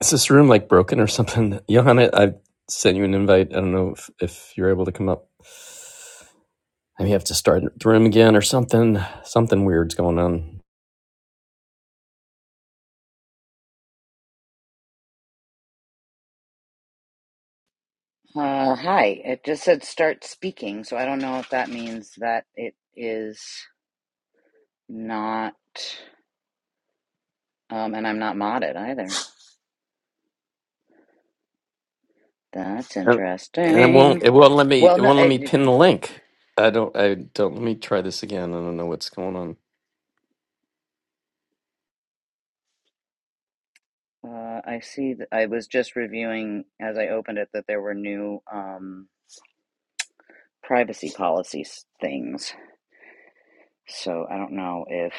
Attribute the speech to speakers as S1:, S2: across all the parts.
S1: Is this room like broken or something? Johanna, I I sent you an invite. I don't know if, if you're able to come up. I may have to start the room again or something. Something weird's going on.
S2: Uh, hi. It just said start speaking, so I don't know if that means that it is not, um, and I'm not modded either. That's
S1: Oh. And it won't
S2: interesting.
S1: it won't let me
S2: Well,
S1: it
S2: no,
S1: won't let
S2: it,
S1: me pin the link. I don't I don't let me try this again. I don't know what's going on.
S2: uh, I see. That I was just reviewing as I opened it that there were new um, privacy policies things. So I don't know if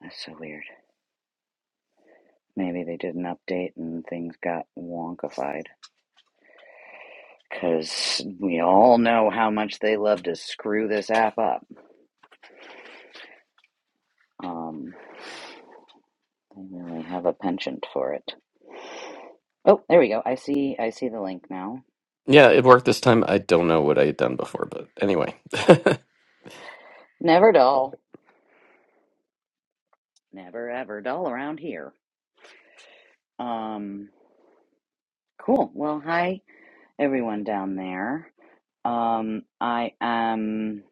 S2: that's so weird. Maybe they did an update and things got wonkified because we all know how much they love to screw this app up. Um, I really have a penchant for it. Oh, there we go. I see. I see the link now.
S1: Yeah, it worked this time. I don't know what I had done before, but anyway.
S2: Never dull. Never ever dull around here. Um, cool. Well, hi everyone down there. Um, I am.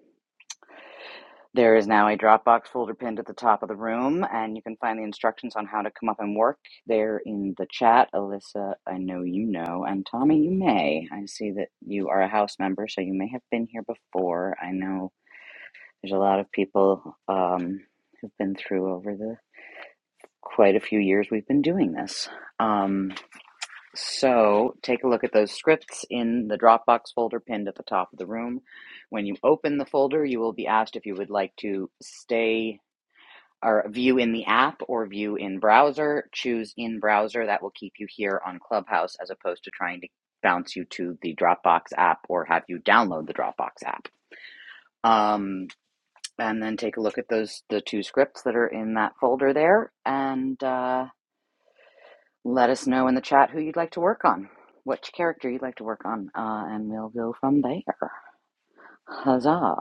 S2: There is now a Dropbox folder pinned at the top of the room, and you can find the instructions on how to come up and work there in the chat. Alyssa, I know you know, and Tommy, you may. I see that you are a house member, so you may have been here before. I know There's a lot of people um, who've been through over the quite a few years we've been doing this. Um, so take a look at those scripts in the Dropbox folder pinned at the top of the room. When you open the folder, you will be asked if you would like to stay or view in the app or view in browser. Choose in browser. That will keep you here on Clubhouse as opposed to trying to bounce you to the Dropbox app or have you download the Dropbox app. Um, and then take a look at those the two scripts that are in that folder there and uh, let us know in the chat who you'd like to work on which character you'd like to work on uh, and we'll go from there huzzah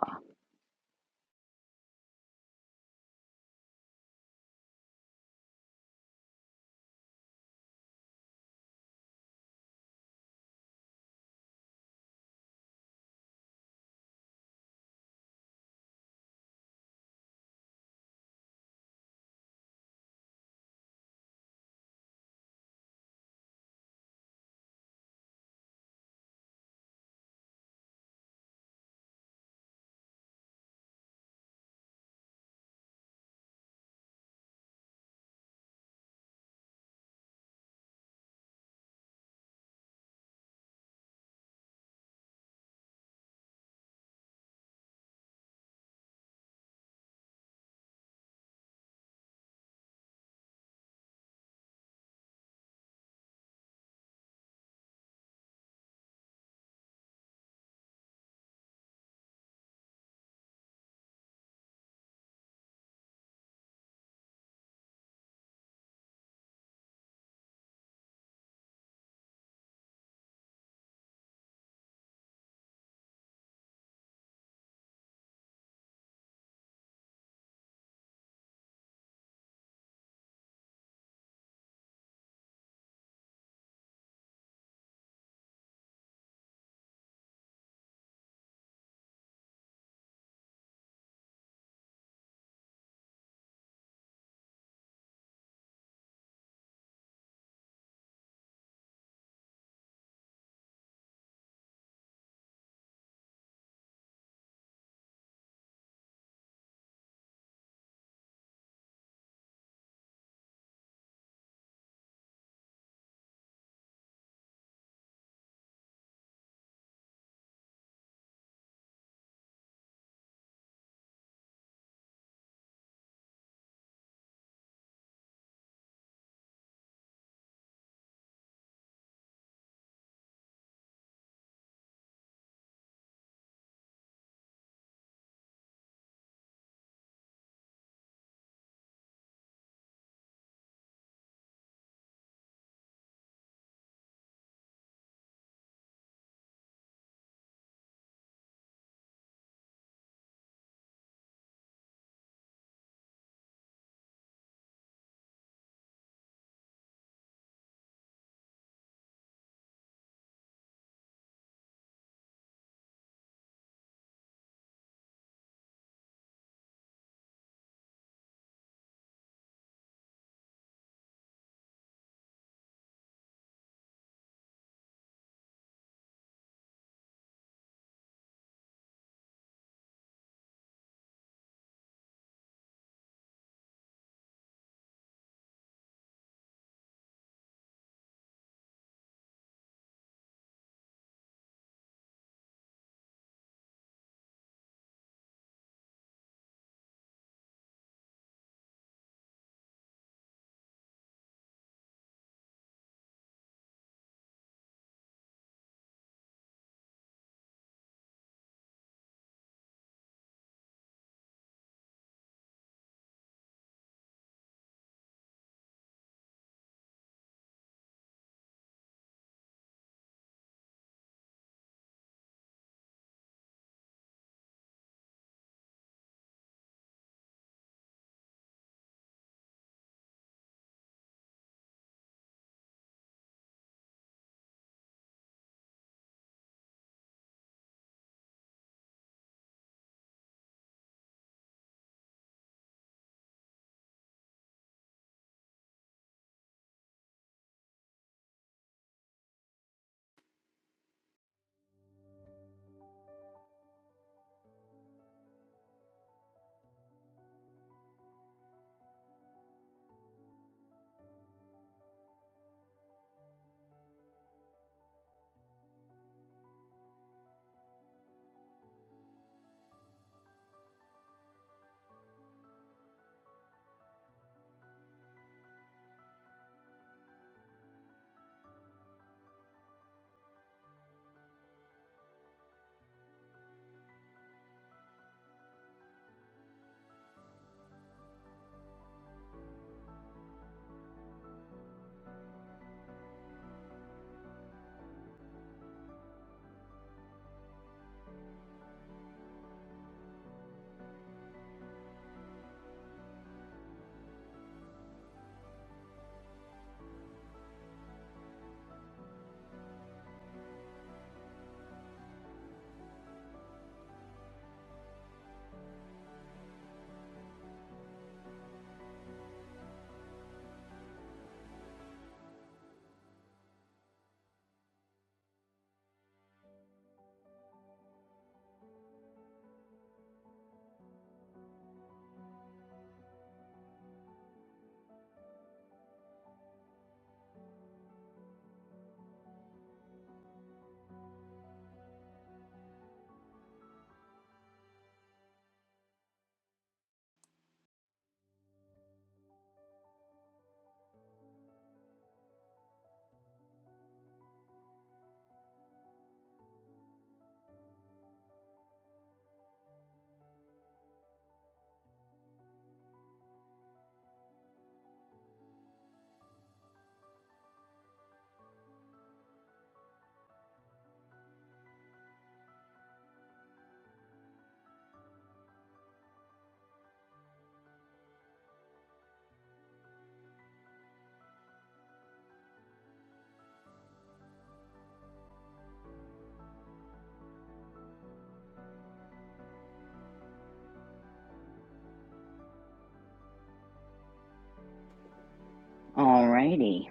S2: alrighty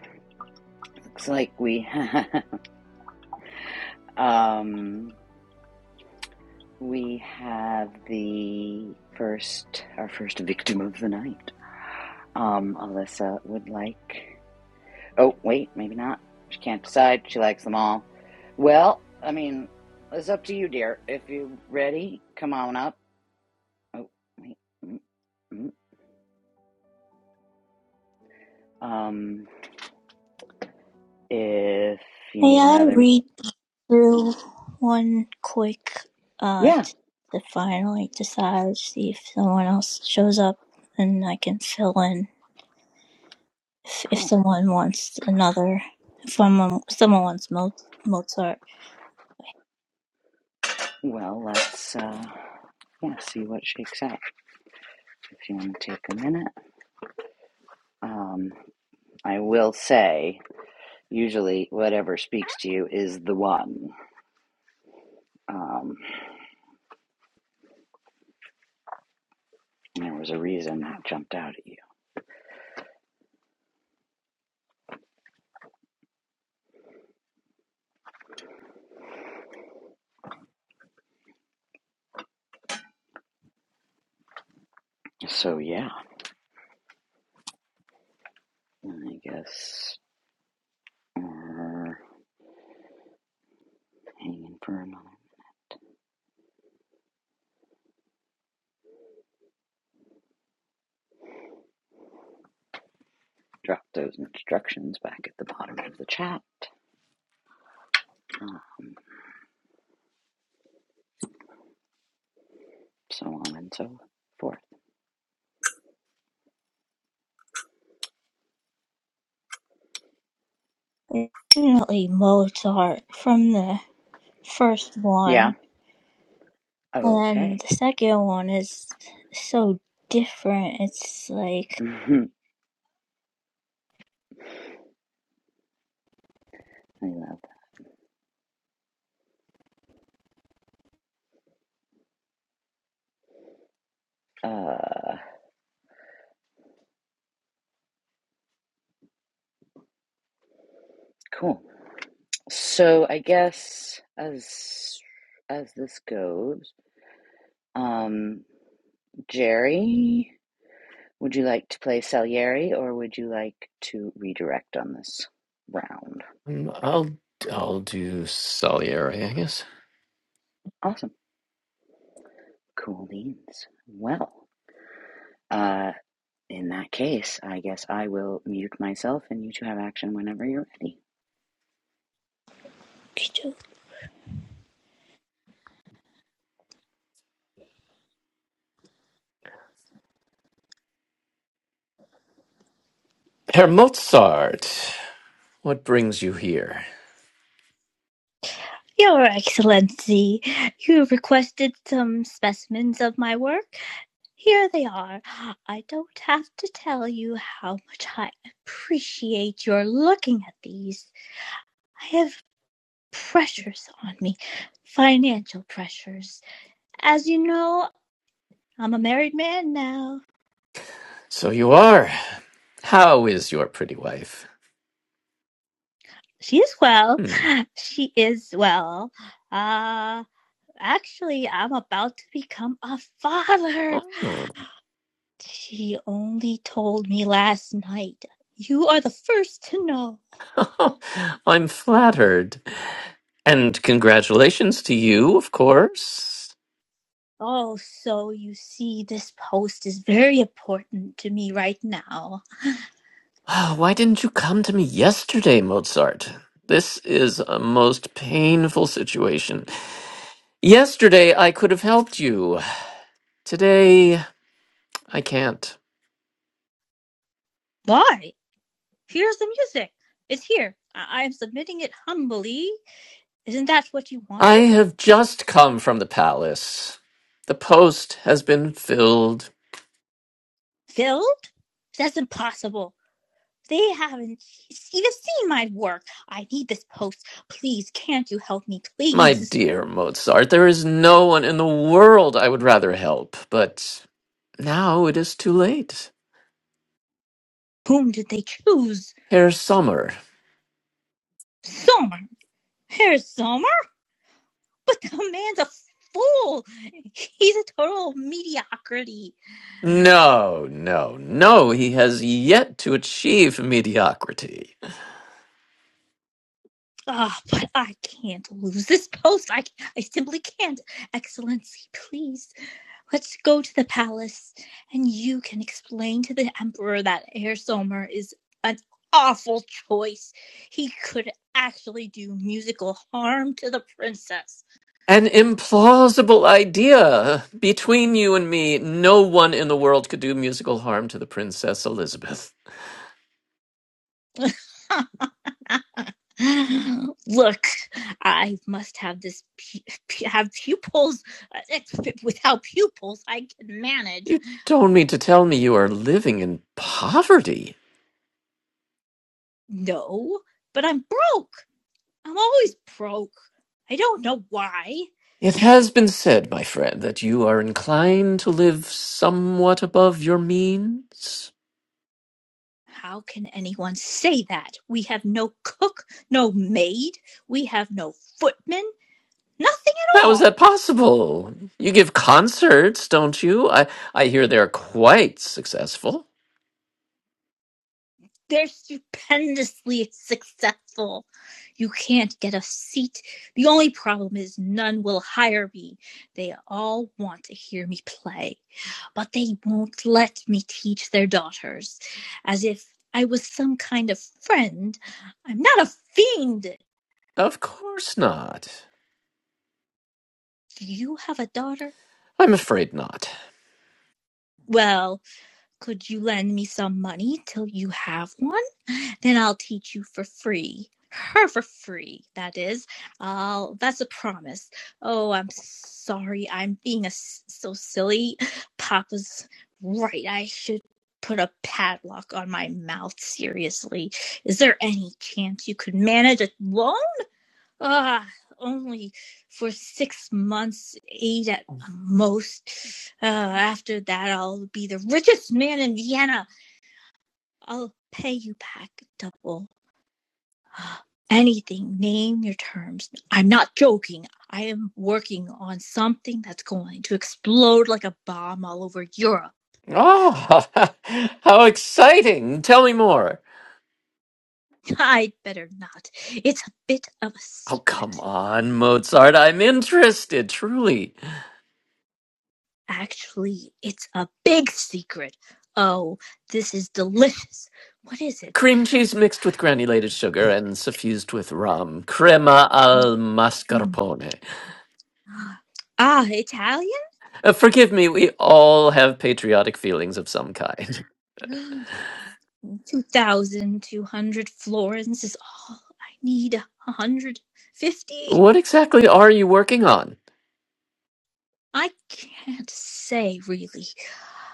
S2: looks like we um we have the first our first victim of the night um alyssa would like Oh, wait, maybe not. She can't decide. She likes them all. Well, I mean, it's up to you, dear. If you're ready, come on up. Oh, wait. mm, mm. Um, if you
S3: May
S2: need
S3: I
S2: another,
S3: read through one quick uh
S2: yeah,
S3: t- to finally decide see if someone else shows up and I can fill in if, if
S2: cool.
S3: someone wants another if someone someone wants Mo- Mozart.
S2: Well, let's uh, yeah, see what shakes out. If you want to take a minute, um, I will say, usually, whatever speaks to you is the one. Um, there was a reason that jumped out at you. So yeah, I guess Err, hanging for a Drop those instructions back at the bottom of the chat. Um, so on and so forth.
S3: Definitely Mozart from the first
S2: Yeah.
S3: one. And then
S2: Okay.
S3: the second one is so different. It's like
S2: I love that. Uh, cool. So I guess as as this goes, um, Jerry, would you like to play Salieri, or would you like to redirect on this round?
S1: Um, I'll I'll do Salieri, I guess.
S2: Awesome. Cool beans. Well. Uh, In that case, I guess I will mute myself and you two have action whenever you're ready.
S1: Herr Mozart, what brings you here?
S3: your Excellency, you requested some specimens of my work. Here they are. I don't have to tell you how much I appreciate your looking at these. I have pressures on me, financial pressures. As you know, I'm a married man now.
S1: So you are. How is your pretty wife?
S3: She is well.
S1: Hmm.
S3: She is well. Uh, actually, I'm about to become a father.
S1: Oh,
S3: She only told me last night. You are the first to know.
S1: I'm flattered. And congratulations to you, of course.
S3: Oh, so you see, this post is very important to me right now.
S1: Ah, Why didn't you come to me yesterday, Mozart? This is a most painful situation. Yesterday I could have helped you. Today I can't.
S3: Why? Here's the music. It's here. I, am submitting it humbly. Isn't that what you
S1: I
S3: wanted?
S1: have just come from the palace. The post has been filled.
S3: Filled? That's impossible. They haven't even seen my work. I need this post. Please, can't you help me,
S1: My
S3: please?
S1: dear Mozart, there is no one in the world I would rather help, but now it is too late.
S3: Whom did they choose?
S1: Herr Sommer.
S3: Sommer. Here's Sommer. But the man's a fool. He's a total mediocrity.
S1: No, no, no, he has yet to achieve mediocrity.
S3: Ah, oh, but I can't lose this post. I, I simply can't. Excellency, please, let's go to the palace and you can explain to the Emperor that Herr Somer is an awful choice. He could actually do musical harm to the princess.
S1: An implausible idea. Between you and me, no one in the world could do musical harm to the Princess Elizabeth.
S3: Look, I must have this pu- pu- have pupils. Without pupils, I can manage.
S1: You don't mean to tell me you are living in poverty.
S3: No, but I'm broke. I'm always broke. I don't know why.
S1: It has been said, my friend, that you are inclined to live somewhat above your means.
S3: How can anyone say that? We have no cook, no maid, we have no footman, nothing at
S1: How is
S3: all.
S1: that possible? You give concerts, don't you? I, I hear they're quite successful.
S3: They're stupendously successful. You can't get a seat. The only problem is none will hire me. They all want to hear me play, but they won't let me teach their daughters, as if I was some kind of friend. I'm not a fiend.
S1: Of course not.
S3: Do you have a daughter?
S1: I'm afraid not.
S3: Well, could you lend me some money till you have one? Then I'll teach you for free. Her for free, that is. I'll, that's a promise. Oh, I'm sorry. I'm being a s so silly. Papa's right. I should put a padlock on my mouth. Seriously. Is there any chance you could manage a loan? Ah, only for six months, eight at most. Uh, after that, I'll be the richest man in Vienna. I'll pay you back double. Ah, Anything, name your terms. I'm not joking. I am working on something that's going to explode like a bomb all over Europe.
S1: Oh, how exciting! Tell me more.
S3: I'd better not. It's a bit of a
S1: Oh,
S3: secret.
S1: come on, Mozart. I'm interested, truly.
S3: Actually, it's a big secret. Oh, this is delicious. What is it?
S1: Cream cheese mixed with granulated sugar and suffused with rum. Crema al
S3: Mm.
S1: mascarpone.
S3: Ah, Italian?
S1: Uh, forgive me, we all have patriotic feelings of some kind.
S3: 2,200 florins is all I need. 150?
S1: What exactly are you working on?
S3: I can't say really.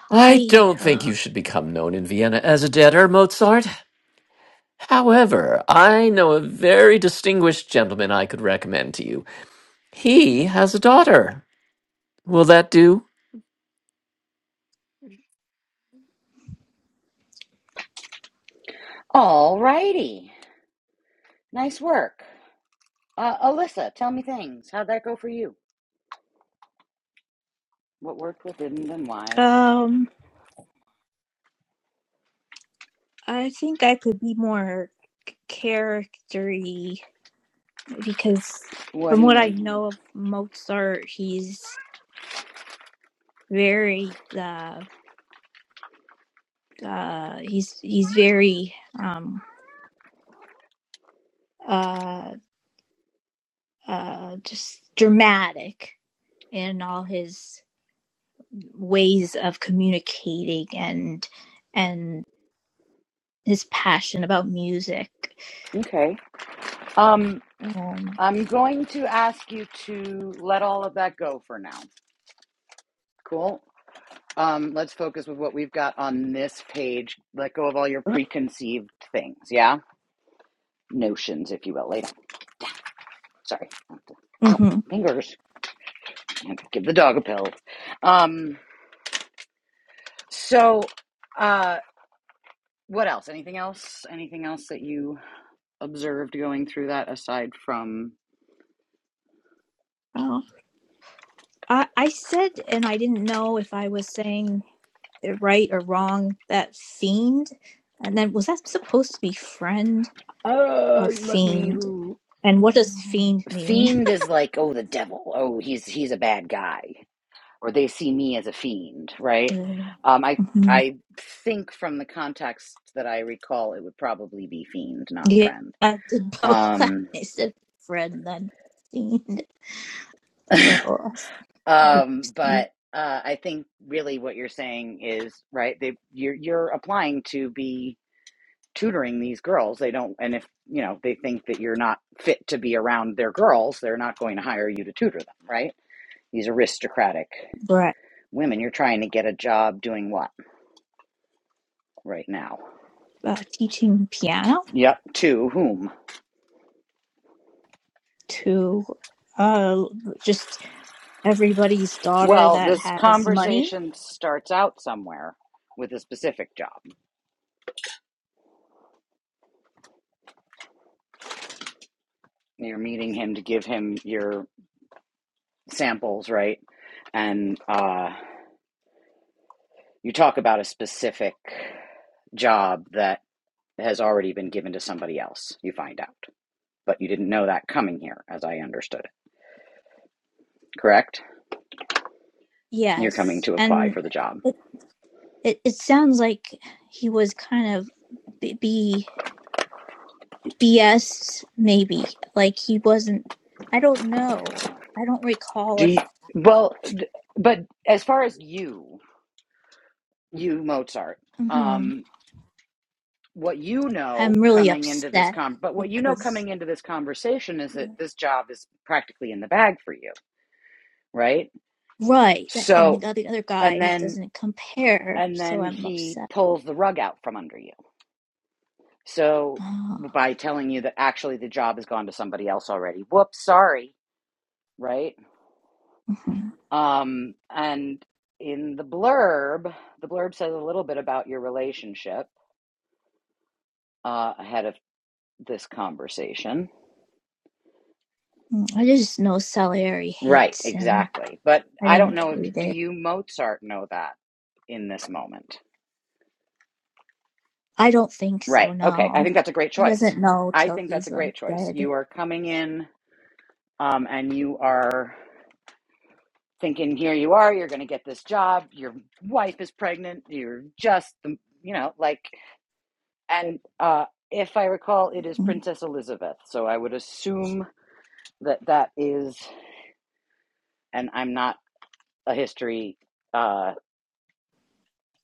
S1: I
S3: I,
S1: don't think
S3: uh,
S1: you should become known in Vienna as a debtor, Mozart. However, I know a very distinguished gentleman I could recommend to you. He has a daughter. Will that do?
S2: All righty. Nice work. Uh, Alyssa, tell me things. How'd that go for you? What worked, what didn't, and why?
S3: um, I think I could be more c- charactery because
S2: What
S3: from
S2: do you
S3: what I
S2: mean?
S3: know of Mozart, he's very, uh, uh, he's, he's very, um, uh. uh, just dramatic in all his ways of communicating and and his passion about music.
S2: Okay. Um,
S3: Um,
S2: I'm going to ask you to let all of that go for now. Cool. Um, let's focus with what we've got on this page. Let go of all your preconceived things, yeah? Notions, if you will, later. Sorry. Ow,
S3: mhm.
S2: fingers. I had to Give the dog a pill. Um, so, uh, what else? Anything else? Anything else that you observed going through that aside from,
S3: Oh, I, I said, and I didn't know if I was saying it right or wrong. That fiend, and then was that supposed to be friend or
S2: uh, let me.
S3: fiend? And what does fiend mean?
S2: Fiend is like, oh, the devil. Oh, he's he's a bad guy, or they see me as a fiend, right? Um, I
S3: Mm-hmm.
S2: I think from the context that I recall, it would probably be fiend, not
S3: Yeah,
S2: friend.
S3: I did both. I
S2: Um,
S3: said friend then fiend. So
S2: Um, but uh, I think really what you're saying is right. They you're you're applying to be tutoring these girls. They don't, and if you know they think that you're not fit to be around their girls, they're not going to hire you to tutor them. Right? These aristocratic
S3: we're at,
S2: women. You're trying to get a job doing what right now?
S3: uh, teaching piano
S2: Yep. To whom?
S3: to uh, just everybody's daughter
S2: Well,
S3: that
S2: this
S3: has money.
S2: conversation starts out somewhere with a specific job. You're meeting him to give him your samples, right? And uh You talk about a specific job that has already been given to somebody else, you find out. But you didn't know that coming here, as I understood it, correct? You're coming
S3: Yes,
S2: to apply
S3: and
S2: for the job.
S3: it it, it sounds like he was kind of b- b BS maybe. Like he wasn't. I don't know. I don't recall
S2: Do you,
S3: if.
S2: well, but as far as you, you Mozart,
S3: hmm
S2: um, what you
S3: I'm
S2: know
S3: really
S2: coming into this
S3: upset
S2: con, but what you know
S3: because
S2: coming into this conversation is that this job is practically in the bag for you, right?
S3: right, and
S2: So,
S3: the other, the other
S2: and
S3: guy
S2: then,
S3: doesn't compare,
S2: and
S3: so
S2: then
S3: I'm
S2: he
S3: upset.
S2: pulls the rug out from under you So
S3: Oh,
S2: by telling you that actually the job has gone to somebody else already. Whoops, sorry, right?
S3: mhm.
S2: Um and in the blurb, the blurb says a little bit about your relationship uh ahead of this conversation.
S3: Mm, I just know Salieri
S2: Right,
S3: hates him.
S2: exactly. But
S3: I
S2: I don't
S3: didn't
S2: know if
S3: read
S2: do
S3: it.
S2: you Mozart know that in this moment?
S3: I don't think so.
S2: Right. Okay. I
S3: No,
S2: think that's a great
S3: he
S2: choice.
S3: doesn't know
S2: I
S3: till
S2: think that's
S3: he's
S2: a
S3: like
S2: great choice.
S3: dead.
S2: You are coming in um and you are thinking here you are you're going to get this job your wife is pregnant you're just you know like and uh if i recall it is
S3: Mm-hmm.
S2: princess elizabeth so i would assume that that is and i'm not a history uh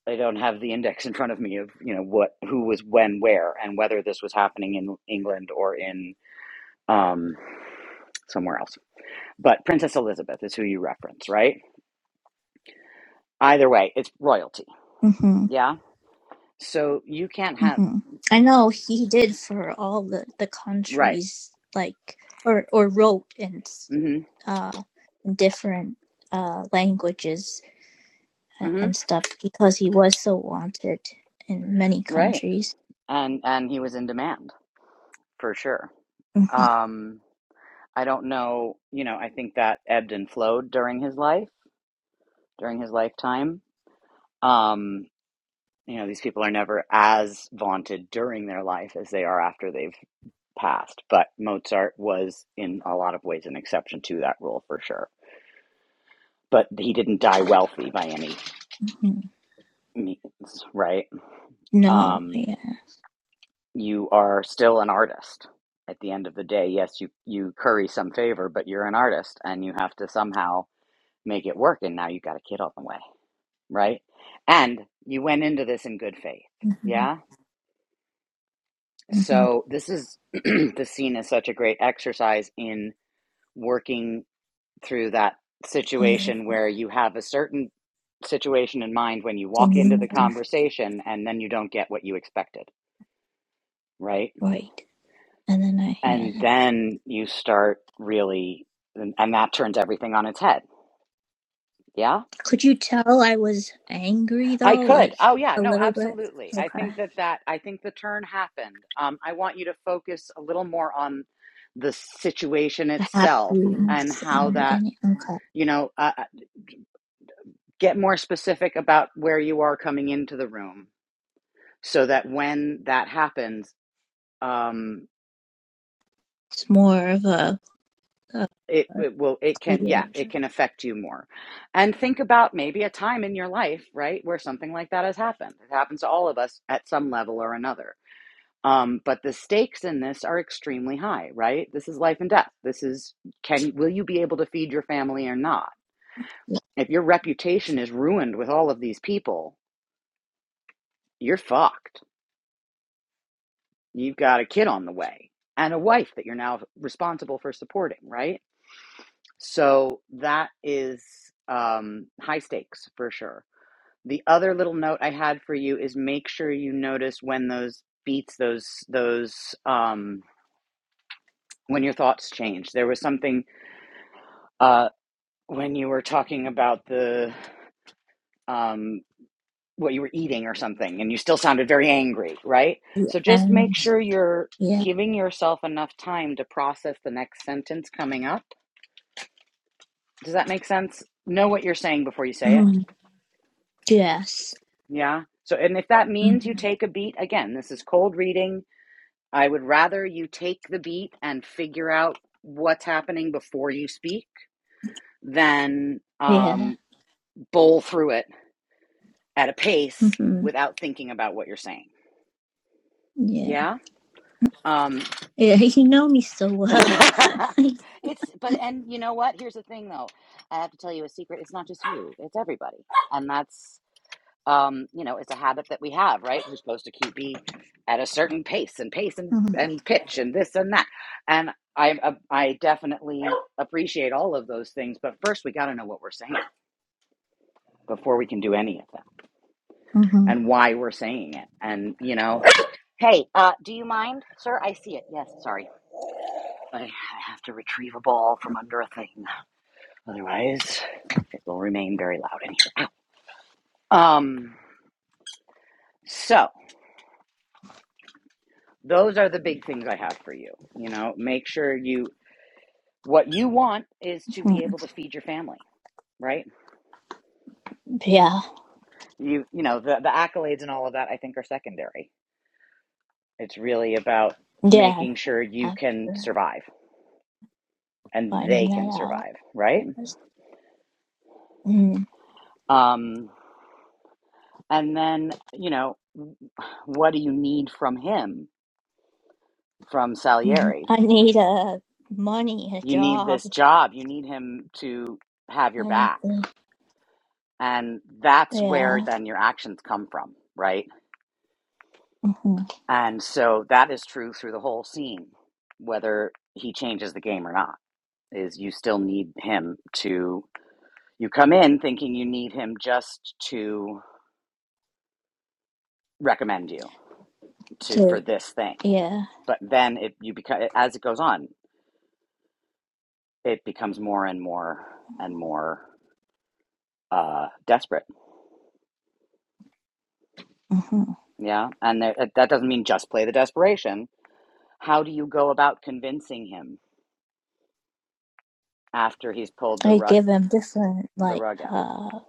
S2: i don't have the index in front of me of you know what who was when where and whether this was happening in england or in um somewhere else but princess elizabeth is who you reference right either way it's royalty yeah so you can't have
S3: hmm I know he did for all the the
S2: right
S3: countries, like or or wrote in s-
S2: hmm
S3: uh in different uh languages a-
S2: hmm
S3: and stuff because he was so wanted in many
S2: Right.
S3: countries.
S2: And and he was in demand for sure.
S3: hmm
S2: Um, I don't know, you know, I think that ebbed and flowed during his life, during his lifetime. Um, you know, these people are never as vaunted during their life as they are after they've passed, but Mozart was in a lot of ways an exception to that rule for sure. But he didn't die wealthy by any
S3: hmm
S2: means, right?
S3: No,
S2: Um,
S3: yeah.
S2: you are still an artist at the end of the day yes you you curry some favor but you're an artist and you have to somehow make it work and now you got a kid on the way right and you went into this in good faith yeah
S3: hmm
S2: so this is the scene is such a great exercise in working through that
S3: hmm
S2: situation where you have a certain situation in mind when you
S3: the
S2: walk into the
S3: lunar
S2: conversation and then you don't get what you expected right
S3: light. And then I
S2: and
S3: had.
S2: then you start really and, and that turns everything on its head yeah
S3: Could you tell I was angry
S2: i
S3: though?
S2: could
S3: Like
S2: oh yeah
S3: a
S2: no
S3: little bit?
S2: absolutely i
S3: Okay.
S2: think that that i think the turn happened um, i want you to focus a little more on the situation
S3: The
S2: itself and
S3: happiness
S2: how
S3: in the
S2: that
S3: beginning? Okay.
S2: you know uh, uh, get more specific about where you are coming into the room so that when that happens um,
S3: It's more of a, a,
S2: it,
S3: a
S2: it will it can yeah
S3: clear.
S2: it can affect you more and think about maybe a time in your life right where something like that has happened it happens to all of us at some level or another um, but the stakes in this are extremely high right this is life and death this is can will you be able to feed your family or not if your reputation is ruined with all of these people you're fucked you've got a kid on the way and a wife that you're now responsible for supporting right so that is um, high stakes for sure The other little note I had for you is make sure you notice when those beats, those those um, when your thoughts change. There was something uh, when you were talking about the um, what you were eating or something, and you still sounded very angry, right? So just make
S3: And
S2: sure you're
S3: yeah.
S2: giving yourself enough time to process the next sentence coming up. Does that make sense? Know what you're saying before you say it.
S3: Mhm. Yes.
S2: Yeah. So, and if that
S3: hmm
S2: means you take a beat, again, this is cold reading I would rather you take the beat and figure out what's happening before you speak than
S3: Yeah.
S2: um, bowl through it at a pace
S3: hmm
S2: without thinking about what you're saying.
S3: Yeah.
S2: Yeah. Um,
S3: Yeah. You know me so well.
S2: it's, but, and you know what? Here's the thing though. I have to tell you a secret. It's not just you, it's everybody. And that's um, you know, it's a habit that we have, right? We're supposed to keep be at a certain pace and pace and,
S3: Mhm.
S2: and pitch and this and that. And I, uh, I definitely appreciate all of those things. But first, we got to know what we're saying before we can do any of them
S3: Mhm.
S2: and why we're saying it. And, you know, hey, uh, do you mind, sir? I see it. Yes, sorry. I I have to retrieve a ball from under a thing. Otherwise, it will remain very loud in here. Um, so those are the big things I have for you. You know, make sure you what you want is to be
S3: Mhm.
S2: able to feed your family right
S3: Yeah.
S2: you you know the, the accolades and all of that i think are secondary it's really about
S3: Yeah.
S2: making sure you can
S3: After
S2: survive and
S3: finding
S2: they
S3: that
S2: can
S3: out.
S2: survive right
S3: Hmm.
S2: um and then you know what do you need from him from
S3: Mm,
S2: salieri
S3: I need a money, a
S2: you need
S3: job,
S2: this job you need him to have your back
S3: anything.
S2: and that's where
S3: Yeah.
S2: then your actions come from right
S3: hmm
S2: And so that is true through the whole scene, whether he changes the game or not, is you still need him to you come in thinking you need him just to recommend you to for
S3: To
S2: this thing.
S3: yeah.
S2: But then it you become as it goes on, it becomes more and more and more uh, desperate.
S3: hmm
S2: Yeah, and there, that doesn't mean just play the desperation. How do you go about convincing him after he's pulled the
S3: I
S2: rug
S3: give them different
S2: the
S3: like
S2: rug out?
S3: uh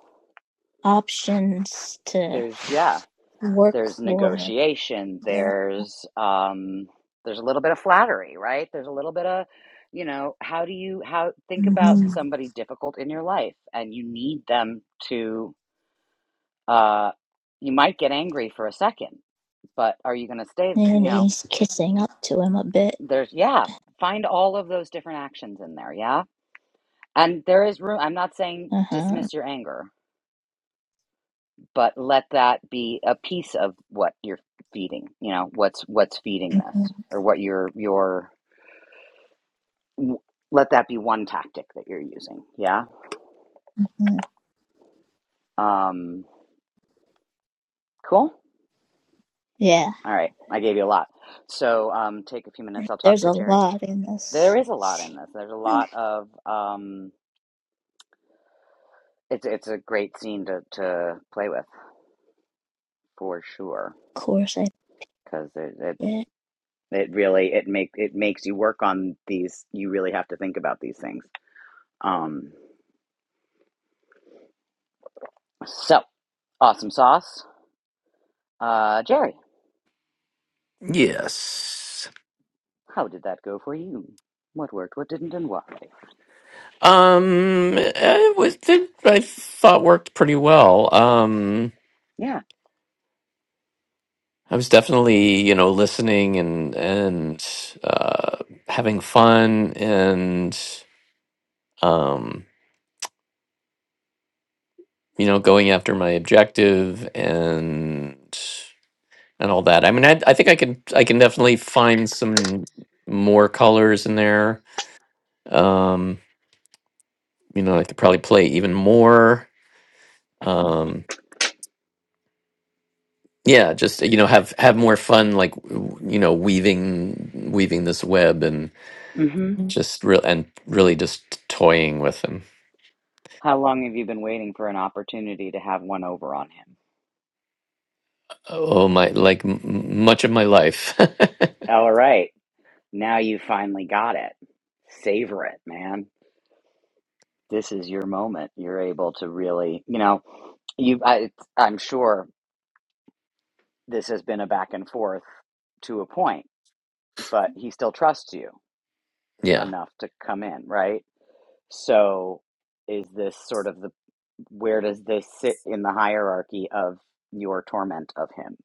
S3: options to
S2: There's yeah,
S3: work
S2: there's
S3: for.
S2: negotiation
S3: Yeah.
S2: there's um there's a little bit of flattery right there's a little bit of you know how do you how think about
S3: hmm
S2: somebody difficult in your life and you need them to uh you might get angry for a second but are you going to stay you
S3: And
S2: know
S3: he's kissing up to him a bit.
S2: there's yeah find all of those different actions in there yeah and there is room i'm not saying
S3: Uh huh.
S2: dismiss your anger but let that be a piece of what you're feeding you know what's what's feeding this
S3: hmm
S2: or what your your w- let that be one tactic that you're using yeah um cool
S3: Yeah.
S2: all right i gave you a lot so um take a few minutes i'll talk
S3: There's a
S2: to jerry
S3: lot in
S2: there
S3: this
S2: is a lot in
S3: scene.
S2: this there's a lot
S3: Of
S2: of um it's it's a great scene to to play with for sure
S3: course, I
S2: because it, it's
S3: did.
S2: it really it make it makes you work on these you really have to think about these things um so Awesome sauce. Uh, Jerry,
S1: Yes.
S2: how did that go for you? What worked, what didn't, and why?
S1: Um, I was- think I thought worked pretty well. Um,
S2: Yeah.
S1: I was definitely, you know, listening and and uh, having fun and um, you know, going after my objective and and all that. I mean, I, I think I can I can definitely find some more colors in there. Um, you know, I could probably play even more. Um, yeah, just you know, have have more fun, like w- you know, weaving weaving this web and
S2: Mm-hmm.
S1: Mm. just real and really just toying with them.
S2: How long have you been waiting for an opportunity to have one over on him?
S1: Oh my, like m- m- much of my life.
S2: All right. Now you finally got it. Savor it, man. This is your moment. You're able to really, you know, you. I, I'm sure this has been a back and forth to a point, but he still trusts you
S1: yeah.
S2: enough to come in, right? So, is this sort of the where does this sit in the hierarchy of your torment of him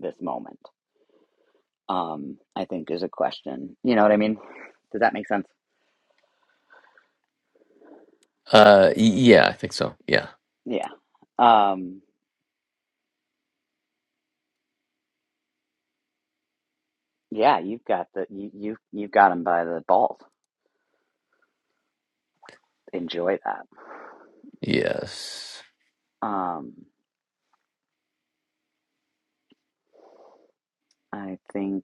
S2: this moment um i think is a question you know what i mean does that make sense
S1: Uh, y- yeah, I think so. Yeah.
S2: yeah um yeah you've got the you, you you've got him by the balls enjoy that
S1: Yes.
S2: um i think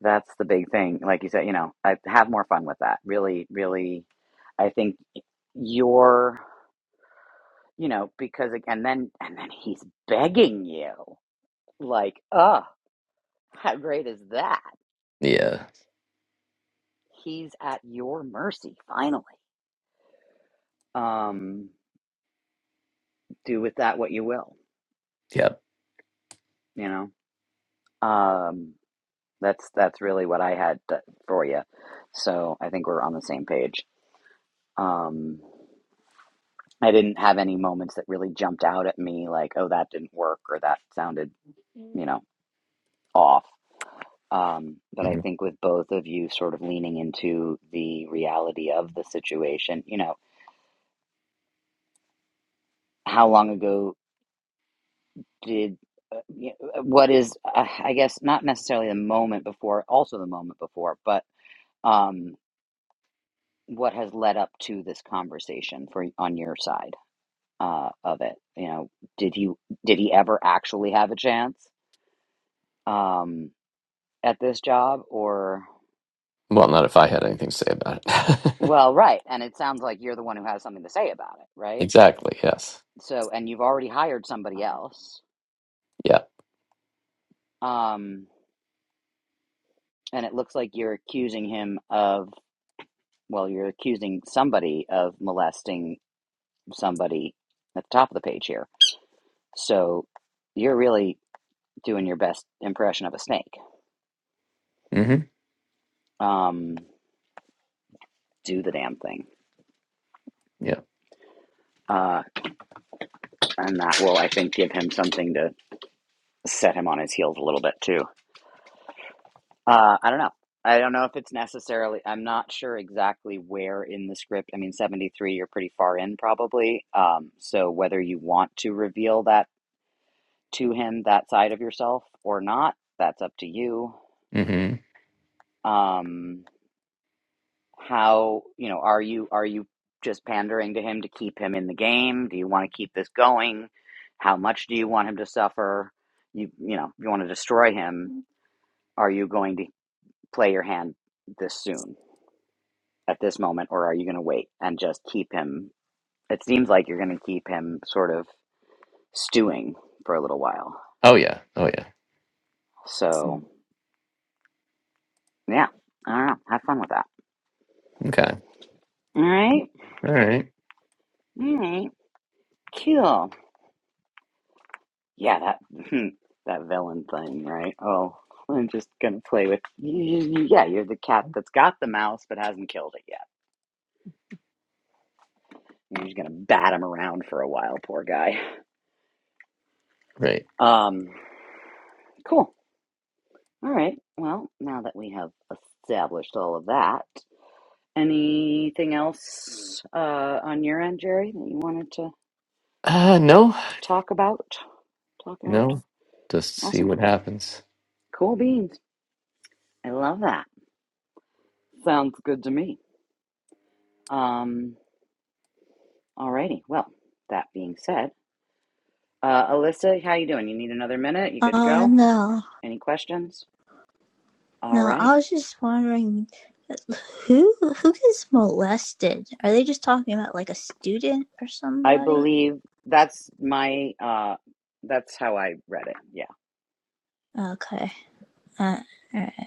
S2: that's the big thing like you said you know i have more fun with that really really i think your you know because again then and then he's begging you like ugh How great is that?
S1: Yeah.
S2: He's at your mercy, finally. Um, do with that what you will,
S1: Yep.
S2: you know. Um, that's that's really what I had to, for you. So I think we're on the same page. Um, I didn't have any moments that really jumped out at me like, oh, that didn't work or that sounded, you know, off. Um, but I
S1: Mhm.
S2: think with both of you sort of leaning into the reality of the situation, you know, how long ago did uh, y- uh, what is uh, i guess not necessarily the moment before also the moment before but um what has led up to this conversation for on your side uh of it you know did he did he ever actually have a chance um at this job or
S1: Well, not if I had anything to say about it.
S2: well right and it sounds like you're the one who has something to say about it right
S1: Exactly. Yes.
S2: so and you've already hired somebody else
S1: Yeah.
S2: um and it looks like you're accusing him of well, you're accusing somebody of molesting somebody at the top of the page here. So you're really doing your best impression of a snake.
S1: hmm
S2: Um, do the damn thing.
S1: Yeah.
S2: Uh, and that will, I think, give him something to set him on his heels a little bit too. Uh, I don't know. I don't know if it's necessarily, I'm not sure exactly where in the script. I mean, 73, you're pretty far in probably. Um, so whether you want to reveal that to him, that side of yourself or not, that's up to you.
S1: hmm
S2: Um, how you know are you are you just pandering to him to keep him in the game do you want to keep this going how much do you want him to suffer you you know you want to destroy him are you going to play your hand this soon at this moment or are you going to wait and just keep him it seems like you're going to keep him sort of stewing for a little while
S1: Oh yeah. Oh yeah.
S2: so yeah i don't know have fun with that
S1: Okay.
S2: all right
S1: All right.
S2: all right cool Yeah, that that villain thing, right? Oh, I'm just gonna play with yeah. You're the cat that's got the mouse but hasn't killed it yet. You're just gonna bat him around for a while, poor guy.
S1: Right.
S2: Um, cool. All right. Well, now that we have established all of that, anything else uh, on your end, Jerry, that you wanted to
S1: Uh no.
S2: talk about? Talk out.
S1: No. Just see
S2: Awesome.
S1: what happens.
S2: Cool beans. I love that. Sounds good to me. Um, alrighty. Well, that being said. Uh, Alyssa, how you doing? You need another minute? You good to
S3: Uh
S2: go?
S3: no,
S2: Any questions? All
S3: no.
S2: right.
S3: I was just wondering. Who who gets molested? Are they just talking about like a student or
S2: I
S3: somebody?
S2: believe that's my uh that's how I read it. Yeah.
S3: Okay. Uh, all right.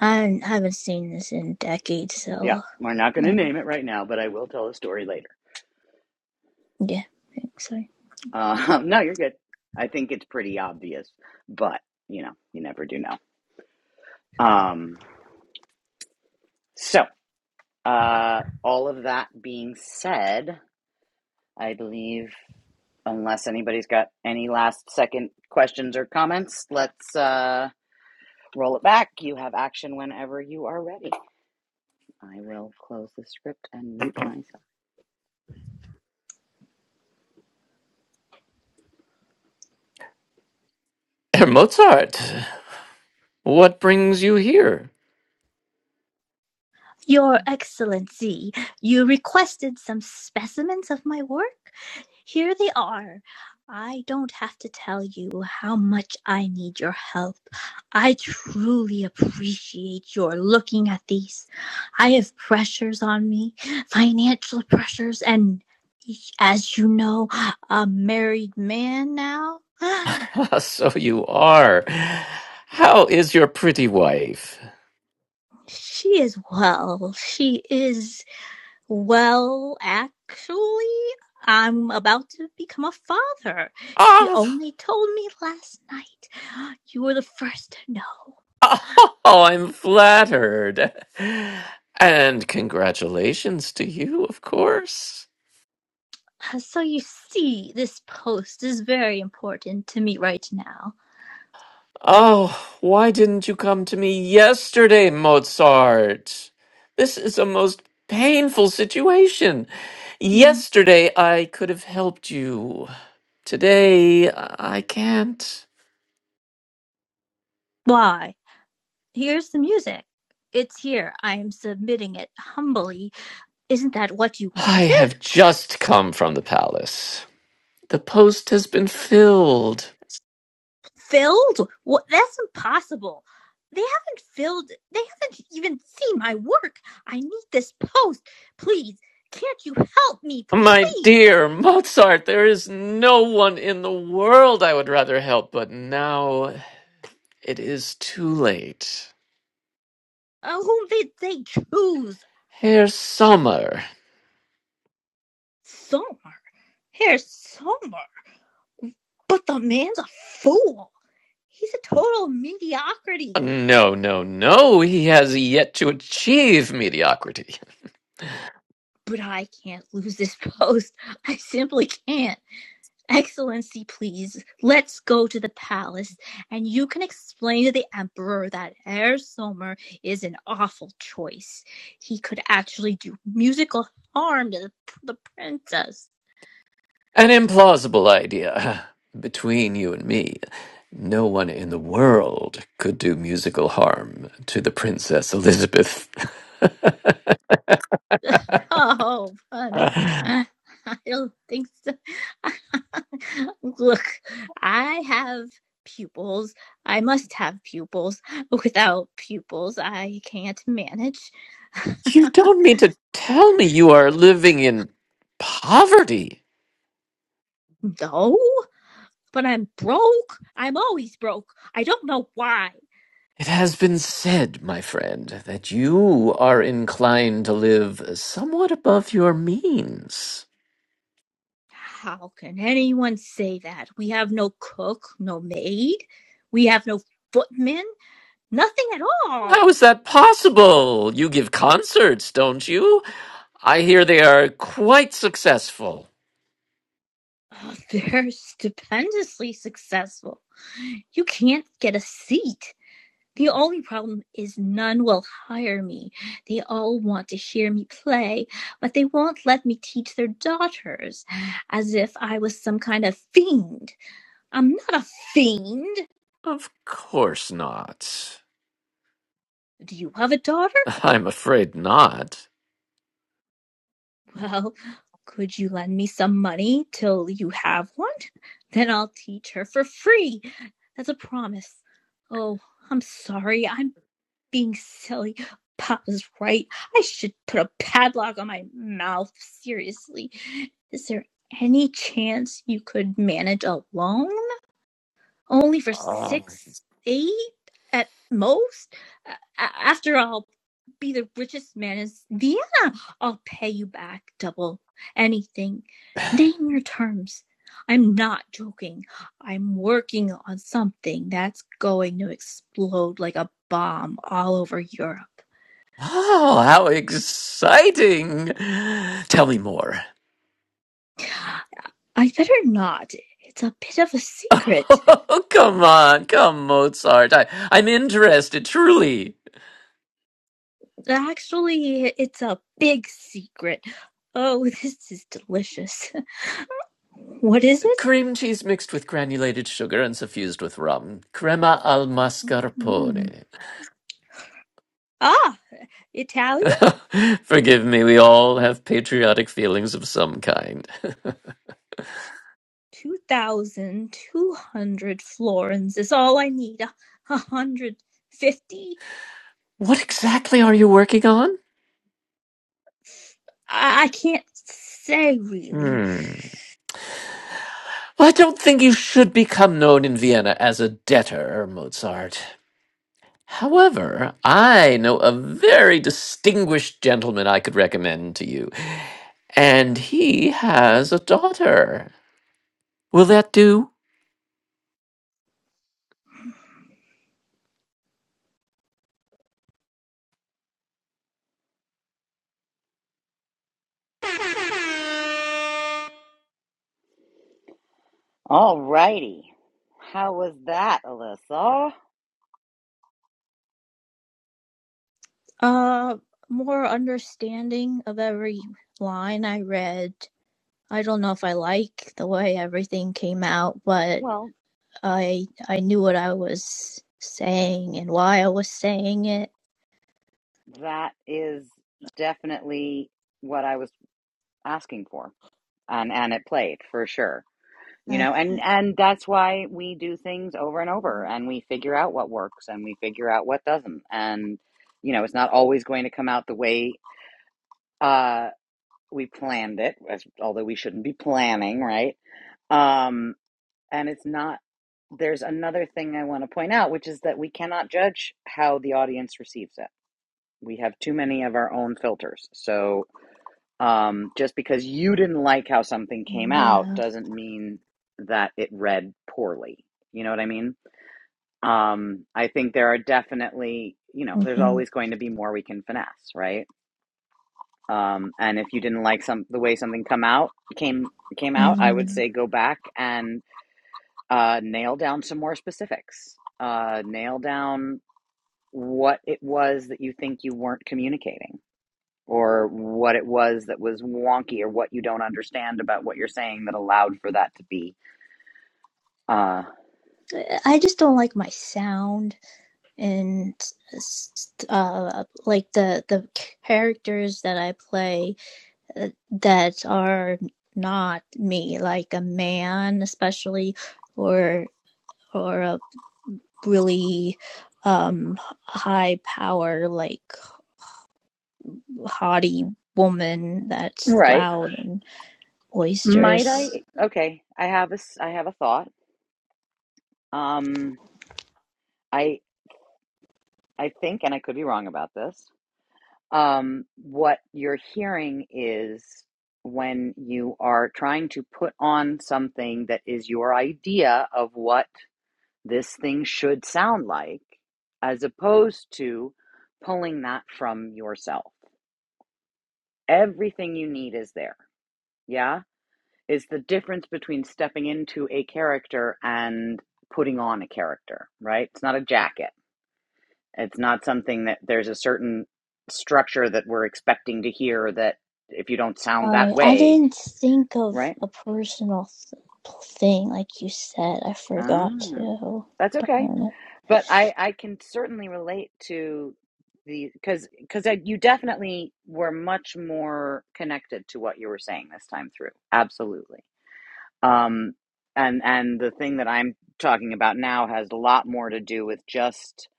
S3: I haven't seen this in decades,
S2: Yeah.
S3: so
S2: We're not going to
S3: yeah,
S2: name it right now, but I will tell a story later.
S3: yeah. I so.
S2: Um no, you're good. I think it's pretty obvious, but you know, you never do know. Um so, uh all of that being said, I believe unless anybody's got any last second questions or comments, let's uh Roll it back. You have action whenever you are ready. I will close the script and mute myself.
S1: Herr Mozart, what brings you here?
S3: Your Excellency, you requested some specimens of my work? Here they are. I don't have to tell you how much I need your help. I truly appreciate your looking at these. I have pressures on me, financial pressures, and as you know, a married man now.
S1: so you are. How is your pretty wife?
S3: She is well. She is Well, actually, I'm about to become a father. She
S1: Ah,
S3: only told me last night. You were the first to know.
S1: oh, I'm flattered. And congratulations to you, of course.
S3: Uh, So you see, this post is very important to me right now.
S1: Oh, why didn't you come to me yesterday, Mozart? This is a most painful situation.
S3: Mm.
S1: Yesterday I could have helped you. Today I can't.
S3: Why? Here's the music. It's here. I am submitting it humbly. Isn't that what you
S1: I
S3: wanted?
S1: have just come from the palace. The post has been filled.
S3: filled? What? That's impossible. They haven't filled. They haven't even seen my work. I need this post. Please, can't you help me?
S1: My
S3: please.
S1: dear Mozart, there is no one in the world I would rather help, but now it is too late.
S3: Uh, whom did they choose?
S1: Herr Sommer.
S3: Somer. Here's Somer. But the man's a fool. He's a total mediocrity.
S1: No, no, no, he has yet to achieve mediocrity.
S3: But I can't lose this post. I simply can't. Excellency, please, let's go to the palace and you can explain to the Emperor that Herr Sommer is an awful choice. He could actually do musical harm to the, the princess.
S1: An implausible idea. Between you and me, no one in the world could do musical harm to the Princess Elizabeth.
S3: Oh, fun. I don't think so. Look, I have pupils. I must have pupils. Without pupils, I can't manage.
S1: you don't mean to tell me you are living in poverty.
S3: No? but I'm broke. I'm always broke. I don't know why.
S1: It has been said, my friend, that you are inclined to live somewhat above your means.
S3: How can anyone say that? We have no cook, no maid. We have no footman. Nothing at all.
S1: How is that possible? You give concerts, don't you? I hear they are quite successful.
S3: Oh, they're stupendously successful. You can't get a seat. The only problem is none will hire me. They all want to hear me play, but they won't let me teach their daughters as if I was some kind of fiend. I'm not a fiend.
S1: Of course not.
S3: Do you have a daughter?
S1: I'm afraid not.
S3: Well, could you lend me some money till you have one? Then I'll teach her for free, as a promise. Oh, I'm sorry. I'm being silly. Papa's right. I should put a padlock on my mouth. Seriously. Is there any chance you could manage alone? only for
S1: Oh,
S3: six, eight at most. After I'll be the richest man in Vienna, I'll pay you back double anything. Name your terms. I'm not joking. I'm working on something that's going to explode like a bomb all over Europe.
S1: oh how exciting! Tell me more.
S3: I better not. It's a bit of a secret.
S1: Oh, come on, come, Mozart. I, I'm interested, truly.
S3: Actually, it's a big secret. Oh, this is delicious. What is it?
S1: Cream cheese mixed with granulated sugar and suffused with rum. Crema al
S3: Mm.
S1: mascarpone.
S3: Ah, Italia,
S1: Forgive me, we all have patriotic feelings of some kind.
S3: 2,200 florins is all I need. A 150?
S1: What exactly are you working on?
S3: I, I can't say really.
S1: Hmm. Well, I don't think you should become known in Vienna as a debtor, Mozart. However, I know a very distinguished gentleman I could recommend to you, and he has a daughter. Will that do?
S2: All righty. How was that, Alyssa?
S3: Uh, more understanding of every line I read. I don't know if I like the way everything came out, but
S2: Well,
S3: I I knew what I was saying and why I was saying it.
S2: that is definitely what I was asking for. And and it played for sure. You
S3: Uh,
S2: know, and and that's why we do things over and over and we figure out what works and we figure out what doesn't. And you know, it's not always going to come out the way uh we planned it, as, although we shouldn't be planning, right? Um, and it's not, there's another thing I want to point out, which is that we cannot judge how the audience receives it. We have too many of our own filters. So um, just because you didn't like how something came out
S3: no.
S2: doesn't mean that it read poorly. You know what I mean? Um, I think there are definitely, you know, there's
S3: hmm
S2: always going to be more we can finesse, right? Um, and if you didn't like some the way something come out came came out, I would say go back and. uh, nail down some more specifics. Uh, nail down what it was that you think you weren't communicating, or what it was that was wonky, or what you don't understand about what you're saying that allowed for that to be. Uh,
S3: I just don't like my sound. and uh, like the the characters that I play uh, that are not me, like a man, especially, or or a really um high power like haughty woman that's
S2: right?
S3: loud and
S2: Might
S3: boisterous.
S2: I? Okay, I have a I have a thought. Um, I I think, and I could be wrong about this. Um, what you're hearing is when you are trying to put on something that is your idea of what this thing should sound like, as opposed to pulling that from yourself. Everything you need is there. Yeah. Is the difference between stepping into a character and putting on a character, right? It's not a jacket. It's not something that there's a certain structure that we're expecting to hear that if you don't sound that
S3: I I
S2: way,
S3: didn't think of
S2: right?
S3: a personal th- thing like you said. I forgot
S2: Oh,
S3: to.
S2: that's okay
S3: Um,
S2: but I I can certainly relate to the because because you definitely were much more connected to what you were saying this time through. Absolutely. Um, and and the thing that I'm talking about now has a lot more to do with just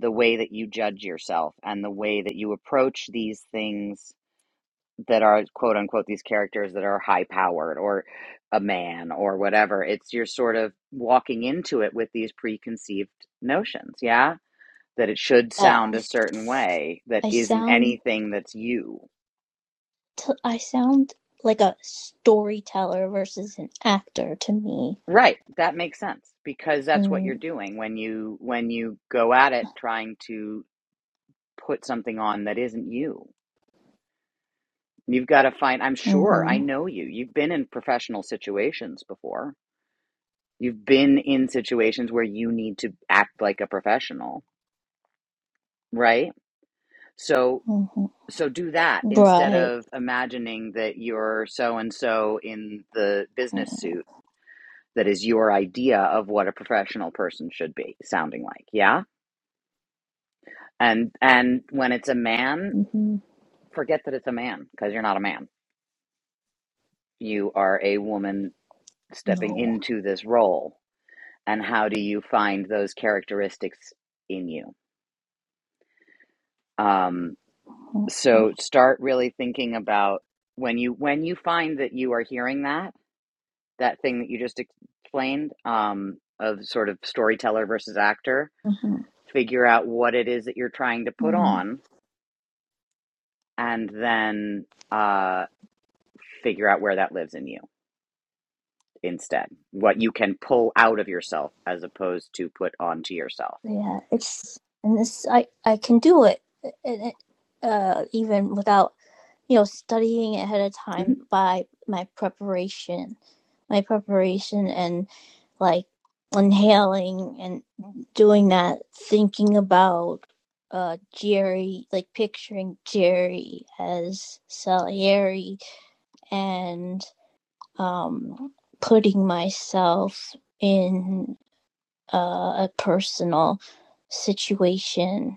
S2: the way that you judge yourself and the way that you approach these things that are quote unquote these characters that are high powered or a man or whatever it's you're sort of walking into it with these preconceived notions yeah that it should sound
S3: I,
S2: a certain way that
S3: I
S2: isn't
S3: sound
S2: anything that's you
S3: t- I sound like a storyteller versus an actor to me.
S2: right that makes sense because that's what you're
S3: And
S2: doing when you when you go at it trying to put something on that isn't you you've got to find i'm sure i
S3: hmm
S2: know you you've been in professional situations before you've been in situations where you need to act like a professional right so
S3: hmm
S2: so do that instead
S3: right,
S2: of imagining that you're so and so in the business suit that is your idea of what a professional person should be sounding like yeah and and when it's a man
S3: hmm
S2: forget that it's a man because you're not a man you are a woman stepping
S3: no,
S2: into this role and how do you find those characteristics in you um
S3: hmm
S2: so start really thinking about when you when you find that you are hearing that that thing that you just explained um of sort of storyteller versus actor figure out what it is that you're trying to put
S3: hmm
S2: on and then uh, figure out where that lives in you instead. What you can pull out of yourself as opposed to put onto yourself.
S3: yeah, it's and this I I can do it, and uh, even without you know studying ahead of
S2: hmm
S3: time by my preparation my preparation and like inhaling and doing that, thinking about uh Jerry, like picturing Jerry as Salieri and um putting myself in uh, a personal situation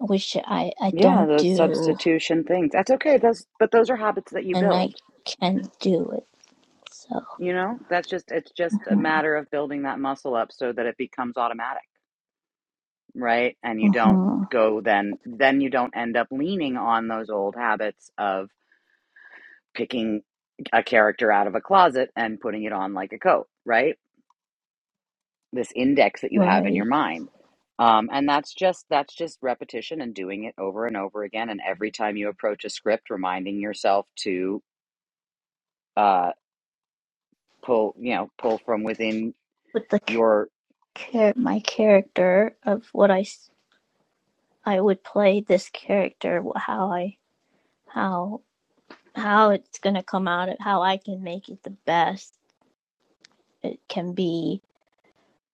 S3: which I I
S2: Yeah,
S3: don't
S2: those
S3: do
S2: substitution things. That's okay. Those, but those are habits that you
S3: and I
S2: build.
S3: can't do it. So
S2: You know, that's just it's just a matter of building that muscle up so that it becomes automatic, right? And you don't
S3: mhm,
S2: go then then you don't end up leaning on those old habits of picking a character out of a closet and putting it on like a coat, right? this index that you have in your
S3: right.
S2: mind um, and that's just that's just repetition and doing it over and over again and every time you approach a script reminding yourself to uh, pull you know pull from within
S3: But the
S2: your
S3: char- my character of what I I would play this character, how I how how it's gonna come out of how I can make it the best it can be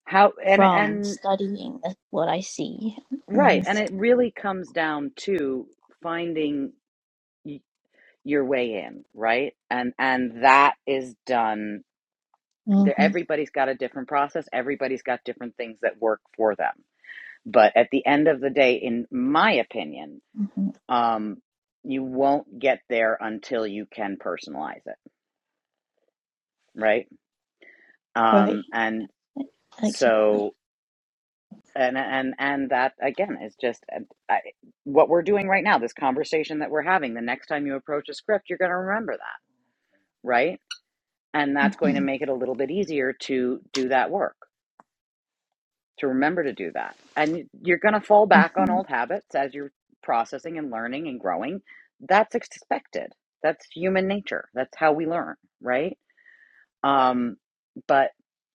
S2: how and
S3: from
S2: and
S3: studying what I see.
S2: right
S3: Mm
S2: and it really comes down to finding y- your way in right and and that is done
S3: hmm
S2: there everybody's got a different process everybody's got different things that work for them but at the end of the day in my opinion
S3: hmm
S2: um, you won't get there until you can personalize it, right?
S3: Right,
S2: Um, and
S3: exactly.
S2: so, and and and that again is just uh, I, what we're doing right now. This conversation that we're having. The next time you approach a script, you're going to remember that, right? And that's going to
S3: hmm
S2: make it a little bit easier to do that work, to remember to do that. And you're going to fall back on
S3: hmm
S2: old habits as you're processing and learning and growing. That's expected. That's human nature. That's how we learn, right? Um, but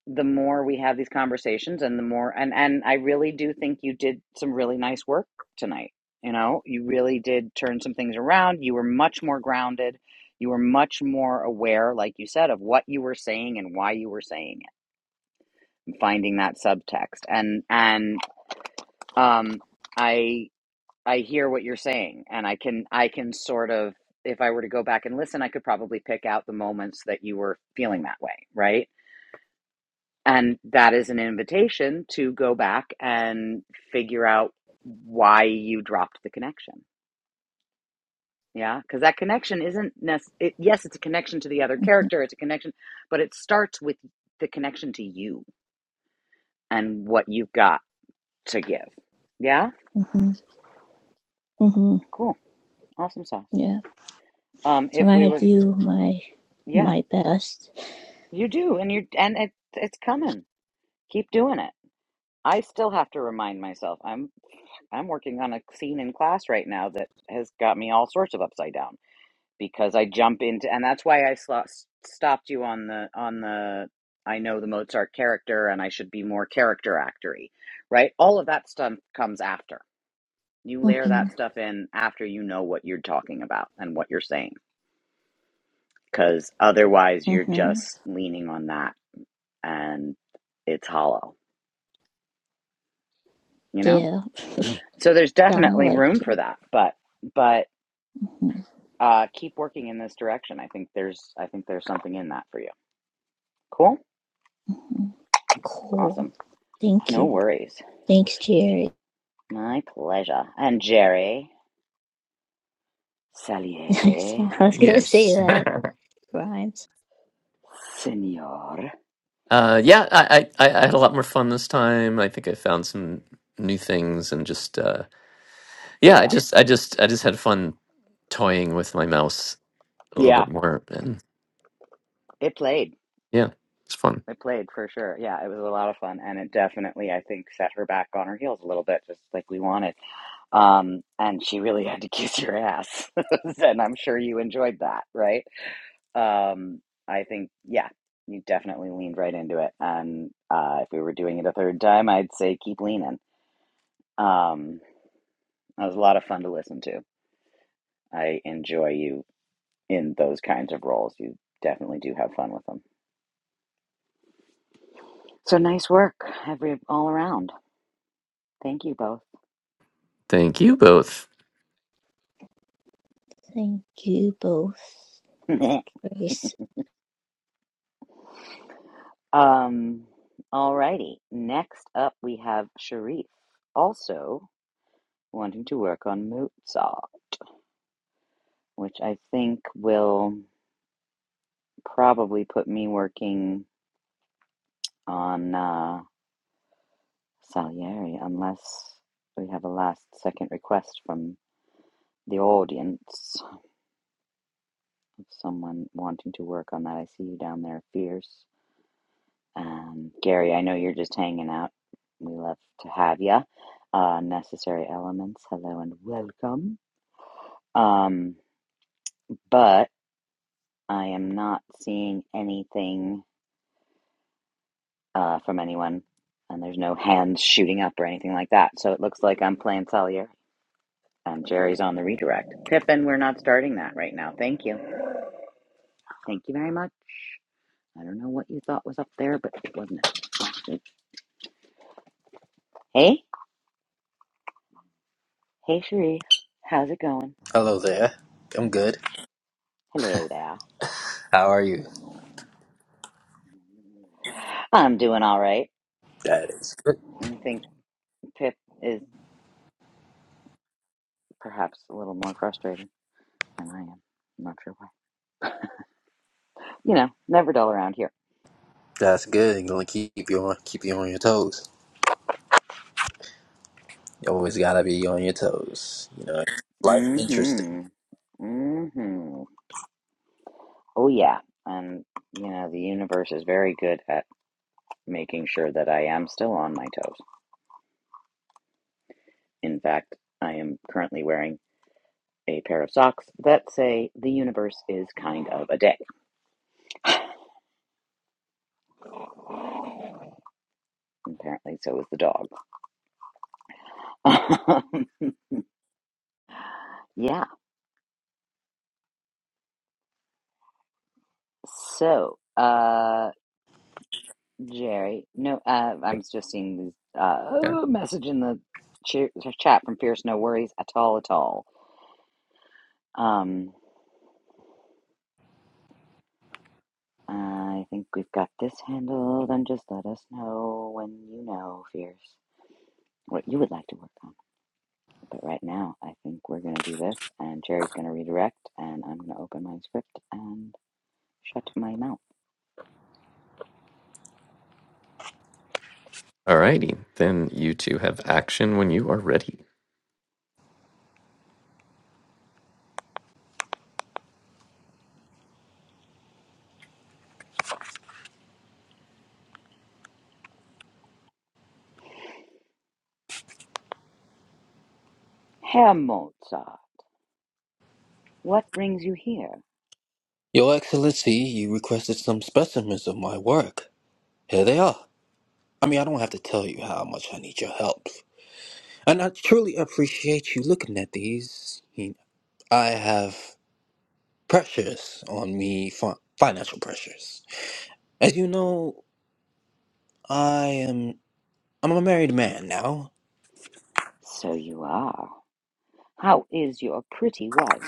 S2: the more we have these conversations and the more and and I really do think you did some really nice work tonight. You know, you really did turn some things around. You were much more grounded. You were much more aware, like you said, of what you were saying and why you were saying it, and finding that subtext. And and um I I hear what you're saying and I can I can sort of if I were to go back and listen, I could probably pick out the moments that you were feeling that way, right? And that is an invitation to go back and figure out why you dropped the connection. Yeah. Because that connection isn't necessarily, it, yes, it's a connection to the other character, it's a connection, but it starts with the connection to you and what you've got to give. Yeah.
S3: hmm hmm
S2: Cool. Awesome sauce.
S3: Yeah.
S2: Um,
S3: So
S2: if we
S3: I
S2: were,
S3: do my
S2: yeah,
S3: my best.
S2: you do. And you, are and it, it's coming. Keep doing it. I still have to remind myself I'm I'm working on a scene in class right now that has got me all sorts of upside down because I jump into, and that's why I slo- stopped you on the on the. I know the Mozart character, and I should be more character actory, right? All of that stuff comes after. You layer
S3: hmm
S2: that stuff in after you know what you're talking about and what you're saying, because otherwise you're
S3: hmm
S2: just leaning on that, and it's hollow, you know.
S3: Yeah,
S2: So there's
S3: I
S2: definitely
S3: like
S2: room for
S3: to.
S2: that, but but
S3: hmm
S2: uh, keep working in this direction. I think there's I think there's something in that for you. Cool,
S3: Cool.
S2: awesome.
S3: Thank
S2: No
S3: you.
S2: worries.
S3: Thanks, Jerry.
S2: My pleasure. And Jerry Salieri,
S3: I was gonna say
S1: Yes.
S3: that rhymes.
S2: Senor.
S1: Uh, yeah, I, I, I I had a lot more fun this time. I think I found some new things and just. uh, yeah, I
S2: Yeah.
S1: just, I just, I just had fun toying with my mouse a little
S2: Yeah.
S1: bit more, and
S2: It played.
S1: yeah, it's fun.
S2: It played for sure. Yeah. It was a lot of fun. And it definitely, I think, set her back on her heels a little bit, just like we wanted. Um, and she really had to kiss your ass. and I'm sure you enjoyed that, right? Um, I think, yeah, you definitely leaned right into it. And uh, if we were doing it a third time, I'd say keep leaning. Um, it was a lot of fun to listen to. I enjoy you in those kinds of roles. You definitely do have fun with them. So nice work, every all around. Thank you both.
S1: Thank you both.
S3: Thank you both. Grace.
S2: um, all righty. Next up, we have Sharif, also wanting to work on Moot Saw, which I think will probably put me working on uh, Salieri, unless we have a last second request from the audience. Someone wanting to work on that. I see you down there, Fierce. Um, Gary, I know you're just hanging out. We love to have you. Uh, necessary elements, hello and welcome. Um, but I am not seeing anything uh, from anyone, and there's no hands shooting up or anything like that. So it looks like I'm playing Solitaire, and Jerry's on the redirect. Pippin, we're not starting that right now. Thank you. Thank you very much. I don't know what you thought was up there, but it wasn't. Hey, hey, Sharif, how's it going?
S4: Hello there. I'm good.
S2: Hello there.
S4: How are you?
S2: I'm doing all right.
S4: That is good.
S2: I think Pip is perhaps a little more frustrated than I am. I'm not sure why. You know, never dull around here.
S4: That's good. I'm gonna keep you on keep you on your toes. You always gotta be on your toes. You know, life interesting.
S2: Mm-hmm. Mm-hmm. Oh yeah. And you know, the universe is very good at making sure that I am still on my toes. In fact, I am currently wearing a pair of socks that say the universe is kind of a dick. Apparently so is the dog. yeah. So uh Jerry. No, uh, I'm just seeing this
S1: Yeah.
S2: uh, message in the ch- chat from Fierce. No worries at all, at all. Um, I think we've got this handled, and just let us know when you know, Fierce, what you would like to work on. But right now, I think we're gonna do this, and Jerry's gonna redirect, and I'm gonna open my script and shut my mouth.
S1: Alrighty, then you two have action when you are ready.
S2: Herr Mozart, what brings you here?
S4: Your Excellency, you requested some specimens of my work. Here they are. I mean, I don't have to tell you how much I need your help, and I truly appreciate you looking at these. You- I have pressures on me, fi- financial pressures. As you know, I am I'm a married man now,
S2: So you are. How is your pretty wife?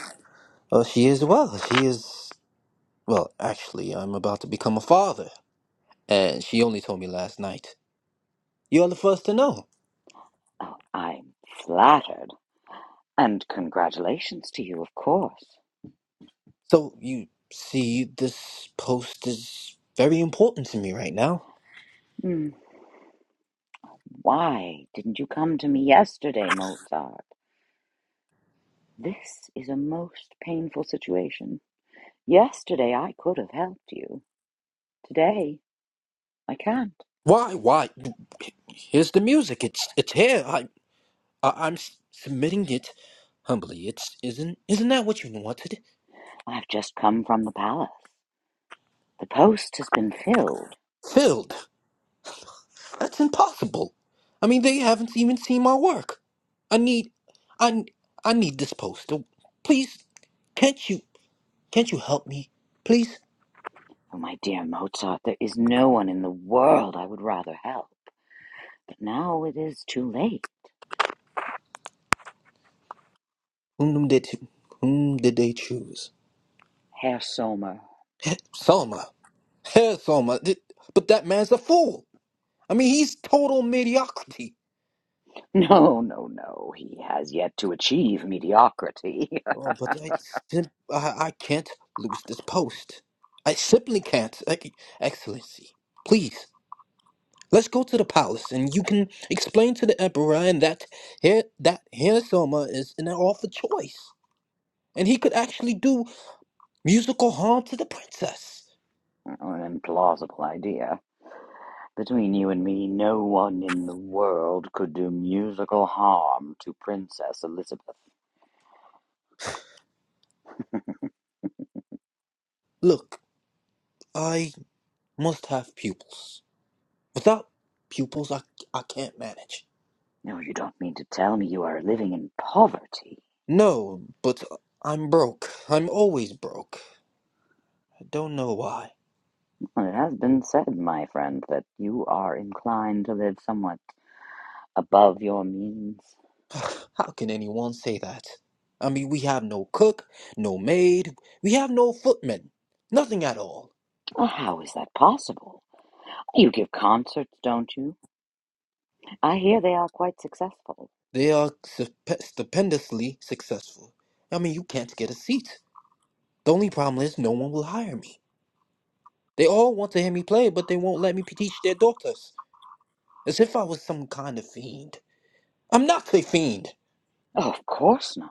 S4: Oh, she is well. She is well. Actually, I'm about to become a father, and she only told me last night. You are the first to know.
S2: Oh, I'm flattered. And congratulations to you, of course.
S4: So you see, this post is very important to me right now.
S2: Hmm. Why didn't you come to me yesterday, Mozart? This is a most painful situation. Yesterday I could have helped you. Today I can't.
S4: Why? Why? Here's the music. It's it's here. I, I I'm s- submitting it humbly. It's isn't isn't that what you wanted?
S2: I've just come from the palace. The post has been filled.
S4: Filled. That's impossible. I mean, they haven't even seen my work. I need, I, I need this poster. Please, can't you, can't you help me, please?
S2: Oh, my dear Mozart, there is no one in the world I would rather help. But now it is too late.
S4: Whom did, whom did they choose?
S2: Herr Sommer.
S4: Heh, Selma. Hell, Selma. Th- But that man's a fool. I mean, he's total mediocrity.
S2: No, no, no. He has yet to achieve mediocrity.
S4: Oh, but I, sim- I, I can't lose this post. I simply can't, Ex- Excellency. Please. Let's go to the palace, and you can explain to the emperor and that here that Hirsoma is an awful choice, and he could actually do musical harm to the princess.
S2: An implausible idea. Between you and me, no one in the world could do musical harm to Princess Elizabeth.
S4: Look, I must have pupils. Without pupils, I I can't manage.
S2: No, you don't mean to tell me you are living in poverty.
S4: No, but I'm broke. I'm always broke. I don't know why.
S2: Well, it has been said, my friend, that you are inclined to live somewhat above your means.
S4: How can anyone say that? I mean, we have no cook, no maid, we have no footmen, nothing at all.
S2: Well, how is that possible? You give concerts, don't you? I hear they are quite successful.
S4: They are sup- stupendously successful. I mean, you can't get a seat. The only problem is no one will hire me. They all want to hear me play, but they won't let me teach their daughters. As if I was some kind of fiend. I'm not a fiend!
S2: Oh, of course not.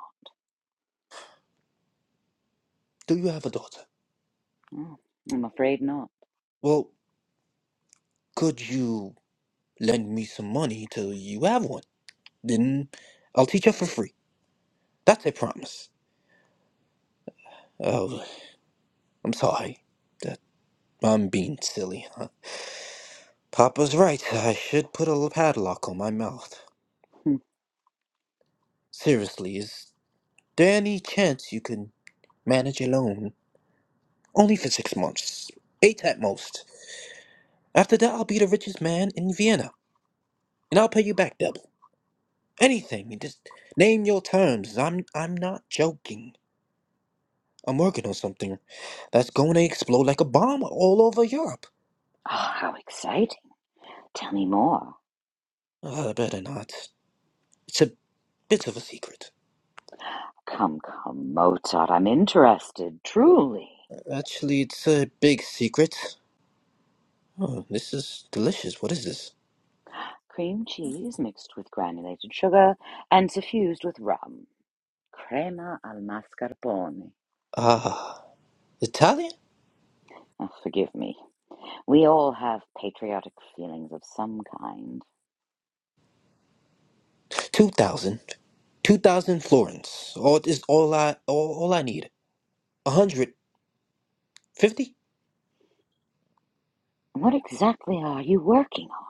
S4: Do you have a daughter?
S2: Oh, I'm afraid not.
S4: Well, could you lend me some money till you have one? Then I'll teach her for free. That's a promise. Oh, I'm sorry. That I'm being silly, huh? Papa's right. I should put a padlock on my mouth.
S2: Hmm.
S4: Seriously, is. There any chance you can manage alone? Only for six months. Eight at most. After that, I'll be the richest man in Vienna, and I'll pay you back double. Anything. you Just name your terms. I'm I'm not joking. I'm working on something that's going to explode like a bomb all over Europe.
S2: Ah, how exciting. Tell me more.
S4: Uh, better not. It's a bit of a secret.
S2: Come, come, Mozart, I'm interested, truly.
S4: Actually, it's a big secret. Oh, this is delicious. What is this?
S2: Cream cheese mixed with granulated sugar and suffused with rum. Crema al mascarpone.
S4: Ah, Italian?
S2: Oh, forgive me. We all have patriotic feelings of some kind.
S4: 2,000. 2,000 florins. All is all I all, all I need. 150?
S2: What exactly are you working on?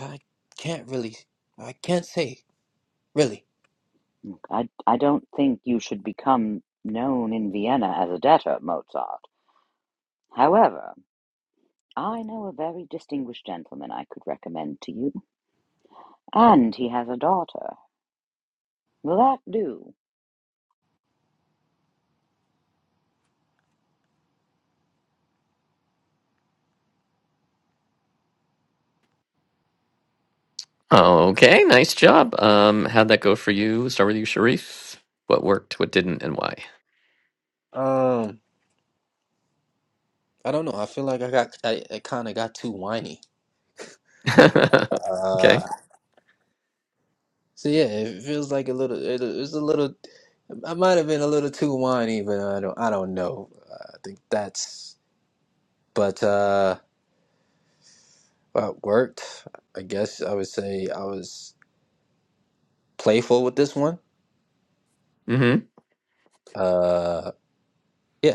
S4: I can't really I can't say really.
S2: I, I don't think you should become known in Vienna as a debtor, Mozart. However, I know a very distinguished gentleman I could recommend to you, and he has a daughter. Will that do?
S1: Okay, nice job. Um, how'd that go for you? Start with you, Sharif. What worked, what didn't, and why?
S4: Um I don't know. I feel like I got I, I kind of got too whiny.
S1: okay.
S4: Uh so yeah, it feels like a little it, it's a little I might have been a little too whiny, but I don't I don't know. I think that's but uh well, it worked. I guess I would say I was playful with this one.
S1: Mm-hmm.
S4: Uh yeah.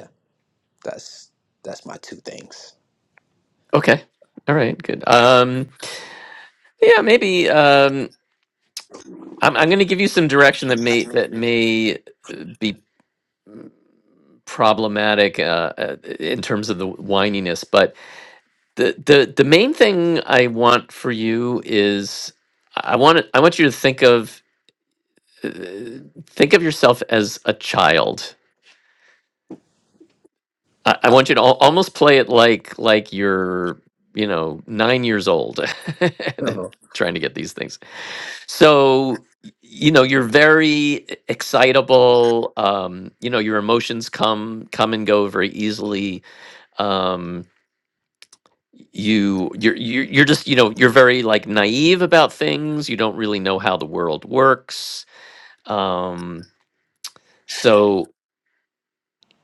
S4: That's that's my two things.
S1: Okay. All right. Good. Um, yeah, maybe. Um, I'm, I'm going to give you some direction that may that may be problematic uh, uh, in terms of the whininess. But the the the main thing I want for you is I want I want you to think of uh, think of yourself as a child. I, I want you to al- almost play it like like you're you know nine years old
S4: Oh.
S1: and trying to get these things. So y- you know you're very e-, excitable um you know your emotions come come and go very easily um you you're you're you're just you know you're very like naive about things you don't really know how the world works um so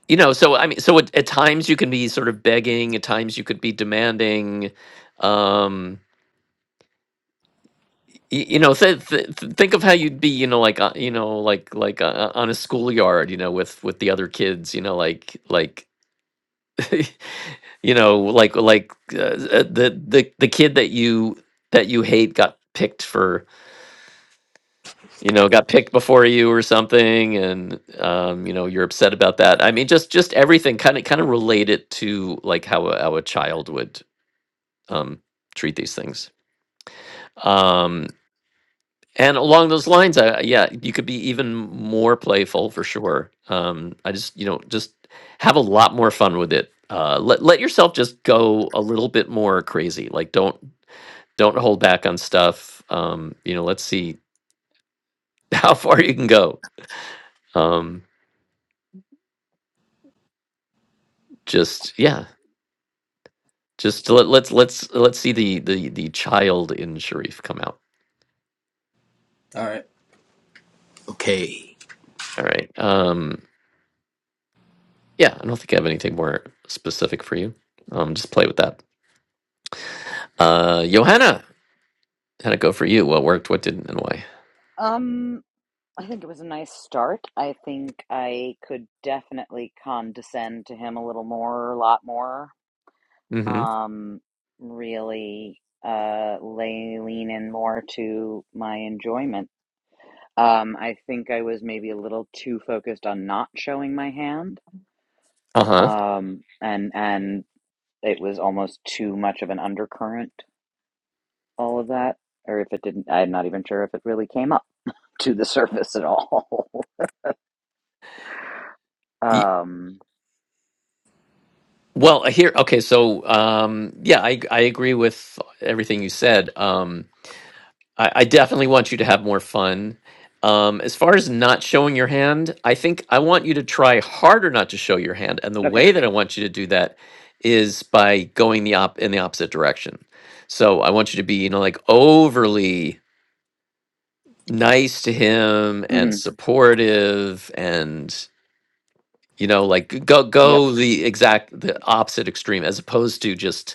S1: you know so i mean so at, at times you can be sort of begging at times you could be demanding um y- you know th- th- th- think of how you'd be you know like uh, you know like like uh, uh, on a schoolyard you know with with the other kids you know like like you know like like uh, uh, the the the kid that you that you hate got picked for you know got picked before you or something and um, you know you're upset about that i mean just just everything kind of kind of relate it to like how a, how a child would um, treat these things um, and along those lines I, yeah you could be even more playful for sure um, i just you know just have a lot more fun with it uh, let, let yourself just go a little bit more crazy like don't don't hold back on stuff um, you know let's see how far you can go um, just yeah Just let, let's let's let's see the the the child in Sharif come out.
S4: All right. Okay.
S1: All right. Um. Yeah, I don't think I have anything more specific for you. Um. Just play with that. Uh, Johanna, how'd it go for you? What worked? What didn't? And why?
S2: Um, I think it was a nice start. I think I could definitely condescend to him a little more, a lot more.
S1: Mm-hmm.
S2: Um, really uh lay lean in more to my enjoyment. Um, I think I was maybe a little too focused on not showing my hand.
S1: Uh huh.
S2: Um, and and it was almost too much of an undercurrent, all of that. Or if it didn't, I'm not even sure if it really came up to the surface at all.
S1: Y-
S2: um,
S1: Well, here. Okay. So, um. Yeah, I I agree with everything you said. Um. I, I definitely want you to have more fun. Um, as far as not showing your hand, I think I want you to try harder not to show your hand. And the
S2: Okay.
S1: way that I want you to do that is by going the op in the opposite direction. So I want you to be, you know, like overly nice to him and
S2: Mm-hmm.
S1: supportive and you know like go
S2: Yep.
S1: go the exact the opposite extreme as opposed to just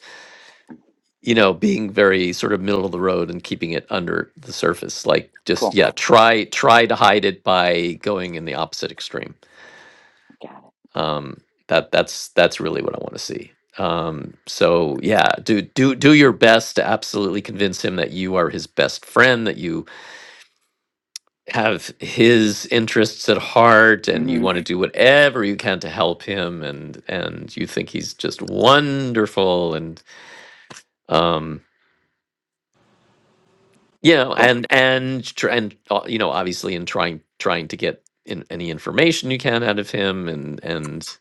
S1: you know, being very sort of middle of the road and keeping it under the surface. Like just
S2: Cool.
S1: yeah, try try to hide it by going in the opposite extreme.
S2: Got
S1: Um, that that's that's really what I want to see. Um, so yeah, do do do your best to absolutely convince him that you are his best friend, that you have his interests at heart,
S2: it.
S1: and you
S2: Mm-hmm.
S1: want to do whatever you can to help him, and and you think he's just wonderful, and um, you know
S2: Cool.
S1: and and tr- and uh, you know obviously in trying trying to get in any information you can out of him and and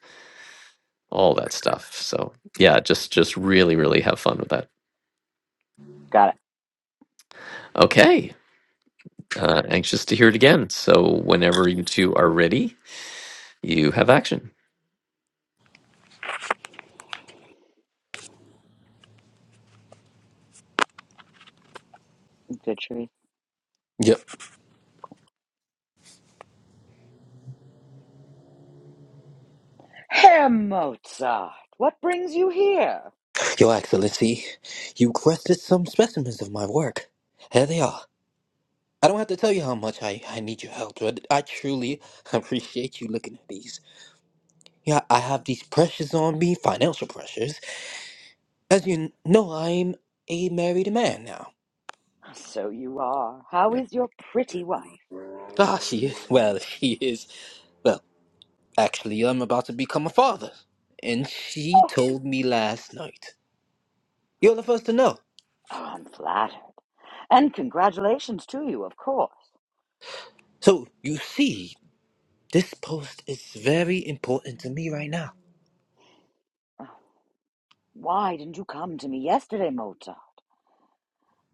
S1: all that stuff so yeah just just really really have fun with that
S2: Got it.
S1: okay uh, anxious to hear it again so whenever you two are ready you have action
S2: Good choice.
S4: Yep.
S2: Herr Mozart, what brings you here?
S4: Your Excellency, you requested some specimens of my work. Here they are. I don't have to tell you how much I, I need your help, but I truly appreciate you looking at these. Yeah, I have these pressures on me, financial pressures. As you know, I'm a married man now.
S2: So you are. How is your pretty wife?
S4: Ah, she is. Well, she is. Well, actually, I'm about to become a father. And she
S2: Oh,
S4: told me last night. You're the first to know.
S2: oh I'm flattered. And congratulations to you, of course.
S4: So you see, this post is very important to me right now.
S2: Oh, Why didn't you come to me yesterday, Mozart?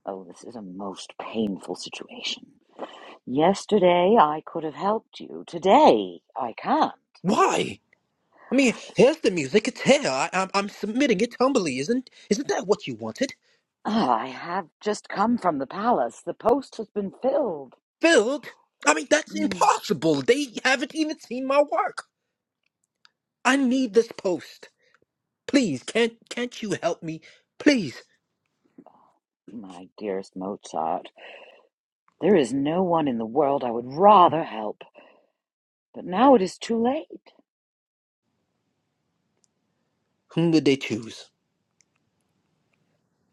S2: Oh, this is a most painful situation. Yesterday I could have helped you. Today I can't.
S4: Why? I mean, here's the music. It's here. I, I'm, I'm submitting it humbly. Isn't isn't that what you wanted?
S2: Ah, I have just come from the palace. The post has been filled.
S4: Filled? I mean, that's
S2: Hmm.
S4: impossible. They haven't even seen my work. I need this post. Please, can't can't you help me? Please.
S2: My dearest Mozart, there is no one in the world I would rather help, but now it is too late.
S4: Whom did they choose?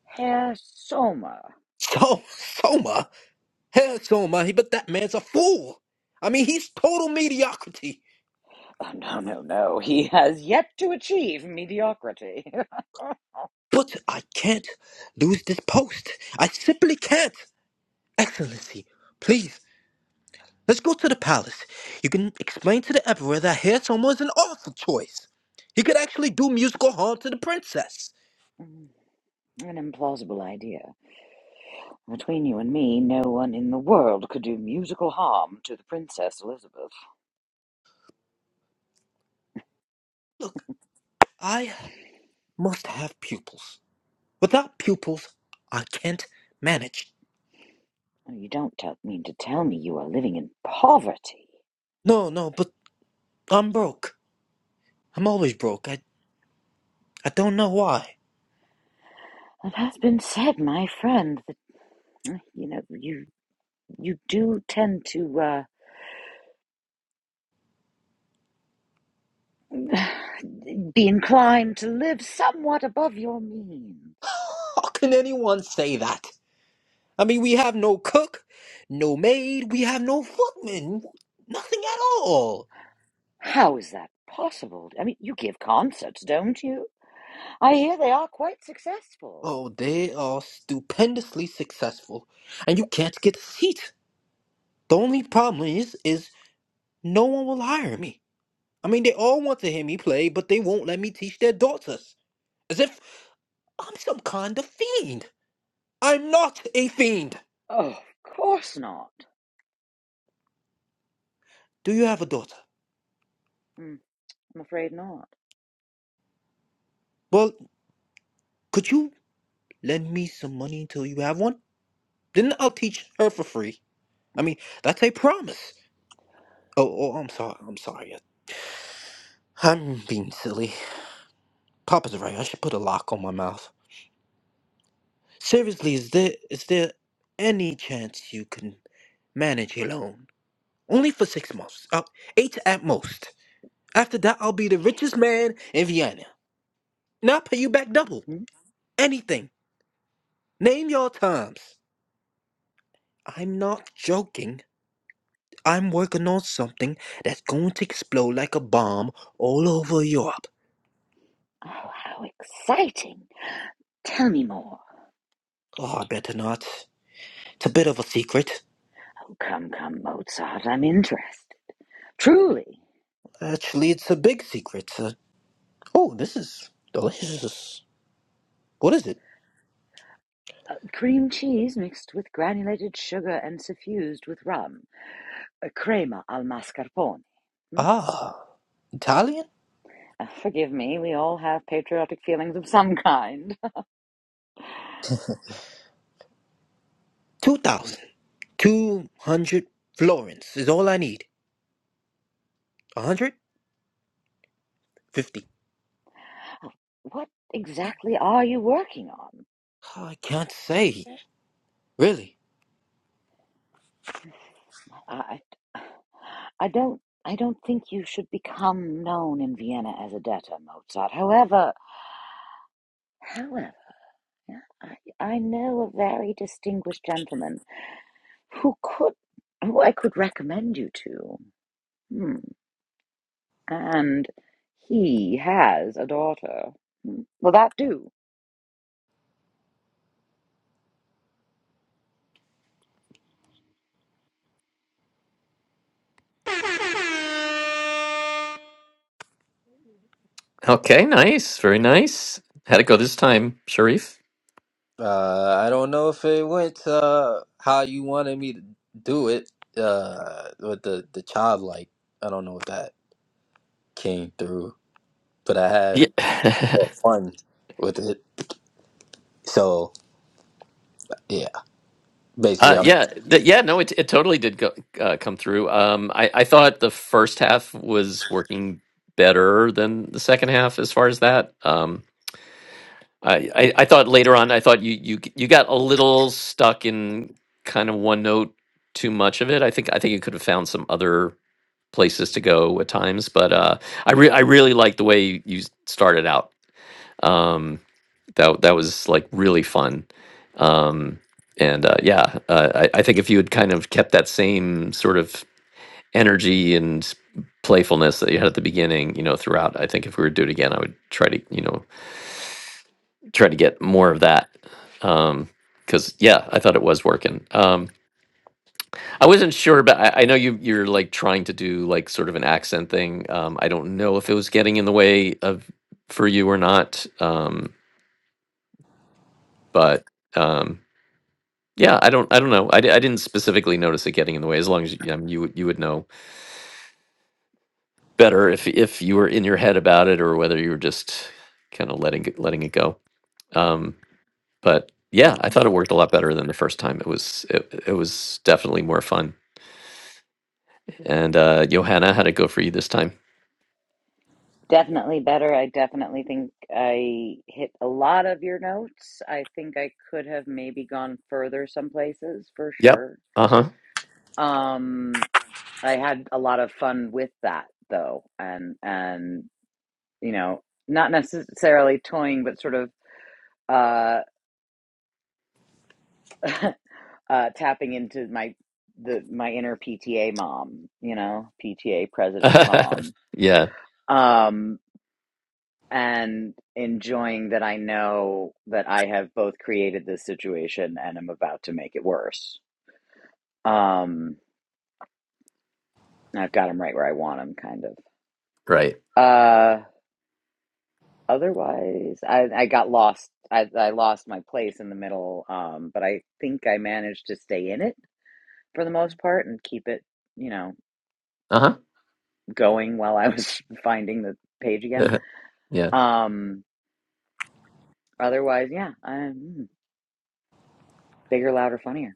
S2: Herr Sommer.
S4: So Soma. Hell, Soma. He, But that man's a fool. I mean, he's total mediocrity.
S2: Oh, no, no, no. He has yet to achieve mediocrity.
S4: But I can't lose this post. I simply can't. Excellency, please, let's go to the palace. You can explain to the emperor that Hair Soma is an awful choice. He could actually do musical harm to the princess.
S2: An implausible idea. Between you and me, no one in the world could do musical harm to the Princess Elizabeth.
S4: Look, I must have pupils. Without pupils, I can't manage.
S2: You don't tell, mean to tell me you are living in poverty.
S4: No, no, but I'm broke. I'm always broke. I, I don't know why.
S2: It has been said, my friend, that you know you you do tend to. uh, Be inclined to live somewhat above your means.
S4: How can anyone say that? I mean, we have no cook, no maid, we have no footman, nothing at all.
S2: How is that possible? I mean, you give concerts, don't you? I hear they are quite successful.
S4: Oh, they are stupendously successful, and you can't get a seat. The only problem is, is no one will hire me. I mean, they all want to hear me play, but they won't let me teach their daughters, as if I'm some kind of fiend. I'm not a fiend.
S2: Oh, of course not.
S4: Do you have a daughter?
S2: Hmm, I'm afraid not.
S4: Well, could you lend me some money until you have one? Then I'll teach her for free. I mean, that's a promise. Oh, oh, I'm sorry. I'm sorry. I'm being silly. Papa's right. I should put a lock on my mouth. Seriously, is there is there any chance you can manage alone? Only for six months. Uh, eight at most. After that, I'll be the richest man in Vienna. And I'll pay you back double.
S2: Hmm?
S4: Anything. Name your terms. I'm not joking. I'm working on something that's going to explode like a bomb all over Europe.
S2: Oh, how exciting. Tell me more.
S4: Oh, I better not. It's a bit of a secret.
S2: Oh, come, come, Mozart, I'm interested. Truly.
S4: Actually, it's a big secret. Uh, oh, this is delicious. What is it?
S2: Uh, cream cheese mixed with granulated sugar and suffused with rum. A crema al mascarpone. Hmm?
S4: Ah, Italian?
S2: Uh, Forgive me, we all have patriotic feelings of some kind.
S4: 2,000. 200 florins is all I need. 150.
S2: What exactly are you working on?
S4: I can't say. Really?
S2: I, I don't, I don't think you should become known in Vienna as a debtor, Mozart. However, however, yeah, I, I know a very distinguished gentleman who could, who I could recommend you to. Hmm. And he has a daughter. Hmm. Will that do?
S1: okay nice very nice how'd it go this time sharif
S4: Uh, I don't know if it went uh how you wanted me to do it. Uh, with the the childlike, I don't know if that came through, but I had
S1: yeah
S4: more fun with it. So yeah, basically,
S1: Uh,
S4: I'm
S1: yeah, th- yeah, no, it it totally did go, uh, come through. Um, I I thought the first half was working better than the second half as far as that. Um, I, I I thought later on, I thought you you you got a little stuck in kind of one note too much of it. I think I think you could have found some other places to go at times, but uh, I re I really liked the way you, started out. Um, that that was like really fun. Um, and uh, yeah, uh, I, I think if you had kind of kept that same sort of energy and playfulness that you had at the beginning, you know, throughout, I think if we were to do it again, I would try to, you know, try to get more of that. Um, because yeah, I thought it was working. Um, I wasn't sure, but I, I know you you're like trying to do like sort of an accent thing. Um, I don't know if it was getting in the way of for you or not. Um, but um, Yeah, I don't I don't know. I, di- I didn't specifically notice it getting in the way as long as you, um, you would- you would know better if if you were in your head about it or whether you were just kind of letting it, letting it go. Um but yeah, I thought it worked a lot better than the first time. It was it, it was definitely more fun. And uh Johanna, how'd it go for you this time?
S2: Definitely better. I definitely think I hit a lot of your notes. I think I could have maybe gone further some places for
S1: Yep.
S2: sure.
S1: Uh-huh.
S2: Um, I had a lot of fun with that though, and and you know, not necessarily toying, but sort of uh, uh, tapping into my the my inner PTA mom, you know, PTA president mom.
S1: yeah,
S2: Um, and enjoying that I know that I have both created this situation and i am about to make it worse. Um, I've got them right where I want them, kind of.
S1: right.
S2: Uh, otherwise, I, I got lost. I, I lost my place in the middle, um, but I think I managed to stay in it for the most part and keep it, you know,
S1: Uh-huh.
S2: going while I was finding the page again.
S1: yeah.
S2: Um, otherwise, yeah, I'm bigger, louder, funnier.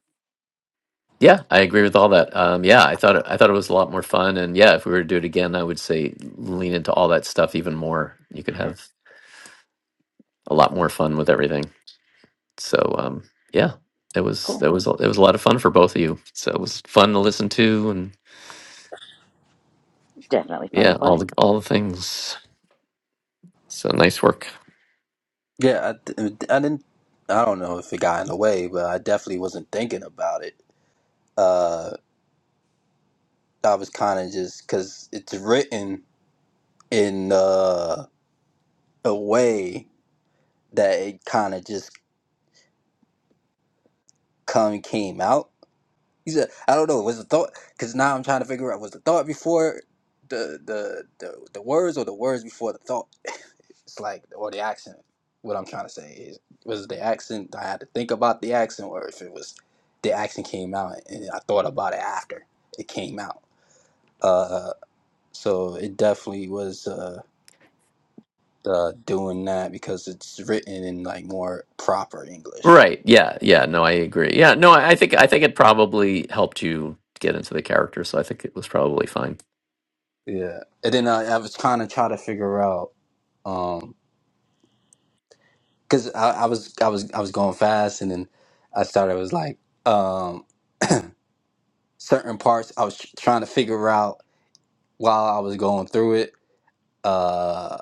S1: Yeah, I agree with all that. Um, yeah, I thought it, I thought it was a lot more fun, and yeah, if we were to do it again, I would say lean into all that stuff even more. You could have a lot more fun with everything. So um, yeah, it was it
S2: Cool.
S1: was a- it was a lot of fun for both of you. So it was fun to listen to, and
S2: Definitely fun to
S1: yeah, all
S2: play.
S1: the all the things. So nice work.
S4: Yeah, I, th- I didn't. I don't know if it got in the way, but I definitely wasn't thinking about it. Uh, I was kind of just because it's written in uh, a way that it kind of just come came out. He said, "I don't know. Was the thought? Because now I'm trying to figure out was the thought before the the the, the words or the words before the thought." It's like or the accent. What I'm trying to say is, was it the accent? I had to think about the accent, or if it was the accent came out and I thought about it after it came out. Uh, so it definitely was uh, uh, doing that because it's written in like more proper English.
S1: Right? Yeah, yeah. No, I agree. Yeah, no, I, I think I think it probably helped you get into the character, so I think it was probably fine.
S4: Yeah, and then I, I was kind of trying to figure out um, because I, I was I was I was going fast, and then I started was like um certain parts I was tr- trying to figure out while I was going through it uh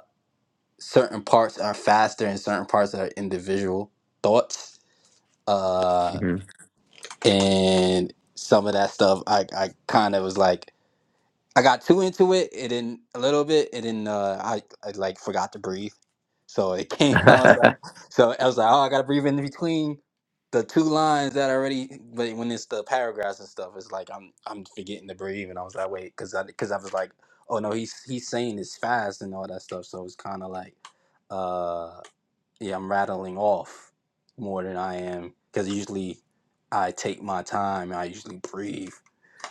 S4: certain parts are faster and certain parts are individual thoughts uh
S1: hmm
S4: and some of that stuff i i kind of was like I got too into it. It didn't a little bit. It didn't. Uh, I I like forgot to breathe, so it came. I was like, so I was like, oh, I gotta breathe in between the two lines that already. But when it's the paragraphs and stuff, it's like I'm I'm forgetting to breathe, and I was like, wait, because I because I was like, oh no, he's he's saying this fast and all that stuff. So it's kind of like, uh, yeah, I'm rattling off more than I am because usually I take my time. I usually breathe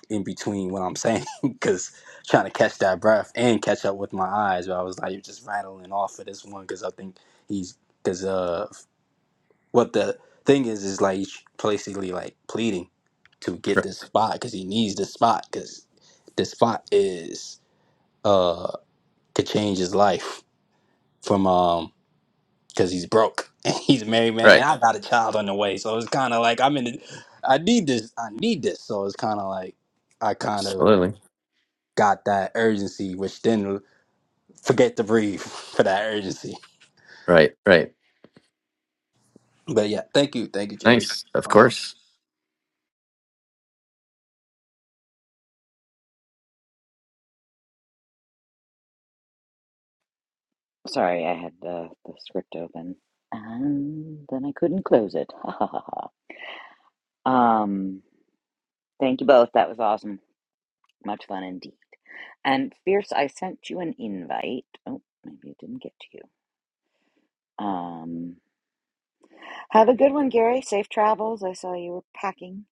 S4: in between what I'm saying because trying to catch that breath and catch up with my eyes. But I was like you're just rattling off of this one because I think he's because uh what the thing is is like he's basically like pleading to get this spot because he needs this spot because this spot is uh could change his life from um because he's broke and he's a married man and
S1: right.
S4: I got a child on the way so it's kind of like I'm in the, I need this I need this so it's kind of like I kind of
S1: Absolutely.
S4: got that urgency, which then forget to breathe for that urgency.
S1: Right, right.
S4: But yeah, thank you, thank you, Jerry.
S1: Nice. Of
S4: Honor.
S1: course.
S2: Sorry, I had the, the script open and then I couldn't close it. Ha ha ha ha. Um, thank you both. That was awesome. Much fun indeed. And Fierce, I sent you an invite. Oh, maybe it didn't get to you. Um, have a good one, Gary. Safe travels. I saw you were packing.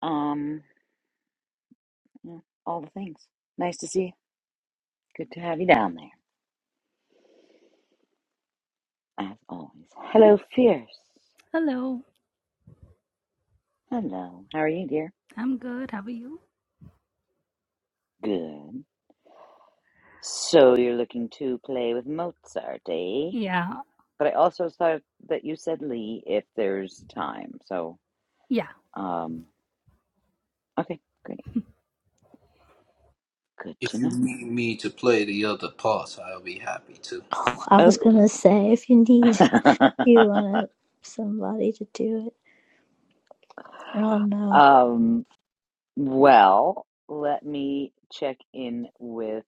S2: Um, yeah, all the things. Nice to see you. Good to have you down there, as always. Hello, Fierce.
S5: Hello,
S2: Hello. How are you, dear?
S5: I'm good. How are you?
S2: Good. So you're looking to play with Mozart, eh?
S5: Yeah,
S2: But I also thought that you said Lee if there's time. So,
S5: yeah.
S2: um, okay, great. Good to
S4: If you
S2: know.
S4: need me to play the other parts, I'll be happy to.
S3: Oh, I was gonna
S2: Oh.
S3: say if you need, if you want somebody to do it. Oh no.
S2: um, well, let me check in with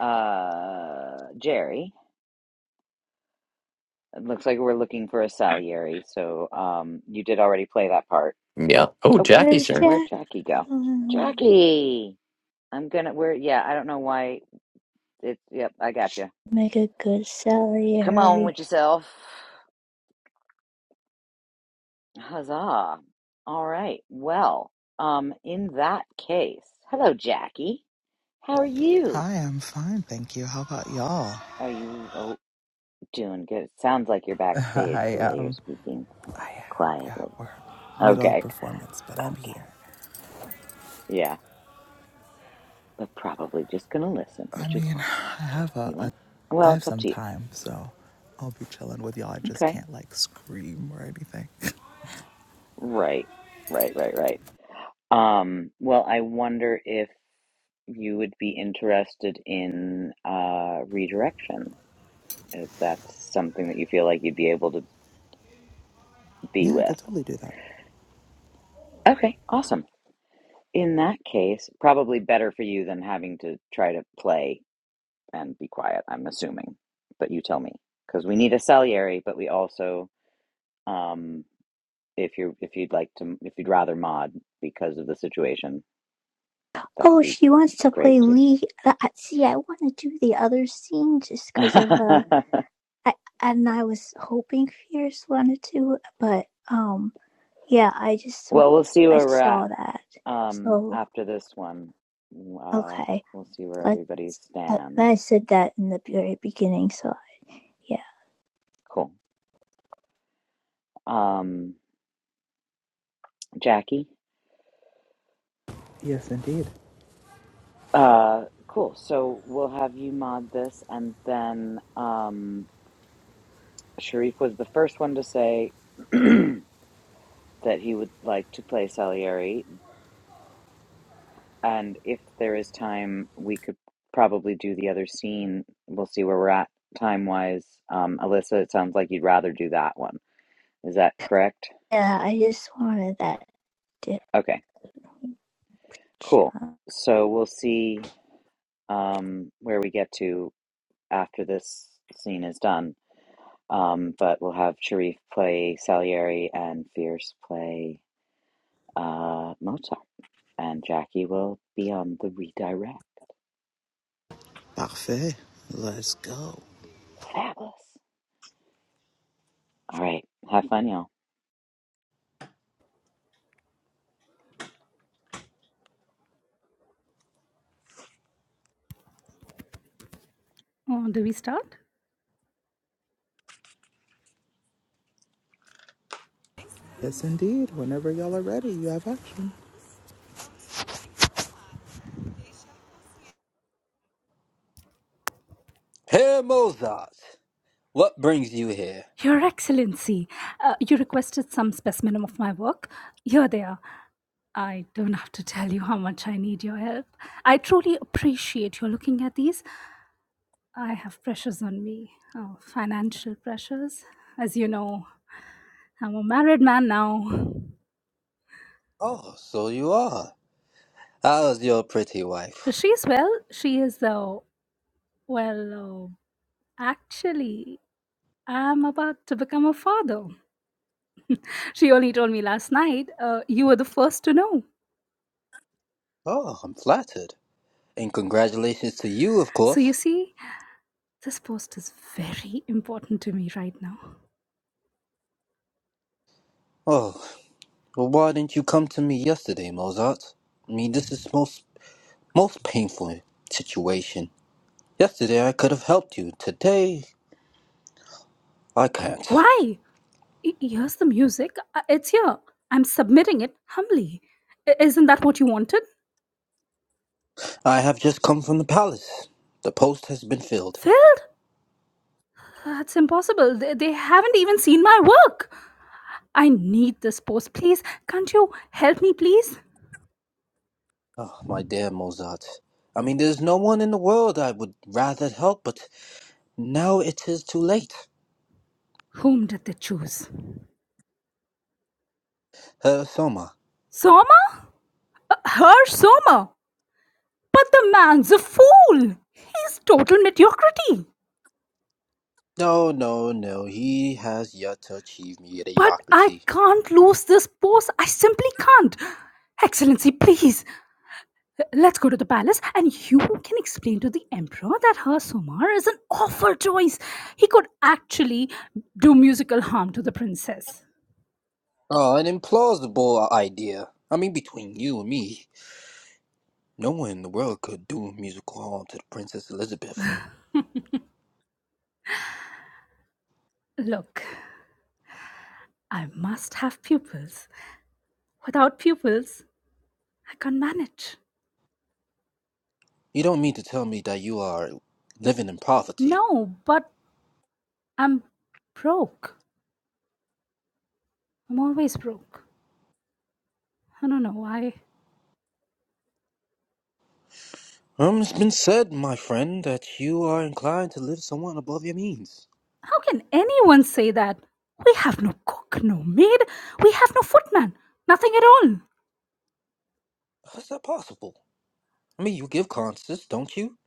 S2: uh Jerry. It looks like we're looking for a Salieri, so um you did already play that part.
S1: Yeah. Oh,
S2: Oh,
S1: Jackie's
S3: There's
S1: here.
S2: where'd Jackie go?
S3: Jacqueline.
S2: Jackie! I'm gonna, we're, yeah, I don't know why. It, yep, I got you.
S3: Make a good
S2: Come on
S3: salary.
S2: with yourself. Huzzah. All right. Well, um, in that case, hello, Jackie. How are you?
S6: Hi, I'm fine, thank you. How about y'all?
S2: Are you oh, doing good? It sounds like you're backstage
S6: I
S2: the way you're
S6: um
S2: speaking
S6: I am yeah
S2: quietly.
S6: we're middle of
S2: Okay.
S6: performance but I'm
S2: Okay.
S6: here.
S2: Yeah, but probably just gonna listen,
S6: I
S2: which is
S6: mean
S2: fine.
S6: I have
S2: You
S6: a, a
S2: love.
S6: I
S2: Well,
S6: have
S2: it's up
S6: some
S2: to you.
S6: time so I'll be chilling with y'all. I just
S2: Okay.
S6: can't like scream or anything.
S2: Right. Right. Right. Right. Um, well, I wonder if you would be interested in uh, redirection, if that's something that you feel like you'd be able to be
S6: Yeah, I could
S2: with.
S6: totally do that.
S2: Okay, awesome. In that case, probably better for you than having to try to play and be quiet, I'm assuming. But you tell me, because we need a Salieri, but we also, um, if you if you'd like to, if you'd rather mod because of the situation, that'd
S3: Oh,
S2: be
S3: she wants to
S2: great
S3: play
S2: too.
S3: Lee. I see, I want to do the other scene just because of uh, I, and I was hoping Fierce wanted to, but um, yeah, I just
S2: well, we'll see
S3: I
S2: where we're at.
S3: saw that.
S2: Um,
S3: So
S2: after this one, uh,
S3: okay,
S2: we'll see where
S3: like
S2: everybody
S3: I,
S2: stands.
S3: I said that in the very beginning. So yeah,
S2: Cool. Um, Jackie.
S6: yes indeed.
S2: Uh, cool. So we'll have you mod this, and then um, Sharif was the first one to say that he would like to play Salieri, and if there is time, we could probably do the other scene. We'll see where we're at time wise. Um, Alyssa, it sounds like you'd rather do that one. Is that correct?
S3: yeah, I just wanted that to
S2: Okay. Cool. So we'll see um, where we get to after this scene is done. Um, but we'll have Sharif play Salieri and Fierce play uh, Mozart. And Jackie will be on the redirect.
S6: Parfait. Let's go.
S2: Fabulous. All right. Have fun, y'all.
S5: Oh, do we start?
S6: Yes indeed. Whenever y'all are ready, you have action.
S4: Herr Mozart, what brings you here?
S5: Your Excellency, uh, you requested some specimen of my work. Here they are. I don't have to tell you how much I need your help. I truly appreciate your looking at these. I have pressures on me, oh, financial pressures. As you know, I'm a married man now.
S4: Oh, so you are. How's your pretty wife?
S5: She's well. She is, uh, well, uh, actually, I'm about to become a father. She only told me last night, uh, you were the first to know.
S4: Oh, I'm flattered. And congratulations to you, of
S5: So you
S4: course.
S5: see, this post is very important to me right now.
S4: Oh, well, why didn't you come to me yesterday, Mozart? I mean, this is most most painful situation. Yesterday I could have helped you. Today I can't.
S5: Why? Y- Here's the music. Uh, It's here. I'm submitting it humbly. I- Isn't that what you wanted?
S4: I have just come from the palace. The post has been filled.
S5: Phil, that's impossible. They, they haven't even seen my work. I need this post. Please, can't you help me, please?
S4: Oh, my dear Mozart. I mean, there's no one in the world I would rather help, but now it is too late.
S5: Whom did they choose?
S4: Uh, Soma.
S5: Soma? Her Soma. But the man's a fool. He's total mediocrity.
S4: No, no, no. He has yet to achieve
S5: But I
S4: mediocrity.
S5: can't lose this pose. I simply can't. Excellency, please, uh, let's go to the palace and you can explain to the emperor that her Somar is an awful choice. He could actually do musical harm to the princess.
S4: Uh, an implausible idea. I mean, between you and me, no one in the world could do musical harm to the Princess Elizabeth.
S5: Look, I must have pupils. Without pupils, I can't manage.
S4: You don't mean to tell me that you are living in poverty.
S5: No, but I'm broke. I'm always broke. I don't know why.
S4: Um, it's been said, my friend, that you are inclined to live somewhat above your means.
S5: How can anyone say that? We have no cook, no maid, we have no footman, nothing at all.
S4: How is that possible? I mean, you give concerts, don't you?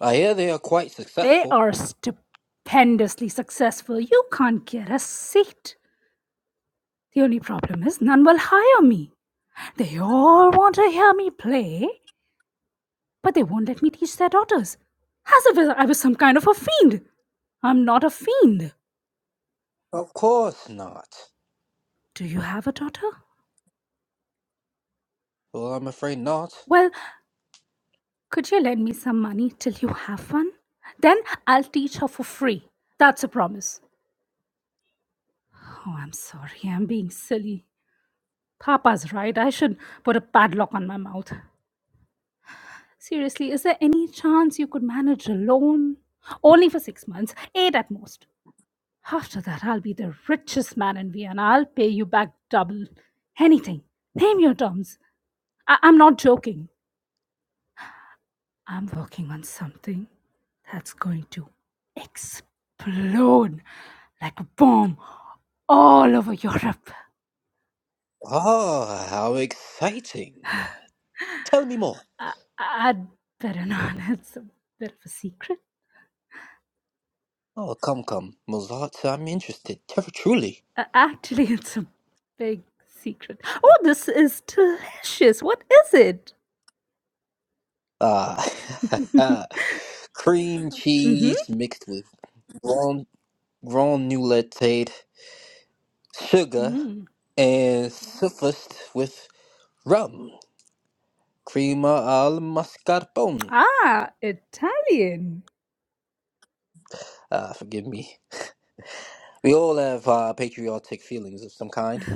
S4: I hear they are quite
S5: They
S4: successful.
S5: are stupendously successful. You can't get a seat. The only problem is none will hire me. They all want to hear me play, but they won't let me teach their daughters. As if I was some kind of a fiend. I'm not a fiend.
S4: Of course not.
S5: Do you have a daughter?
S4: Well, I'm afraid not.
S5: Well, could you lend me some money till you have one? Then I'll teach her for free. That's a promise. Oh, I'm sorry. I'm being silly. Papa's right. I should put a padlock on my mouth. Seriously, is there any chance you could manage alone? Only for six months, eight at most. After that, I'll be the richest man in Vienna. I'll pay you back double. Anything. Name your terms. I- I'm not joking. I'm working on something that's going to explode like a bomb all over Europe.
S4: Ah, how exciting. Tell me more.
S5: I, I'd better not. It's a bit of a secret.
S4: Oh, come, come, Mozart, I'm interested, tr- truly.
S5: Uh, actually, it's a big secret. Oh, this is delicious. What is it?
S4: Ah, cream
S5: Mm-hmm.
S4: cheese mixed with ground, ground nougatate, sugar,
S5: Mm.
S4: and suffused with rum, crema al mascarpone.
S5: Ah, Italian.
S4: Ah, forgive me. We all have uh, patriotic feelings of some kind.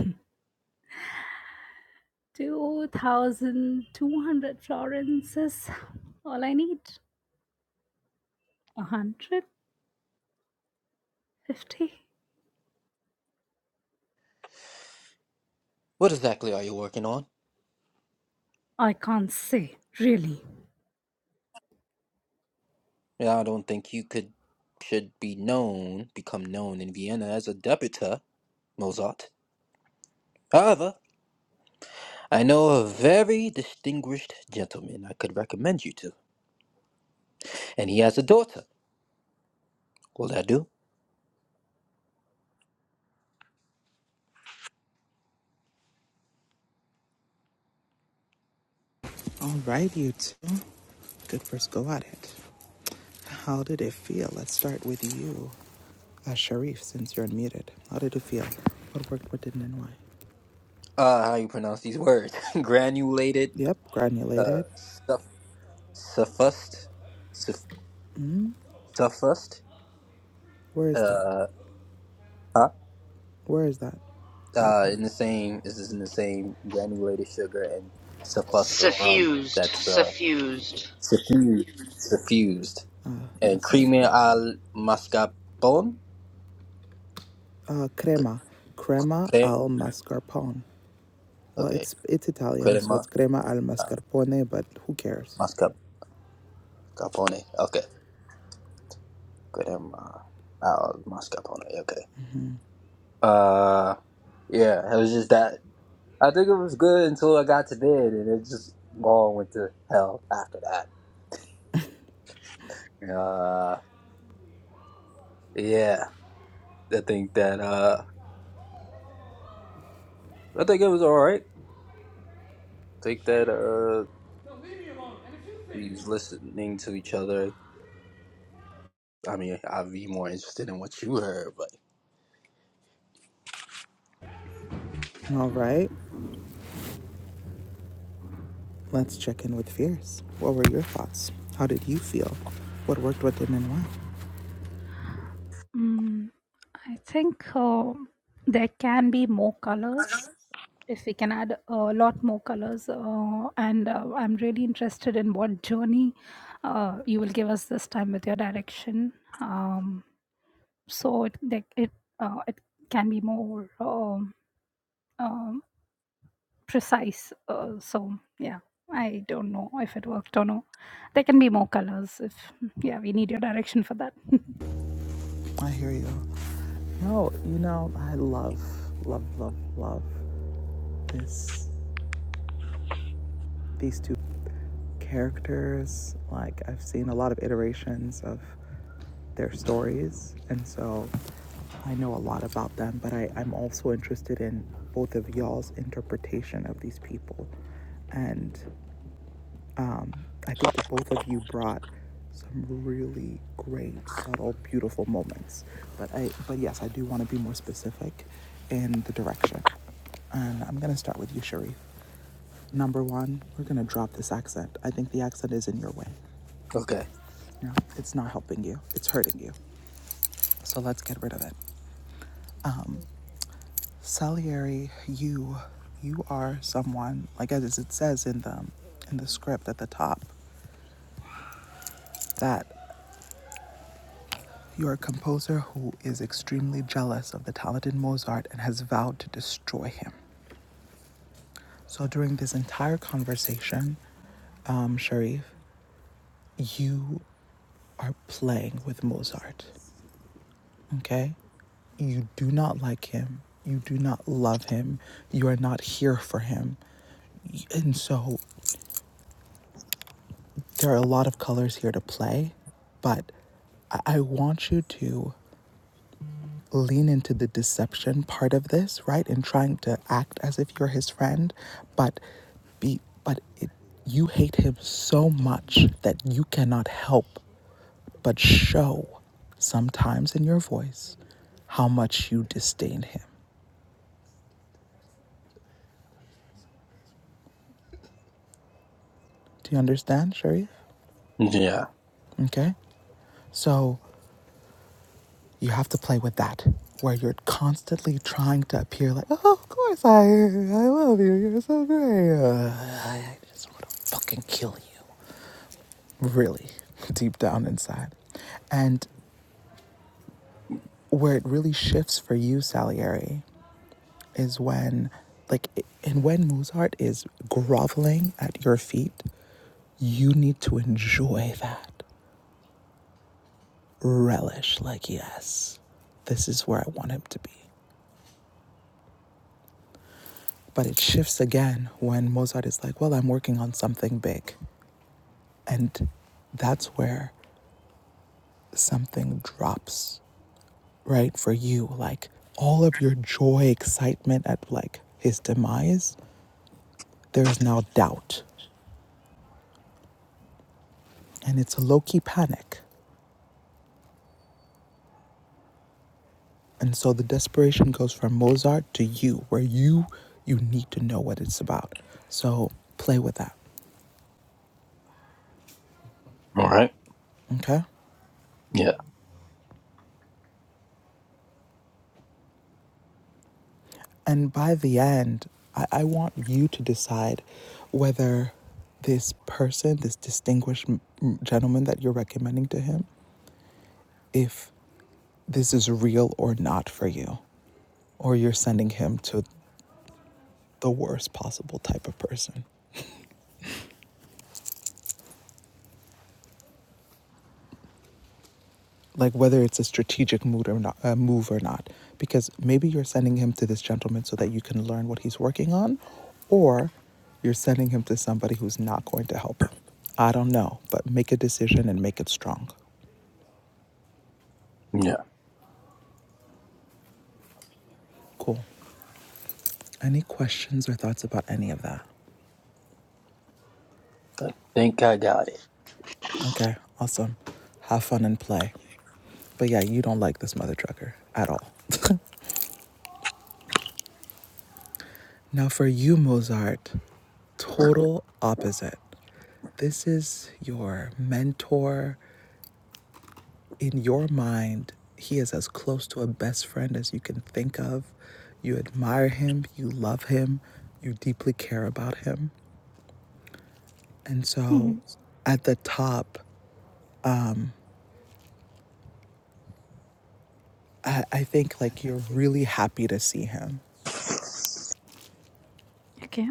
S5: 2,200 florins is all I need. 150?
S4: What exactly are you working on?
S5: I can't say, really.
S4: Yeah, I don't think you could should be known, become known in Vienna as a debuter, Mozart. However, I know a very distinguished gentleman I could recommend you to, and he has a daughter. Will that do?
S6: All right, you two. Good first go at it. How did it feel? Let's start with you, uh, Sharif, since you're unmuted. How did it feel? What worked, what didn't, and why?
S4: Uh, how you pronounce these words? Granulated,
S6: Yep,
S4: uh,
S6: granulated.
S4: stuff, suffused, suff, suffused,
S6: Where is that?
S4: uh, huh?
S6: Where is that? That
S4: Uh,
S6: word.
S4: in the same, this is in the same granulated sugar and suffused rum
S2: Suffused,
S4: that's, uh,
S2: suffused
S4: suffused, suffused.
S6: Uh,
S4: And
S6: yes,
S4: creamy
S6: suffused.
S4: al mascarpone?
S6: Uh, crema. Crema
S4: Cre-
S6: al mascarpone. Well,
S4: Okay,
S6: it's it's Italian, so
S4: crema,
S6: it's crema al
S4: uh,
S6: mascarpone, but who cares?
S4: mascarpone, okay. Good, I'm, uh, I'll mask up on it. Okay. Uh, yeah, it was just that. I think it was good until I got to bed, and it just all went to hell after that. Uh, yeah, I think that, uh, I think it was all right. I think that, uh, he's listening to each other. I mean, I'd be more interested in what you heard, but
S6: All right, let's check in with Fierce. What were your thoughts? How did you feel? What worked, what didn't, and why?
S5: Mm, I think uh, there can be more colors. if we can add a lot more colors uh, and uh, i'm really interested in what journey uh, you will give us this time with your direction um, so it that it, uh, it can be more um, um, precise uh, so yeah i don't know if it worked or no there can be more colors if yeah we need your direction for that
S6: I hear you. No, you know, I love, love, love, love this these two characters. Like I've seen a lot of iterations of their stories and so I know a lot about them, but I, I'm also interested in both of y'all's interpretation of these people and Um, I think both of you brought some really great, subtle, beautiful moments. But I, but yes, I do want to be more specific in the direction. And I'm gonna start with you, Sharif. Number one, we're gonna drop this accent. I think the accent is in your way.
S4: okay.
S6: No, it's not helping you. It's hurting you. So let's get rid of it. Salieri, you, you are someone like as it says in the in the script at the top that You're a composer who is extremely jealous of the talented Mozart and has vowed to destroy him. So during this entire conversation, um, Sharif, you are playing with Mozart, okay? You do not like him. You do not love him. You are not here for him. And so there are a lot of colors here to play, but I I want you to lean into the deception part of this, right? And trying to act as if you're his friend, but be but it, you hate him so much that you cannot help but show sometimes in your voice how much you disdain him. Do you understand, Sharif?
S4: Yeah.
S6: Okay? So you have to play with that, where you're constantly trying to appear like, oh, of course I, I love you. You're so great. Uh, I just want to fucking kill you. really deep down inside. And where it really shifts for you, Salieri, is when, like, and when Mozart is groveling at your feet, you need to enjoy that, relish, like, yes, this is where I want him to be. But it shifts again when Mozart is like, well, I'm working on something big. And that's where something drops right for you like all of your joy excitement at like his demise there is now doubt and it's a low-key panic and so the desperation goes from mozart to you where you you need to know what it's about so play with that
S4: All right.
S6: okay
S4: Yeah.
S6: and by the end i, I want you to decide whether this person this distinguished gentleman that you're recommending to him if this is real or not for you or you're sending him to the worst possible type of person. Like whether it's a strategic move or not, uh, move or not, because maybe you're sending him to this gentleman so that you can learn what he's working on, or you're sending him to somebody who's not going to help him. I don't know, but make a decision and make it strong.
S4: Yeah.
S6: Cool. Any questions or thoughts about any of that?
S4: Think I got it.
S6: Okay, awesome. Have fun and play. But yeah, you don't like this mother trucker at all. Now, for you, Mozart, total opposite. This is your mentor. In your mind, he is as close to a best friend as you can think of. You admire him, you love him, you deeply care about him. And so
S5: Mhm.
S6: at the top, I, I think like you're really happy to see him.
S5: okay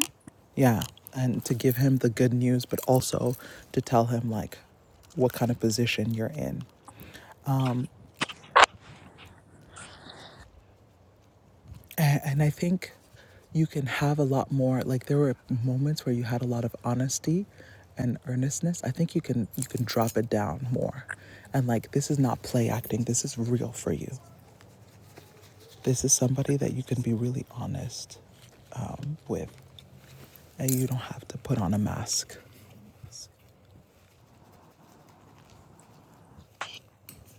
S6: Yeah. And to give him the good news, but also to tell him like what kind of position you're in. And, and I think you can have a lot more. Like there were moments where you had a lot of honesty and earnestness. I think you can you can drop it down more, and like this is not play acting. This is real for you. This is somebody that you can be really honest um, with, and you don't have to put on a mask.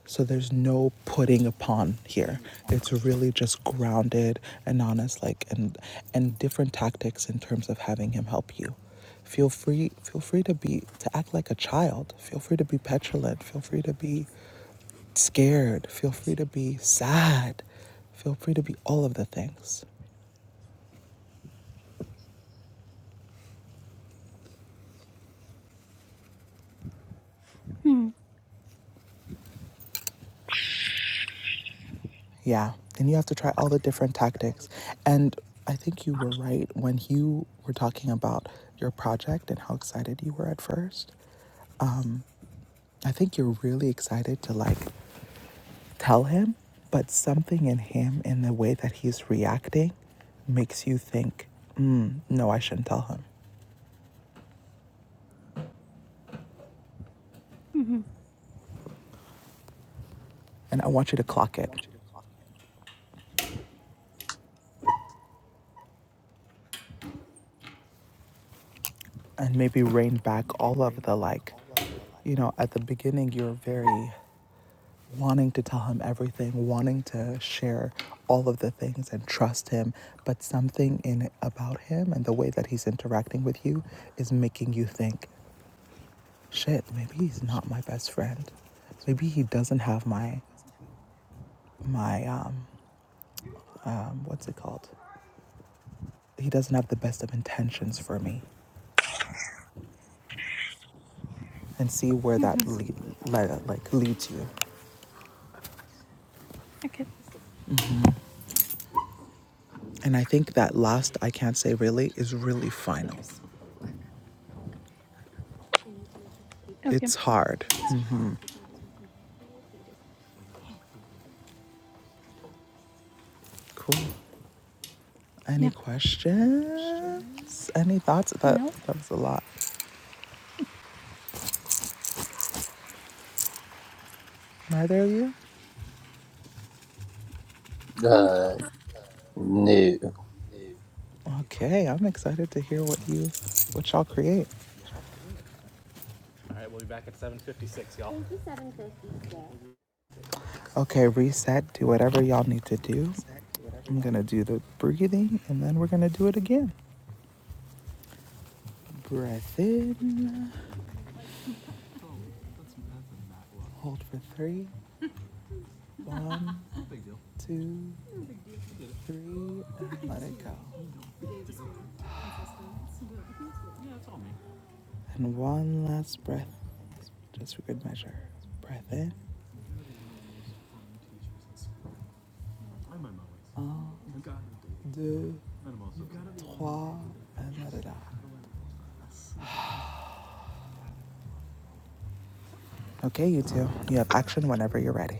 S6: So there's no putting upon here. It's really just grounded and honest, like and and different tactics in terms of having him help you. Feel free, feel free to be to act like a child. Feel free to be petulant. Feel free to be scared. Feel free to be sad. Feel free to be all of the things.
S5: mm-hmm.
S6: Yeah. And you have to try all the different tactics. And I think you were right when you were talking about your project and how excited you were at first. I think you're really excited to like tell him, but something in him in the way that he's reacting makes you think, mm, no, I shouldn't tell him. And I want you to clock it and maybe rein back all of the like, you know, at the beginning, you're very wanting to tell him everything, wanting to share all of the things and trust him, but something in about him and the way that he's interacting with you is making you think, shit, maybe he's not my best friend. Maybe he doesn't have my my um um what's it called? He doesn't have the best of intentions for me, and see where
S5: Mm-hmm.
S6: that lead, like leads you.
S5: okay
S6: And I think that last I can't say really is really final.
S5: Okay.
S6: It's hard. Cool. Any
S5: Yeah.
S6: questions? Any thoughts? That
S5: No,
S6: that was a lot. Neither of you.
S5: I'm good.
S4: Uh, no.
S6: Okay, I'm excited to hear what you what y'all create. Okay, reset, do whatever y'all need to do. I'm gonna do the breathing and then we're gonna do it again. Breath in, hold for three, one, two, three, and let it go. And one last breath, just for good measure. Breath in, un, deux, trois, and let it out. Okay, you two, you have action whenever you're ready.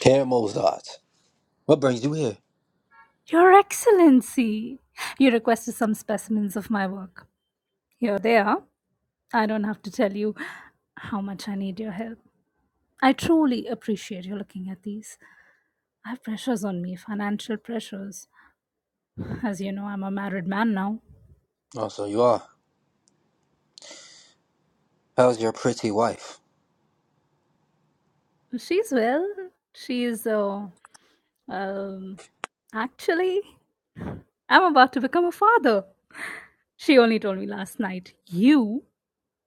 S4: Caramel thoughts. What brings you here?
S5: Your Excellency, you requested some specimens of my work. Here they are. I don't have to tell you how much I need your help. I truly appreciate you looking at these. I have pressures on me, financial pressures. As you know, I'm a married man now.
S4: Oh, so you are. How's your pretty wife?
S5: She's well. She's, uh, um, actually, I'm about to become a father. She only told me last night. You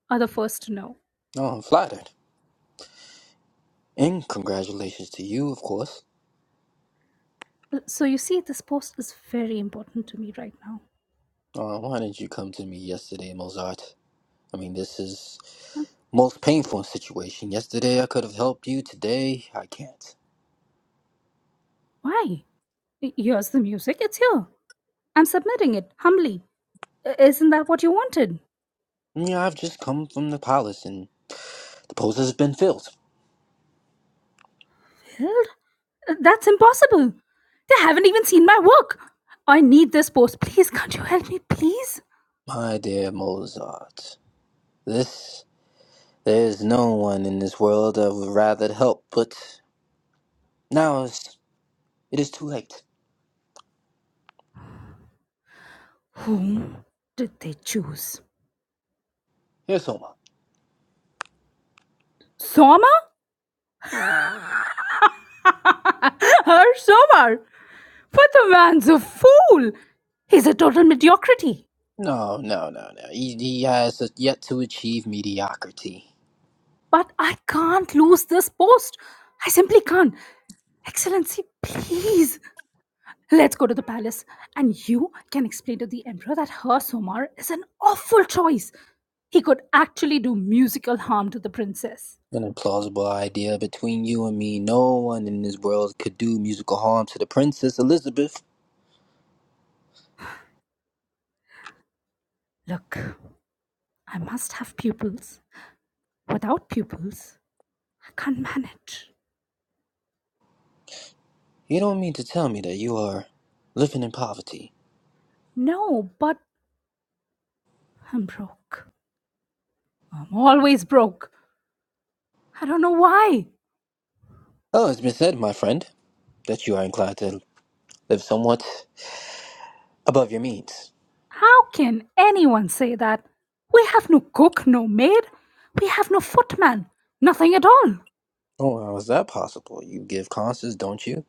S5: are the first to know.
S4: Oh, I'm flattered. And congratulations to you, of course.
S5: Uh, So you see, this post is very important to me right now.
S4: Uh, why didn't you come to me yesterday, Mozart? I mean, this is
S5: Huh?
S4: most painful situation. Yesterday I could have helped you. Today I can't.
S5: Why? Y- Here's the music. It's here. I'm submitting it humbly. I- Isn't that what you wanted?
S4: Yeah, I've just come from the palace, and the post has been filled.
S5: Well, uh, that's impossible. They haven't even seen my work. I need this post. Please, can't you help me, please?
S4: My dear Mozart, this there's no one in this world I would rather help, but now it's, it is too late.
S5: Whom did they choose?
S4: Here's Homer.
S5: Soma? Her Somar? But the man's a fool. He's a total mediocrity.
S4: No, no, no, no. He, he has yet to achieve mediocrity.
S5: But I can't lose this post. I simply can't. Excellency, please. Let's go to the palace, and you can explain to the emperor that her Somar is an awful choice. He could actually do musical harm to the princess.
S4: an implausible idea between you and me. No one in this world could do musical harm to the Princess Elizabeth.
S5: Look, I must have pupils. Without pupils, I can't manage.
S4: You don't mean to tell me that you are living in poverty.
S5: No, but I'm broke. I'm always broke. I don't know why.
S4: Oh, it's been said, my friend, that you are inclined to live somewhat above your means.
S5: How can anyone say that? We have no cook, no maid. We have no footman. Nothing at all.
S4: Oh, how is that possible? You give concerts, don't you?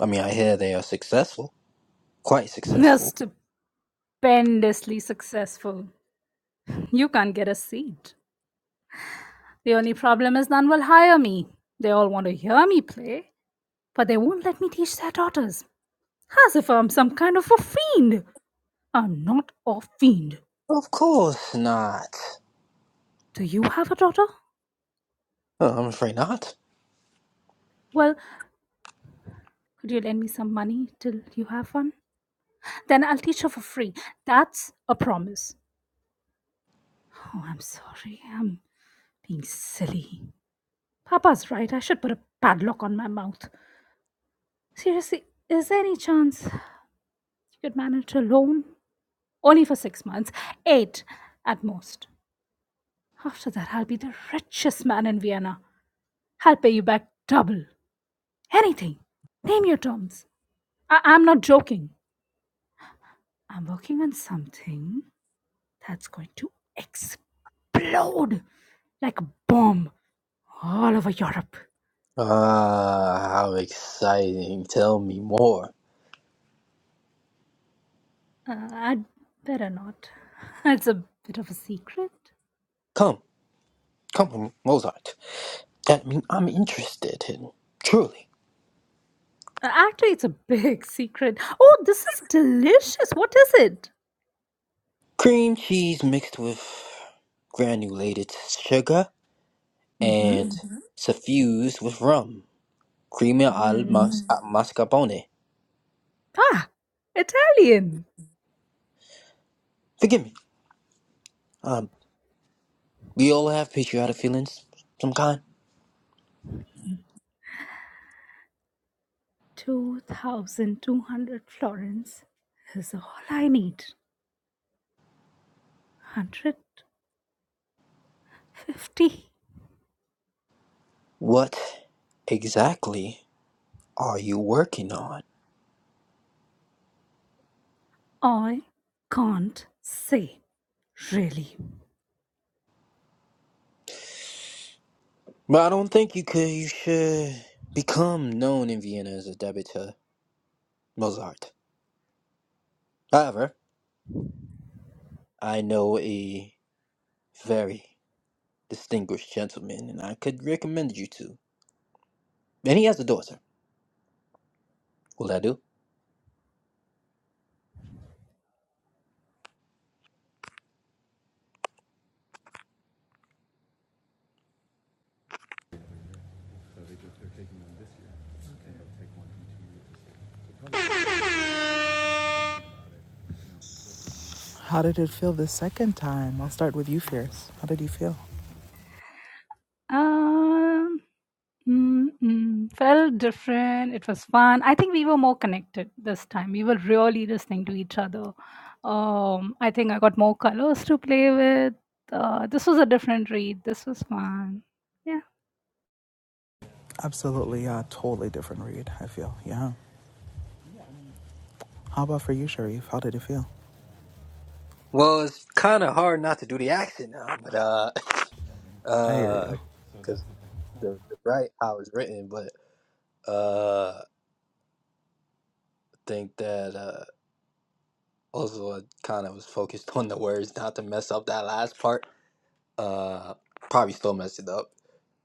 S4: I mean, I hear they are successful. Quite
S5: They're
S4: successful.
S5: stupendously successful. You can't get a seat. The only problem is none will hire me. They all want to hear me play, but they won't let me teach their daughters. As if I'm some kind of a fiend. I'm not a fiend.
S4: Of course not.
S5: Do you have a daughter?
S4: Oh, I'm afraid not.
S5: Well, could you lend me some money till you have one? Then I'll teach her for free. That's a promise. Oh, I'm sorry. I'm being silly. Papa's right. I should put a padlock on my mouth. Seriously, is there any chance you could manage alone? Only for six months. Eight at most. After that, I'll be the richest man in Vienna. I'll pay you back double. Anything. Name your terms. I- I'm not joking. I'm working on something that's going to explode like a bomb all over Europe.
S4: Ah, how exciting. Tell me more.
S5: Uh, I'd better not. It's a bit of a secret.
S4: Come, come, Mozart. that m- I'm interested in. Truly.
S5: Uh, Actually, it's a big secret. Oh, this is delicious. What is it?
S4: Cream cheese mixed with granulated sugar
S5: Mm-hmm.
S4: and Mhm. suffused with rum. Creamy al
S5: Mm.
S4: mas- Mhm. uh, mascarpone.
S5: Ah, Italian.
S4: Forgive me. Um, we all have patriotic feelings, some kind.
S5: 2,200 florins is all I need. 150.
S4: What exactly are you working on?
S5: I can't say really
S4: But I don't think you could. You should become known in Vienna as a debutant Mozart. However, I know a very distinguished gentleman, and I could recommend you to. And he has a daughter. Will that do?
S6: How did it feel the second time? I'll start with you, Fierce. How did you feel?
S5: Um, mm, mm, felt different. It was fun. I think we were more connected this time. We were really listening to each other. Um, I think I got more colors to play with. Uh, this was a different read. This was fun. Yeah.
S6: Absolutely, uh, totally different read, I feel. Yeah. How about for you, Sharif? How did it feel?
S4: Well, it's kind of hard not to do the accent now, but uh,
S6: I hear
S4: uh,
S6: you.
S4: Because the, the right how it's written, but uh, I think that uh, also I kind of was focused on the words not to mess up that last part. Uh, probably still messed it up.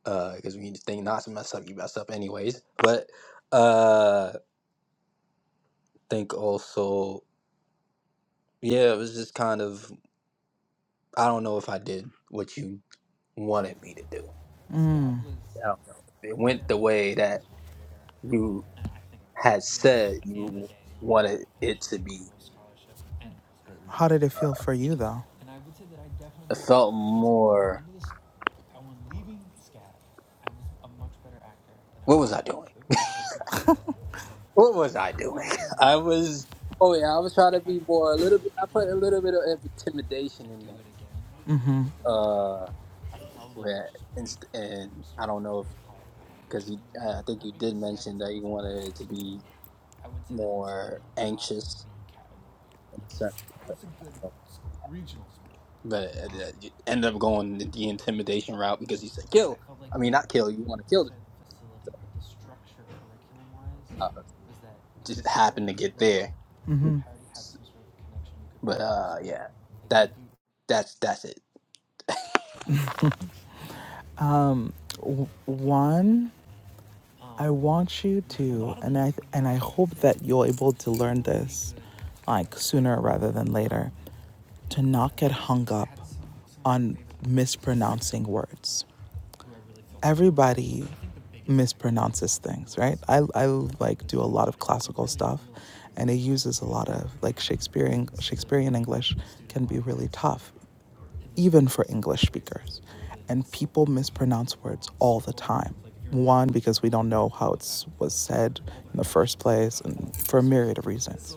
S4: Uh, Because we need to think not to mess up, you mess up anyways. But uh, think also, yeah, it was just kind of I don't know if I did what you wanted me to do.
S6: Mm.
S4: I don't know if It went the way that you had said you wanted it to be.
S6: How did it feel for you, though?
S4: It felt more. What was I doing? What was I doing? I was. Oh yeah, I was trying to be more a little bit. I put a little bit of intimidation in there.
S6: Mm-hmm.
S4: Uh, where inst- and I don't know if because you, I I think you did mention that you wanted it to be more anxious in a certain part. But uh, you end up going the intimidation route because you said kill. I mean, not kill. You want to kill this guy. So uh, just happened to get there.
S6: Mm-hmm.
S4: But uh, yeah, that that's that's it.
S6: Um, w- one, I want you to, and I and I hope that you're able to learn this, like sooner rather than later, to not get hung up on mispronouncing words. everybody mispronounces things, right? I, I like do a lot of classical stuff and it uses a lot of like Shakespearean Shakespearean English can be really tough, even for English speakers. And people mispronounce words all the time. One, because we don't know how it was said in the first place and for a myriad of reasons.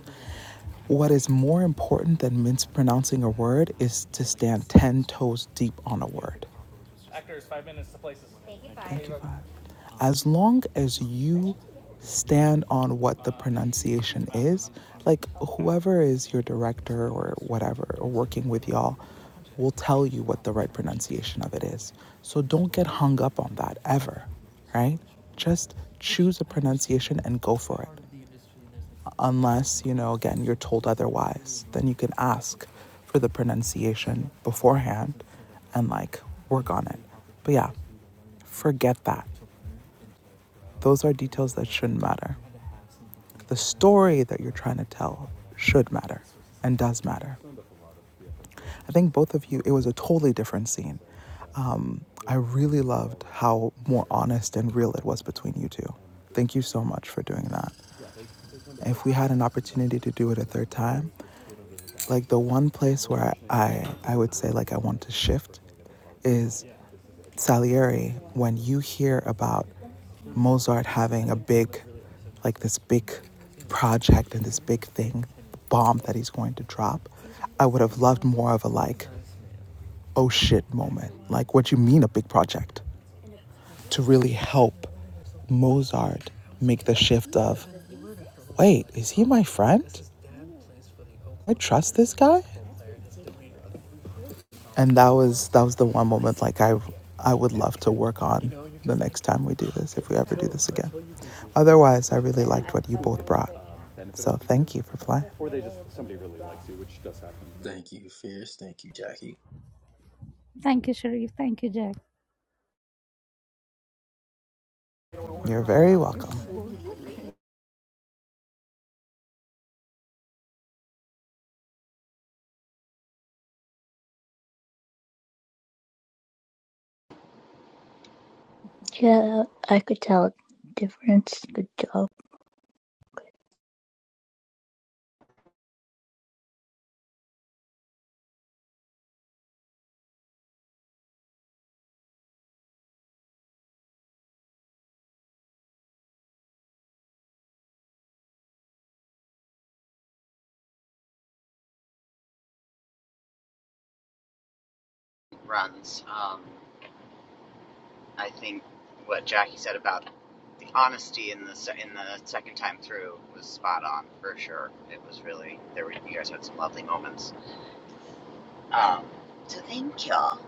S6: What is more important than mispronouncing a word is to stand 10 toes deep on a word. ninety-five. As long as you stand on what the pronunciation is, like whoever is your director or whatever, or working with y'all, will tell you what the right pronunciation of it is. So don't get hung up on that ever, right? Just choose a pronunciation and go for it unless you know again you're told otherwise then you can ask for the pronunciation beforehand and like work on it but yeah Forget that. Those are details that shouldn't matter. The story that you're trying to tell should matter and does matter. I think both of you, it was a totally different scene. Um, I really loved how more honest and real it was between you two. Thank you so much for doing that. If we had an opportunity to do it a third time, like the one place where I, I, I would say like I want to shift is Salieri, when you hear about Mozart having a big, like this big project and this big thing, bomb that he's going to drop, I would have loved more of a like, oh shit moment. Like, what do you mean a big project? To really help Mozart make the shift of, wait, is he my friend? I trust this guy? and that was that was the one moment like i i would love to work on the next time we do this if we ever do this again otherwise i really liked what you both brought so thank you for flying.
S4: Thank you, Fierce. Thank you, Jackie.
S5: Thank you, Sharif. Thank you, Jack.
S6: you're very welcome
S3: Yeah, I could tell the difference. Good job.
S2: runs. Um, I think what Jackie said about the honesty in the in the second time through was spot on for sure. It was really there were you guys had some lovely moments. Um, so thank y'all,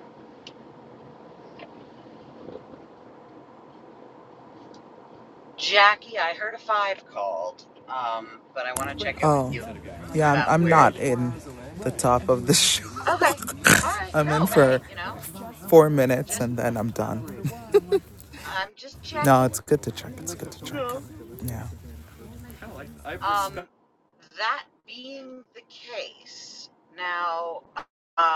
S2: Jackie. I heard a five called, um, but I want to check in with
S6: oh
S2: you
S6: yeah i'm,
S2: about
S6: I'm
S2: where
S6: not
S2: you.
S6: in the top of the show
S2: Okay, all right.
S6: i'm in
S2: No, hey,
S6: for
S2: you know,
S6: four minutes
S2: just
S6: and then i'm done no it's good to check it's good to check yeah
S2: um, now uh,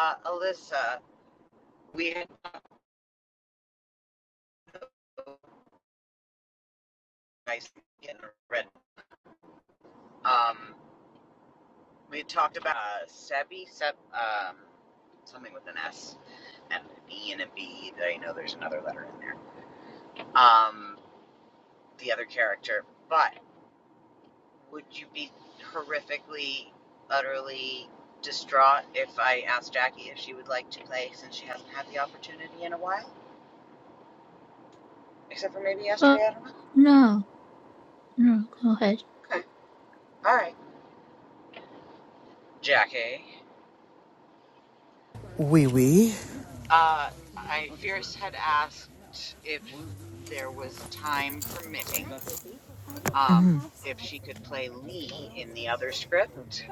S2: I talked about steps and an E and a B. I know there's another letter in there. Um, the other character, but would you be horrifically, utterly distraught if I asked Jackie if she would like to play since she hasn't had the opportunity in a while? Except for maybe
S3: Oh
S2: yesterday, I don't know.
S3: no, no, go ahead.
S2: Okay. All right. Jackie.
S6: wee wee
S2: Uh, I Fierce had asked if there was time permitting, um, if she could play Lee in the other script.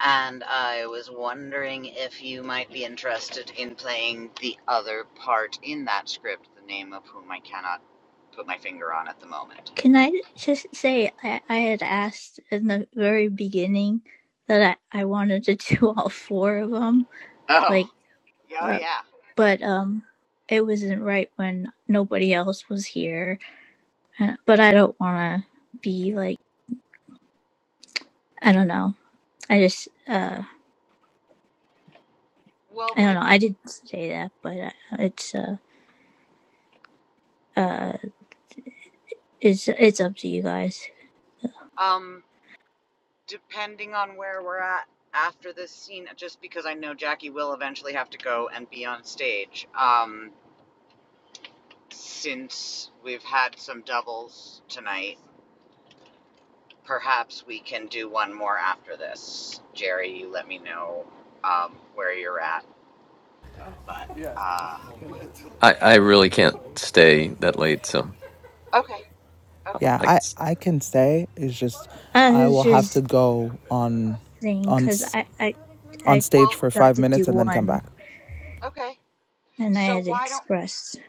S2: and I was wondering if you might be interested in playing the other part in that script, the name of whom I cannot put my finger on at the moment.
S3: Can I just say I, I had asked in the very beginning that I, I wanted to do all four of them,
S2: Oh,
S3: like.
S2: yeah,
S3: uh,
S2: oh, yeah.
S3: but um it wasn't right when nobody else was here Uh, but i don't want to be like i don't know i just uh
S2: Well,
S3: i don't
S2: maybe,
S3: know i didn't say that but uh, it's uh uh it's it's up to you guys
S2: um, depending on where we're at after this scene, just because I know Jackie will eventually have to go and be on stage, um, since we've had some doubles tonight, perhaps we can do one more after this. Jerry, you let me know um, where you're at. But uh,
S1: I, I really can't stay that late, so
S2: Okay, okay.
S6: yeah
S1: I,
S6: i i can say it's just
S3: i
S6: i
S3: was
S6: will have to
S3: just
S6: go on
S3: saying
S6: on
S3: because i i
S6: on
S3: i
S6: stage
S2: Well,
S6: for
S3: got
S6: five
S3: to do
S6: minutes and then come
S3: one
S6: back.
S2: okay.
S3: and i
S2: So
S3: had
S2: why don't
S3: expressed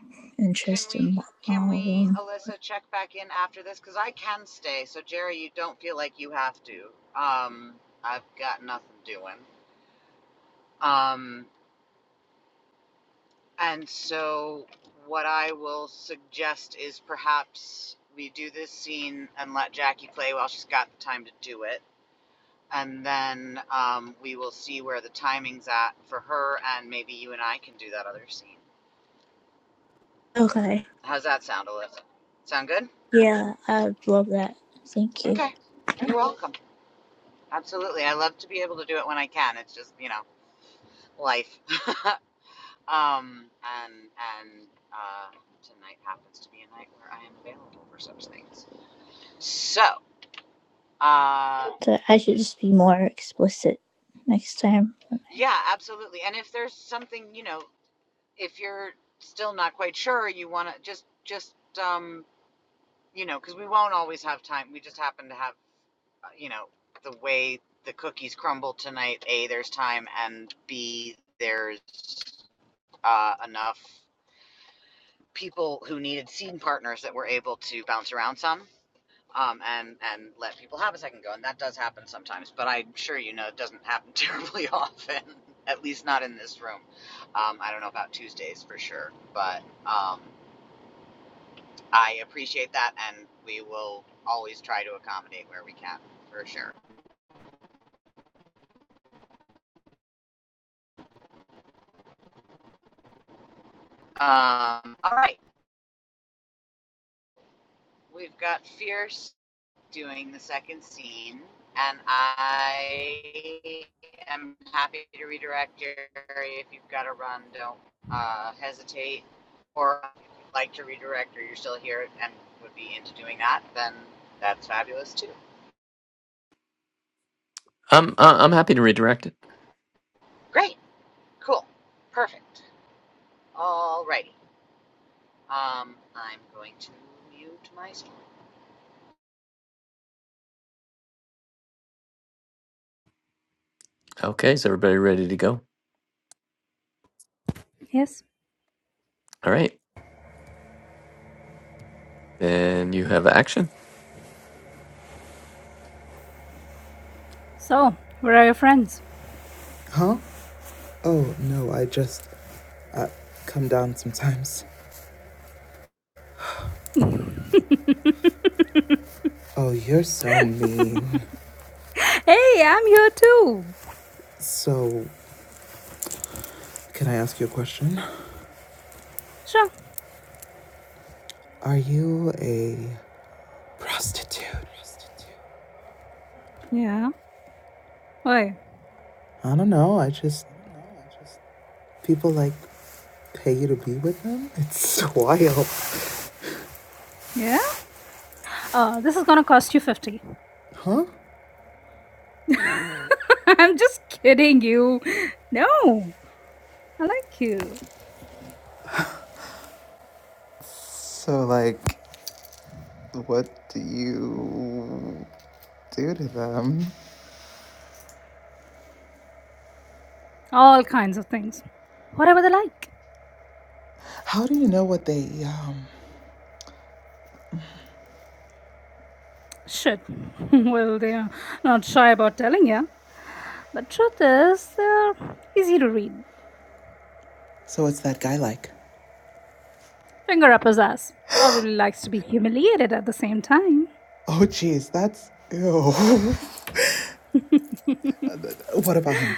S2: can
S3: interest
S2: we
S3: in
S2: can
S3: all of
S2: we
S3: them
S2: Alyssa check back in after this? Because I can stay. So Jerry, you don't feel like you have to. Um, I've got nothing doing. Um, and so what I will suggest is perhaps we do this scene and let Jackie play while she's got the time to do it. And then um, we will see where the timing's at for her, and maybe you and I can do that other scene.
S3: okay
S2: How's that sound, Alyssa? Sound good?
S3: yeah i'd love that thank you
S2: Okay. You're welcome. Absolutely. I love to be able to do it when I can. It's just, you know, life. um, and and uh, tonight happens to be a night where I am available for such things. So, uh,
S3: But i should just be more explicit next time when I
S2: yeah, absolutely. And if there's something, you know, if you're still not quite sure, you want to just just um, you know, because we won't always have time. We just happen to have uh, you know, the way the cookies crumble tonight, A, there's time, and B, there's uh, enough people who needed scene partners that were able to bounce around some. Um, and and let people have a second go, and that does happen sometimes. But I'm sure you know it doesn't happen terribly often, at least not in this room. Um, I don't know about Tuesdays for sure, but um, I appreciate that, and we will always try to accommodate where we can for sure. Um, all right. We've got Fierce doing the second scene, and I am happy to redirect Jerry if you've got to run. Don't uh, hesitate, or if you'd like to redirect, or you're still here and would be into doing that, then that's fabulous too.
S1: I'm I- I'm happy to redirect it.
S2: Great, cool, perfect. Alrighty, um, I'm going to mute myself.
S1: Okay, is everybody ready to go?
S5: Yes.
S1: All right, then you have action.
S5: So, where are your friends?
S6: Huh? Oh, no, I just uh, come down sometimes. Oh, you're so mean.
S5: Hey, I'm here too.
S6: So, can I ask you a question?
S5: sure.
S6: Are you a prostitute?
S5: Yeah. Why?
S6: I don't know, I just. People like pay you to be with them? It's wild.
S5: Yeah. Uh, this is gonna cost you 50. I'm just kidding you. No, I like you.
S6: So, like, what do you do to them?
S5: All kinds of things. Whatever they like.
S6: How do you know what they, um.
S5: Shit. well, they're not shy about telling you. But truth is, they're easy to read.
S6: So, what's that guy like?
S5: Finger up his ass. Probably likes to be humiliated at the same time.
S6: Oh, geez, that's. Ew. what about him?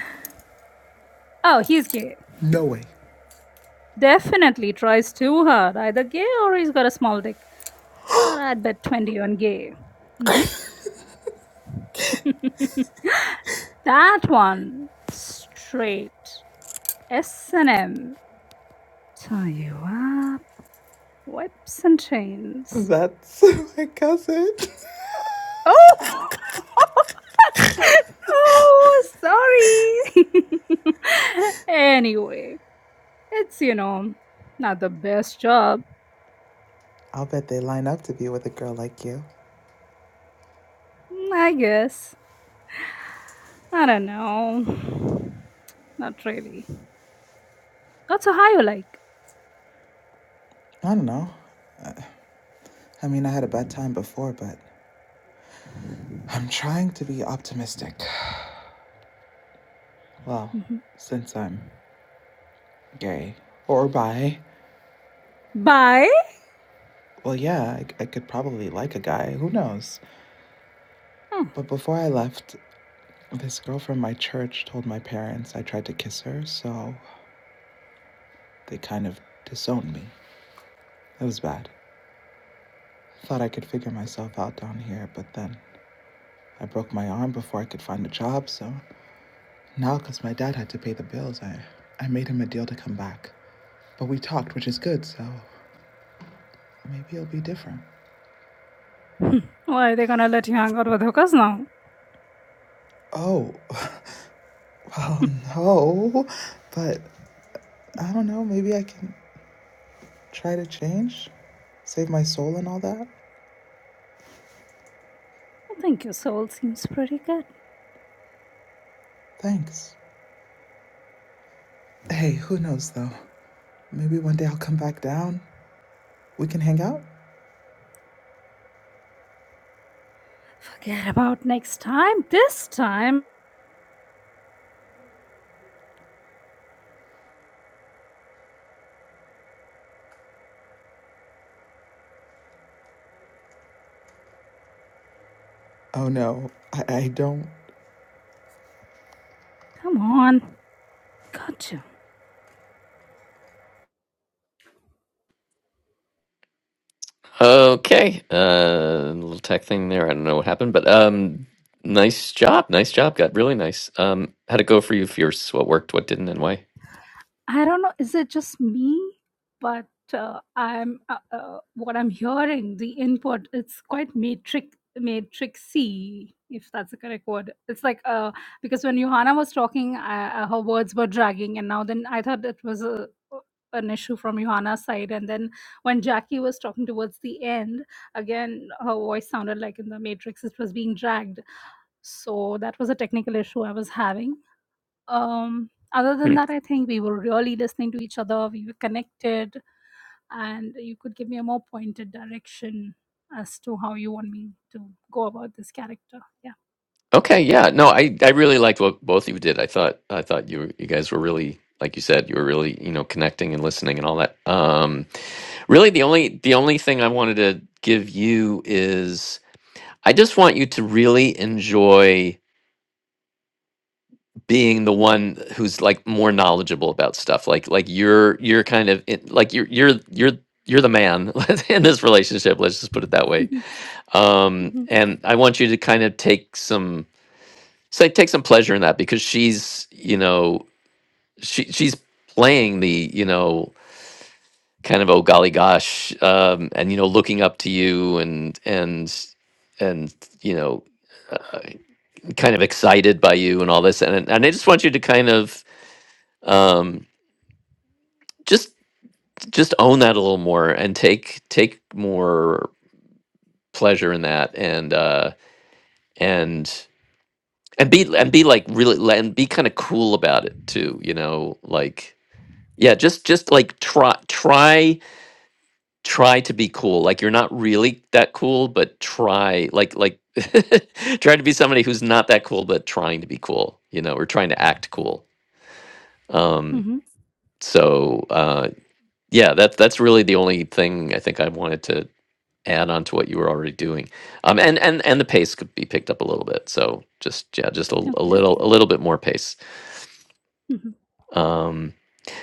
S5: oh, he's gay.
S6: No way.
S5: Definitely tries too hard. Either gay or he's got a small dick. But I'd bet 20 on gay. Mhm. that one. Straight. S&M. Tell you what, whips and chains.
S6: That's my cousin.
S5: Oh! oh, sorry. anyway, it's, you know, not the best job,
S6: I'll bet they line up to be with a girl like you.
S5: I guess. I don't know. Not really. That's a high you like.
S6: I don't know. I mean, I had a bad time before, but I'm trying to be optimistic. Well,
S5: Mhm.
S6: since I'm gay or bi,
S5: Bye?
S6: well, yeah, I, I could probably like a guy. Who knows?
S5: Hmm.
S6: But before I left, this girl from my church told my parents I tried to kiss her, so they kind of disowned me. It was bad. Thought I could figure myself out down here, but then I broke my arm before I could find a job, so now, because my dad had to pay the bills, I, I made him a deal to come back. But we talked, which is good, so maybe it'll be different.
S5: Why are they gonna let you hang out with hookers now?
S6: Oh, well, no, but I don't know, maybe I can try to change, save my soul and all that.
S5: I think your soul seems pretty good.
S6: Thanks. Hey, who knows though? Maybe one day I'll come back down. We can hang out?
S5: Forget about next time. This time,
S6: Oh no, I, I don't.
S5: Come on, I got you.
S1: Okay, uh, little tech thing there. I don't know what happened, but um, nice job, nice job. Got really nice. Um, how'd it go for you, Fierce? What worked, what didn't, and why?
S5: I don't know. Is it just me? But uh, I'm uh, uh, what I'm hearing. The input it's quite matrix matrixy, if that's the correct word. It's like uh, because when Johanna was talking, uh, her words were dragging, and now then I thought it was a an issue from Johanna's side, and then when Jackie was talking towards the end, again her voice sounded like in the matrix it was being dragged. So that was a technical issue I was having um, other than that, I think we were really listening to each other. We were connected, and you could give me a more pointed direction as to how you want me to go about this character. Yeah.
S1: Okay, yeah. No, I I really liked what both of you did. I thought I thought you you guys were really like you said, you were really, you know, connecting and listening and all that. Um really the only the only thing I wanted to give you is I just want you to really enjoy being the one who's like more knowledgeable about stuff. Like like you're you're kind of in, like you're you're you're you're the man in this relationship, let's just put it that way.
S5: Mm-hmm.
S1: Um
S5: Mm-hmm.
S1: and I want you to kind of take some So I take some pleasure in that because she's, you know, she she's playing the, you know, kind of oh golly gosh, um, and you know, looking up to you and and and you know, uh, kind of excited by you and all this, and and I just want you to kind of um, just just own that a little more and take take more pleasure in that and uh, and and be and be like really and be kind of cool about it too, you know, like Yeah, just just like try try try to be cool. Like you're not really that cool, but try like like try to be somebody who's not that cool but trying to be cool, you know, or trying to act cool. Um
S5: Mm-hmm.
S1: so uh yeah, that's that's really the only thing I think I wanted to add on to what you were already doing. Um and and and the pace could be picked up a little bit. So just yeah, just a, a
S5: Okay.
S1: little a little bit more pace.
S5: Mm-hmm.
S1: Um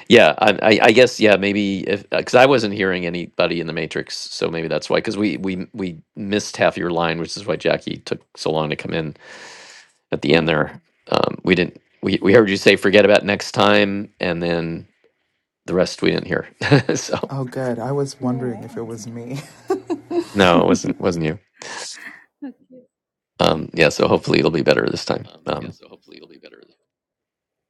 S1: Yeah, I, I I guess yeah, maybe if because I wasn't hearing anybody in the matrix, so maybe that's why. Because we we we missed half your line, which is why Jackie took so long to come in at the end.
S5: Oh.
S1: There, um, we didn't. We we heard you say forget about next time, and then the rest we didn't hear. so
S6: Oh, good. I was
S5: Oh.
S6: wondering if it was me.
S5: Okay.
S1: no, it wasn't wasn't you.
S5: okay.
S1: Um, yeah, so hopefully it'll be better this time. Um,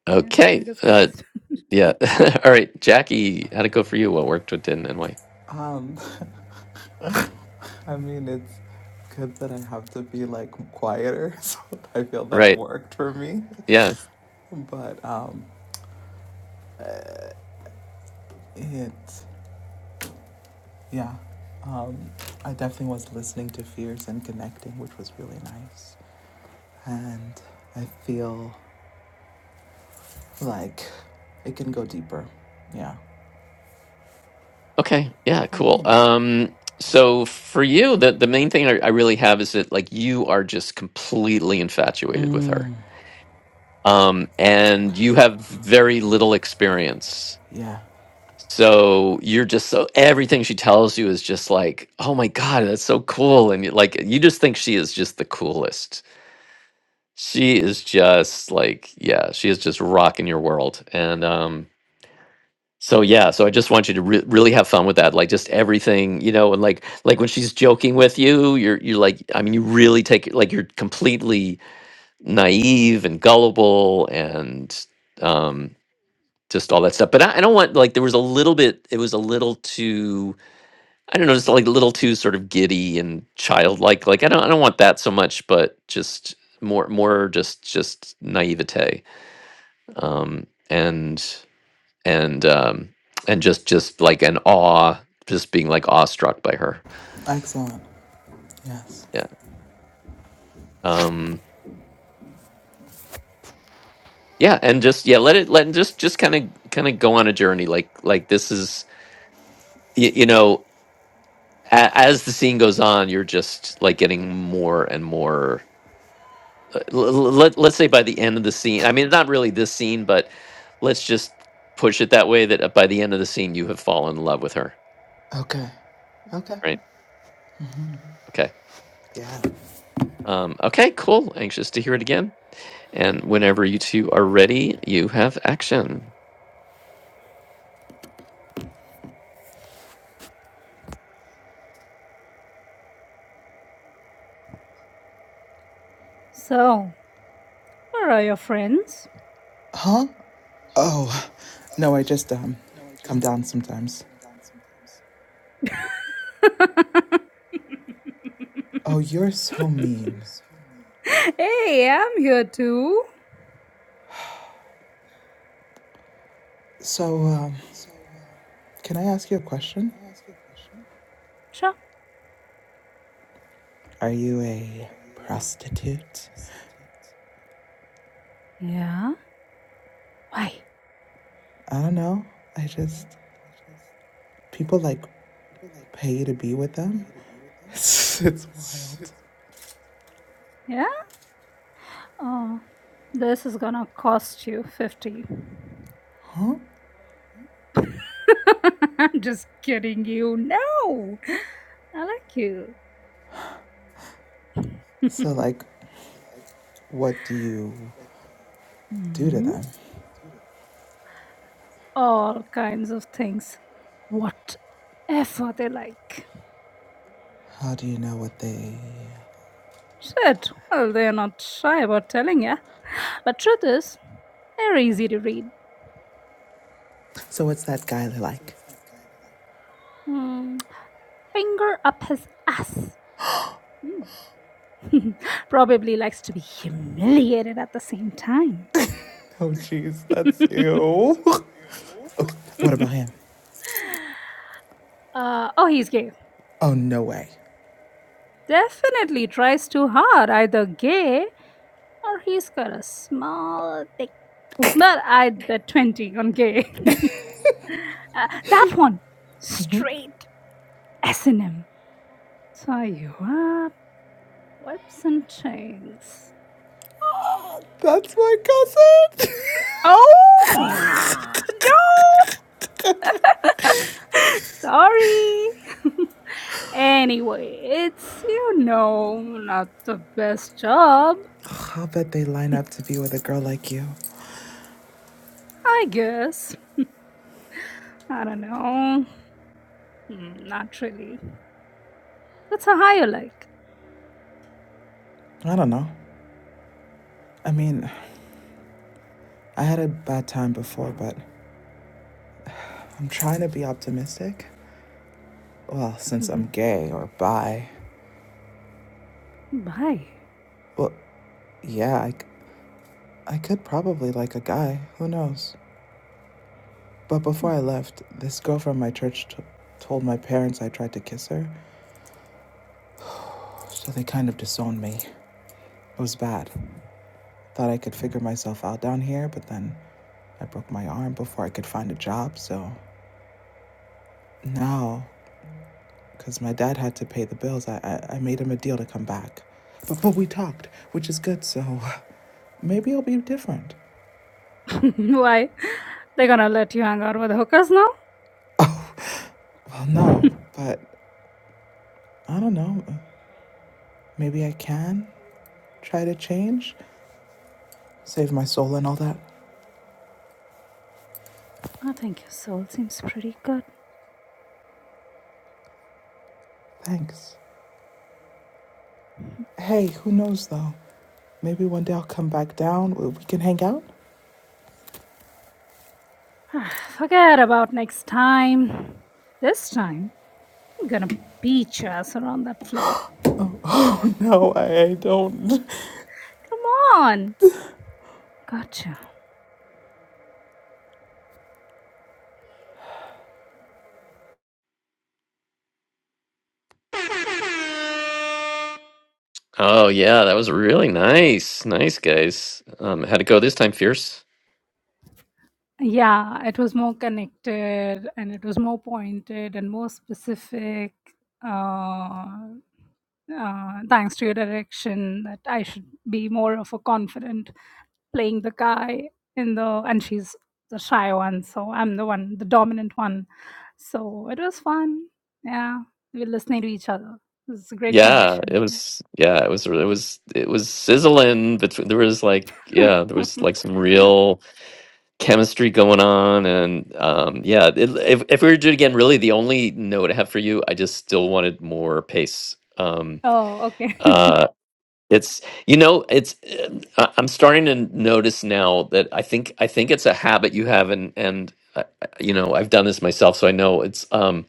S5: Yeah.
S1: okay,
S5: Fingers
S1: uh,
S5: crossed.
S1: yeah, all right, Jackie, how'd it go for you? What worked, what didn't, and why?
S6: Um, I mean, it, good that I have to be like quieter. So I feel that
S1: Right,
S6: worked for me.
S1: yeah.
S6: But um, it, yeah, um, I definitely was listening to fears and connecting, which was really nice. And I feel like it can go deeper. Yeah.
S1: Okay. Yeah. Cool. Um, so for you, the the main thing I, I really have is that like you are just completely infatuated with her,
S6: Mm,
S1: um, and you have very little experience.
S6: yeah.
S1: So you're just so everything she tells you is just like, oh my god, that's so cool, and you, like you just think she is just the coolest. She is just like, yeah, she is just rocking your world, and um, So yeah, so I just want you to re- really have fun with that, like just everything, you know, and like like when she's joking with you, you're you're like, I mean, you really take it like you're completely naive and gullible and um just all that stuff. But I, I don't want like there was a little bit, it was a little too, I don't know, just like a little too sort of giddy and childlike. Like I don't I don't want that so much, but just more more just just naivete. Um and and um and just just like an awe just being like awestruck by her
S6: Excellent. Yes.
S1: yeah um yeah and just yeah let it let just just kind of kind of go on a journey like like this is you, you know a, as the scene goes on you're just like getting more and more uh, l- l- let, let's say by the end of the scene i mean not really this scene but let's just push it that way that uh, by the end of the scene you have fallen in love with her
S6: Okay. Okay.
S1: right okay
S6: Yeah.
S1: um okay cool anxious to hear it again And whenever you two are ready, you have action.
S5: So, where are your friends?
S6: Huh? Oh, no, I just, um, come down sometimes. Oh, you're so mean.
S5: hey, I'm here too.
S6: So, um, can I ask you a question?
S5: Sure.
S6: Are you a prostitute?
S5: Yeah. Why?
S6: I don't know. I just, people like pay you to be with them. It's, it's wild.
S5: Yeah. Oh, this is gonna cost you 50. I'm just kidding you. No, I like you.
S6: So, like, what do you do to
S5: Hmm,
S6: them?
S5: All kinds of things. Whatever they like.
S6: How do you know what they.
S5: Shit, well, they're not shy about telling ya. But truth is, they're easy to read.
S6: So, what's that guy like?
S5: Hmm, Finger up his ass. Hmm. Probably likes to be humiliated at the same time.
S6: Oh, jeez, that's ew. okay, what about him?
S5: Uh, oh, he's gay.
S6: Oh, no way.
S5: definitely tries too hard, either gay or he's got a small, dick. But I bet 20 on gay. Uh, that one, straight S&M. Tie you up, whips and chains.
S6: Oh, That's my cousin.
S5: Oh! no! Sorry. anyway, it's, you know, not the best job,
S6: I'll bet they line up to be with a girl like you.
S5: I guess. I don't know. Mm, Not really That's a higher like.
S6: I don't know. I mean, I had a bad time before, but I'm trying to be optimistic. Well, since
S5: Mhm.
S6: I'm gay or bi.
S5: Why?
S6: Well, yeah, I, I could probably like a guy. Who knows? But before I left, this girl from my church t- told my parents I tried to kiss her, so they kind of disowned me. It was bad. Thought I could figure myself out down here, but then I broke my arm before I could find a job, so now, because my dad had to pay the bills, I, I, I made him a deal to come back. But, but we talked, which is good, so maybe it'll be different.
S5: Why? They're gonna let you hang out with hookers now?
S6: Well, no, but I don't know. Maybe I can try to change, save my soul and all that.
S5: I think your soul seems pretty good.
S6: Thanks. Hey, who knows though? Maybe one day I'll come back down. We can hang out?
S5: Forget about next time. This time, I'm gonna beat your ass around that floor.
S6: No, I, I don't.
S5: Come on. Gotcha.
S1: Oh yeah, that was really nice. Nice guys. Um how'd it go this time, Fierce?
S5: Yeah, it was more connected and it was more pointed and more specific. Uh, uh, thanks to your direction, that I should be more of a confident playing the guy in the and she's the shy one, so I'm the one, the dominant one. So it was fun. Yeah, we were listening to each other. It was a great
S1: Yeah, it
S5: connection.
S1: was yeah, it was it was it was sizzling between there was like
S5: Yeah.
S1: yeah, there was like some real chemistry going on and um yeah, it, if if we were to do it again, really the only note I have for you, I just still wanted more pace. Um
S5: oh, okay.
S1: uh, It's you know it's uh, uh, I'm starting to notice now that I think I think it's a habit you have and and uh, you know I've done this myself so I know it's um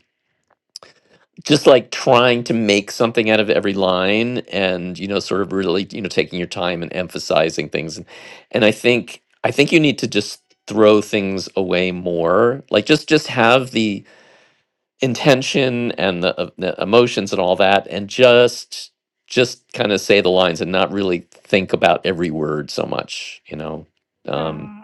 S1: just like trying to make something out of every line and you know sort of really you know taking your time and emphasizing things and and I think I think you need to just throw things away more like just just have the intention and the, uh, the emotions and all that and just just kind of say the lines and not really think about every word so much you know um
S5: uh,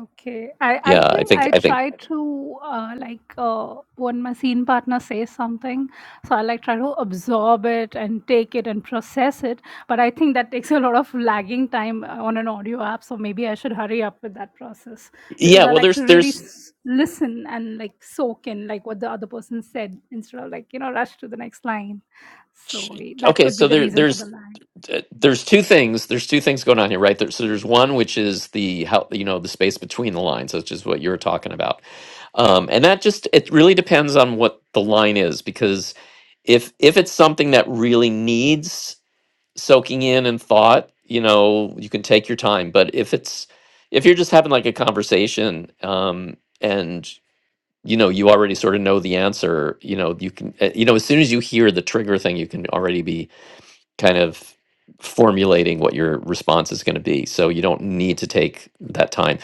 S5: Okay, I I
S1: yeah i
S5: think
S1: think
S5: I
S1: i think
S5: try to uh, like uh, when my scene partner says something, so I like try to absorb it and take it and process it. But I think that takes a lot of lagging time uh, on an audio app, so maybe I should hurry up with that process because
S1: yeah
S5: I
S1: well
S5: like to
S1: there's
S5: really
S1: there's
S5: s- listen and like soak in like what the other person said instead of like you know rush to the next line. So eh, that
S1: okay
S5: could be
S1: so
S5: the
S1: there
S5: reason for
S1: there's
S5: the lag.
S1: uh,
S5: Mm.
S1: there's two things there's two things going on here right there so there's one which is the how you know the space between the lines which is what you're talking about um and that just it really depends on what the line is because if if it's something that really needs soaking in and thought you know you can take your time but if it's if you're just having like a conversation um and you know you already sort of know the answer you know you can uh, you know as soon as you hear the trigger thing you can already be kind of formulating what your response is going to be so you don't need to take that time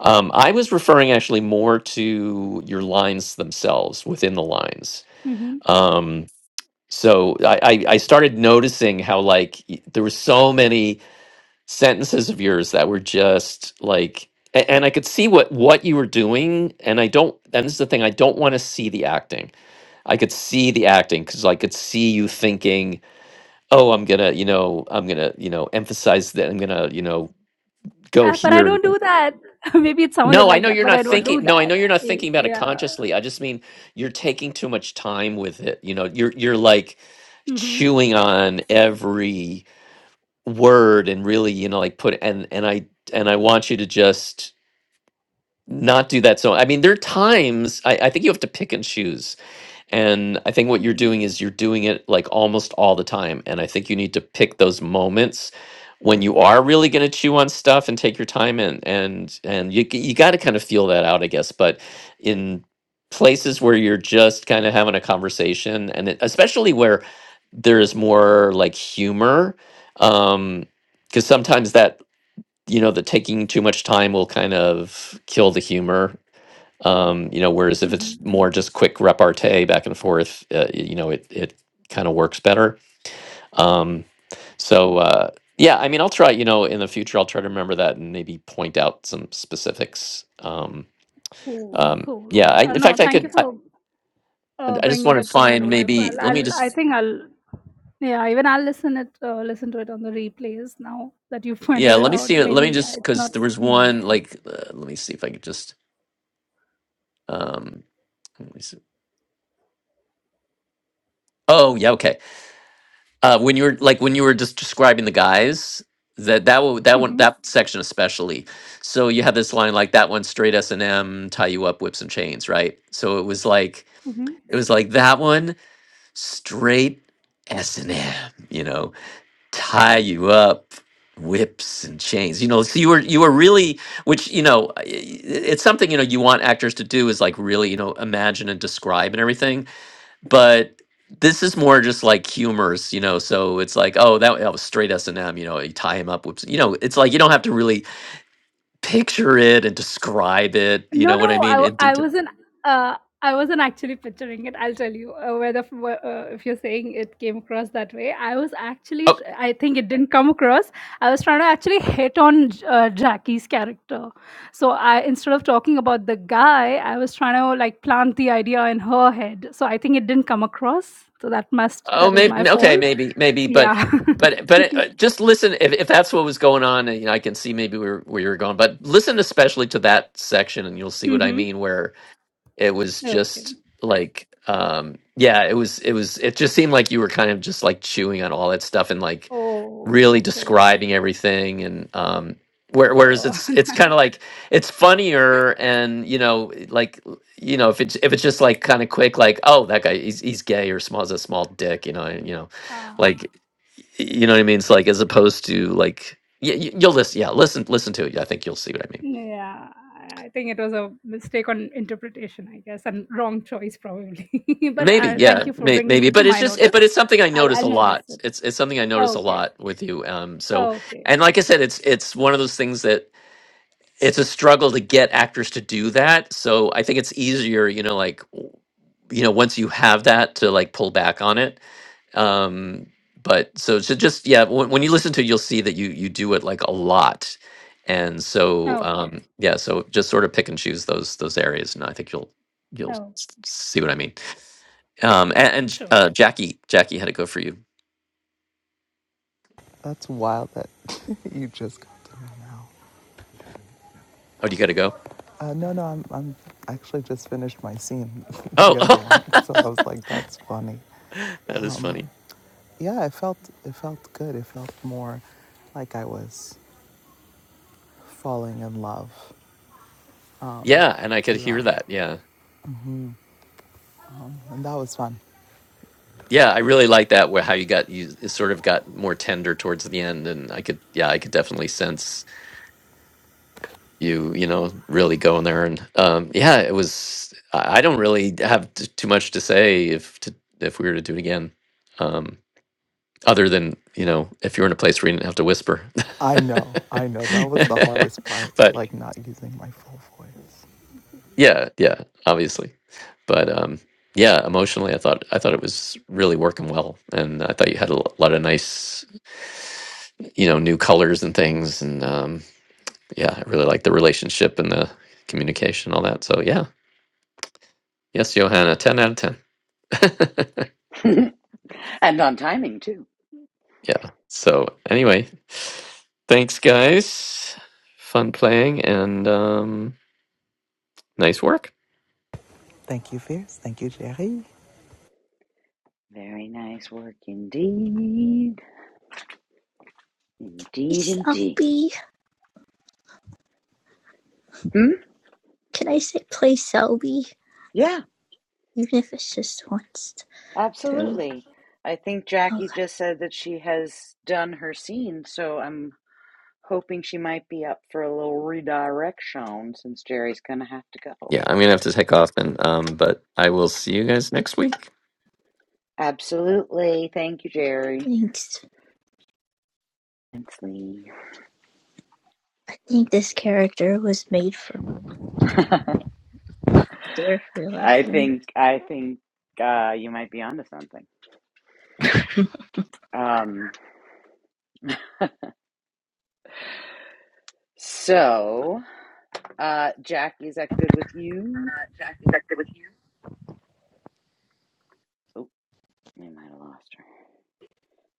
S1: um, i was referring actually more to your lines themselves within the lines
S5: hmm
S1: um, so I, I I started noticing how like y- there were so many sentences of yours that were just like a- and I could see what what you were doing and I don't and this is the thing I don't want to see the acting. I could see the acting cuz I could see you thinking, "Oh, I'm going to, you know, I'm going to, you know, emphasize that I'm going to, you know, go
S5: Uh, but I
S1: here."
S5: don't do that. Maybe it sounded
S1: No, I
S5: like
S1: know
S5: that,
S1: you're
S5: but
S1: not
S5: I don't
S1: thinking
S5: do
S1: No, I know
S5: that.
S1: you're not
S5: Eh,
S1: thinking about it
S5: Yeah.
S1: consciously. I just mean you're taking too much time with it. You know, you're you're like
S5: Mm-hmm.
S1: chewing on every word and really, you know, like put and and I and I want you to just not do that so i mean there are times I, I think you have to pick and choose and i think what you're
S5: Mm-hmm.
S1: doing is you're doing it like almost all the time and i think you need to pick those moments when you are really going to chew on stuff and take your time and and and you, g- you got to kind of feel that out i guess but in places where you're just kind of having a conversation and it, especially where there is more like humor um because sometimes that you know the taking too much time will kind of kill the humor um, you know, whereas if
S5: Mm-hmm.
S1: it's more just quick repartee back and forth, uh, y- you know, it it kind of works better. Um, so uh, yeah, I mean, I'll try. You know, in the future, I'll try to remember that and maybe point out some specifics. Um,
S5: Cool.
S1: um,
S5: Cool.
S1: yeah, I,
S5: Uh,
S1: in
S5: no,
S1: fact, I
S5: thank you
S1: could. I,
S5: for uh,
S1: I just
S5: bringing
S1: want to
S5: it to my
S1: find
S5: notice.
S1: maybe.
S5: I'll,
S1: Let me
S5: I'll, I
S1: just.
S5: think I'll Yeah, even I'll listen it uh, listen to it on the replays now that you've
S1: Yeah,
S5: pointed it
S1: let me
S5: out.
S1: see. Let me
S5: Maybe
S1: just
S5: it's
S1: because
S5: not.
S1: there was
S5: Yeah.
S1: one like. Uh, let me see if I could just. Um, let me see. Oh yeah, okay. Uh, when you were like when you were just describing the guys, that that one, that one
S5: hmm
S1: that section especially. So you had this line like that one straight S and M tie you up whips and chains, right? So it was like
S5: hmm
S1: it was like that one straight S and M, you know, tie you up whips and chains you know so you were you were really which you know i- i- it's something you know you want actors to do is like really you know imagine and describe and everything but this is more just like humorous, you know. So it's like, oh, that, that was straight S and M, you know. You tie him up with, you know. It's like you don't have to really picture it and describe it, you
S5: No,
S1: know what I
S5: no, I
S1: mean? In
S5: w- I
S1: detail.
S5: wasn't. Uh, I wasn't actually picturing it. I'll tell you uh, whether f- wh- uh, if you're saying it came across that way. I was actually.
S1: Oh,
S5: tr- I think it didn't come across. I was trying to actually hit on J- uh, Jackie's character. So I instead of talking about the guy, I was trying to like plant the idea in her head. So I think it didn't come across. So that must
S1: oh,
S5: that is my
S1: maybe, okay,
S5: fault
S1: maybe, maybe, but.
S5: Yeah.
S1: But but uh, uh, just listen if, if that's what was going on, and, you know, I can see maybe where where you're going. But listen especially to that section, and you'll see what I
S5: Mm-hmm.
S1: mean. Where it was
S5: Okay.
S1: just like um yeah it was it was it just seemed like you were kind of just like chewing on all that stuff and like really
S5: Oh, okay.
S1: describing everything and um where, whereas
S5: Oh,
S1: it's it's kind of like it's funnier and you know like you know if it's if it's just like kind of quick like oh that guy he's he's gay or small as a small dick you know and, you know
S5: ah,
S1: like you know what I mean it's like as opposed to like y- y- you'll listen yeah listen listen to it Yeah, I think you'll see what I mean
S5: yeah. I think it was a mistake on interpretation, I guess, and wrong choice probably. But
S1: Maybe,
S5: uh,
S1: yeah,
S5: thank you for
S1: may,
S5: bringing
S1: maybe,
S5: it to
S1: but it's
S5: my
S1: just, it, but
S5: notice.
S1: it's something I
S5: I'll
S1: notice
S5: I'll
S1: a
S5: notice
S1: lot.
S5: it.
S1: It's it's something I notice a
S5: Okay.
S1: lot with you. Um, so,
S5: Okay.
S1: and like I
S5: Okay.
S1: said, it's it's one of those things that it's a struggle to get actors to do that. So I think it's easier, you know, like w- you know, once you have that to like pull back on it. Um, but so so just yeah, when, when you listen to, it, you'll see that you you do it like a lot, and so
S5: Okay.
S1: um, yeah, so just sort of pick and choose those those areas, and I think you'll you'll
S5: Oh,
S1: s- see what I mean. Um, and, and
S5: sure.
S1: uh, Jackie, Jackie had it go for you.
S6: That's wild that you just got to me now.
S1: Oh, do you got to go?
S6: Uh, no, no, I'm, I'm actually just finished my scene, the other
S1: Oh,
S6: one. So I was like, that's funny.
S1: that is funny.
S6: Yeah, it felt, it felt good. It felt more like I was falling in love um,
S1: Yeah, and I could hear
S6: throughout.
S1: that. Yeah,
S6: And that was fun.
S1: yeah, I really like that. Where how you got you it sort of got more tender towards the end, and I could, yeah, I could definitely sense you, you know, really going there. And um, yeah, it was. I I don't really have t- too much to say if to, if we were to do it again, um, other than you know, if you're in a place where you didn't have to whisper.
S6: I know, I know. That was the hardest part,
S1: but
S6: like not using my full voice.
S1: Yeah, yeah, obviously. But um yeah, emotionally I thought I thought it was really working well and I thought you had a l- lot of nice, you know, new colors and things and um yeah, I really liked the relationship and the communication and all that. So yeah. Yes, Johanna, 10 out of 10.
S2: and on timing too.
S1: yeah. So anyway, thanks guys. Fun playing and um nice work.
S6: Thank you, Fierce. Thank you, Jerry.
S2: Very nice work indeed. Indeed, indeed.
S3: Selby.
S2: Hmm?
S3: Can I say play Selby?
S2: Yeah,
S3: Even if it's just once through.
S2: absolutely. I think
S3: Okay,
S2: Jackie just said that she has done her scene, so I'm hoping she might be up for a little redirection since Jerry's going to have to go.
S1: Yeah, I'm going to have to take off and um but I will see you guys next week.
S2: Absolutely. Thank you, Jerry.
S3: thanks.
S2: Thanks, Lee.
S3: I think this character was made for me. After
S2: I
S3: realizing,
S2: think I think uh, you might be onto something. Um, so, uh, Jackie, is that good with you? Oh, we might have lost her,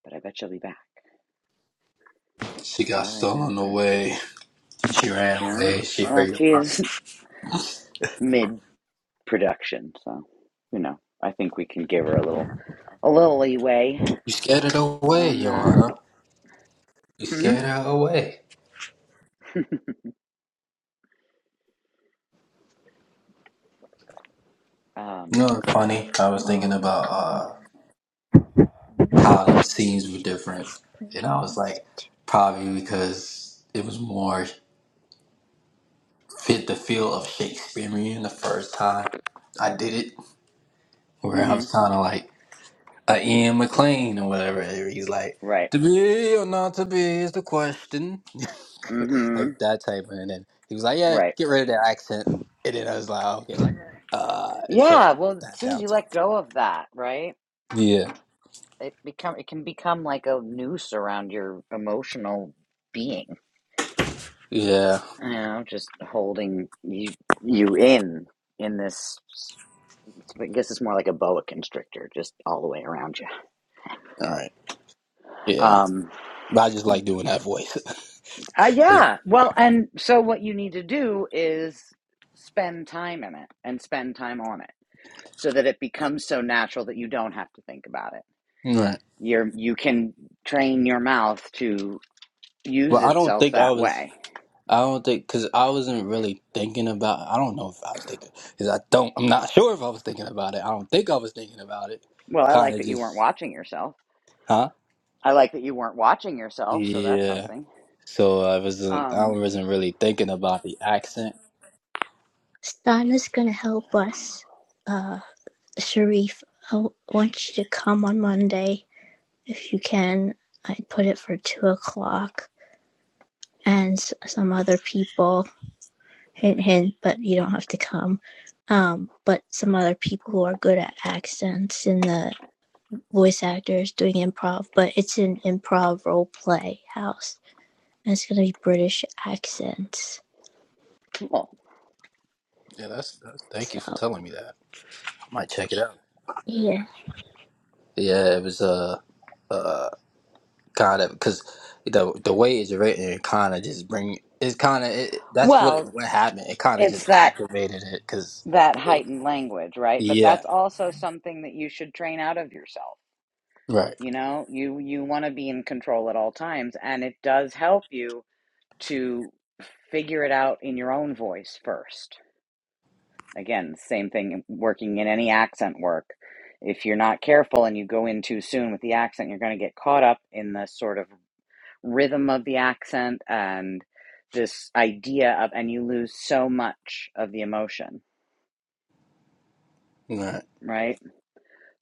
S2: but I bet she'll be back
S4: She
S2: if
S4: got
S2: I
S4: stolen
S2: know her.
S4: away. She ran
S2: Yeah.
S4: away. She hurt
S2: Well,
S4: your
S2: she
S4: mom.
S2: is mid. production. So, you know, I think we can give her a little a little leeway
S4: You scared it away,
S2: on that.
S4: Johanna. You
S2: Hmm.
S4: scared her away.
S2: Um.
S4: You know, it's funny. I was thinking
S3: oh
S4: about
S3: no,
S4: uh, how the
S3: maybe you
S4: scenes were
S3: should play,
S4: different,
S3: play a
S4: and I was like,
S3: prostitute.
S4: probably because it was more. fit the feel of Shakespearean the first time I did it, where I
S2: Hmm.
S4: was kind of like a Ian McLean or whatever. He's like,
S2: Right.
S4: to be or not to be is the question.
S2: Hmm.
S4: like that type. of, And then he was like, yeah,
S2: Right.
S4: get rid of that accent. And then I was like, okay. Uh, so
S2: Yeah. Well, as
S4: that
S2: soon as you
S4: downtown.
S2: let go of that, right,
S4: Yeah.
S2: it become it can become like a noose around your emotional being.
S4: Yeah.
S2: You know, just holding you you in in this. I guess it's more like a boa constrictor, just all the way around you.
S4: All right. Yeah.
S2: Um.
S4: But I just like doing that voice.
S2: Uh, yeah. Well, and so what you need to do is spend time in it and spend time on it so that it becomes so natural that you don't have to think about it.
S4: right.
S2: You're, you can train your mouth to use
S4: But I don't
S2: itself
S4: think I
S2: that
S4: was.
S2: way.
S4: I don't think because I wasn't really thinking about. I don't know if I was thinking because I don't. I'm not sure if I was thinking about it. I don't think I was thinking about it.
S2: Well, I
S4: Kind
S2: like
S4: of
S2: that you weren't
S4: just,
S2: watching yourself.
S4: huh?
S2: I like that you weren't watching yourself, so that's
S4: Yeah.
S2: something.
S4: So I wasn't. I
S2: Um,
S4: wasn't really thinking about the accent.
S3: Stana's gonna help us. Uh, Sharif, I want you to come on Monday if you can. I put it for two o'clock, and some other people. hint hint but you don't have to come um but some other people who are good at accents and the voice actors doing improv but it's an improv role play house and it's gonna be british accents
S2: cool.
S4: Yeah, that's, that's. Thank
S3: so
S4: you for telling me that. I might check it out.
S3: yeah
S4: Yeah, it was uh, uh, kind of because the the way it's written kind of just bring. It's kind of it, that's what it,
S2: Well,
S4: what happened. It kind of just
S2: it's that
S4: activated it because,
S2: that
S4: it,
S2: heightened language, right? But
S4: yeah,
S2: that's also something that you should train out of yourself
S4: right,
S2: you know you you want to be in control at all times and it does help you to figure it out in your own voice first again same thing working in any accent work if you're not careful and you go in too soon with the accent you're going to get caught up in the sort of rhythm of the accent and this idea of and you lose so much of the emotion
S4: right.
S2: right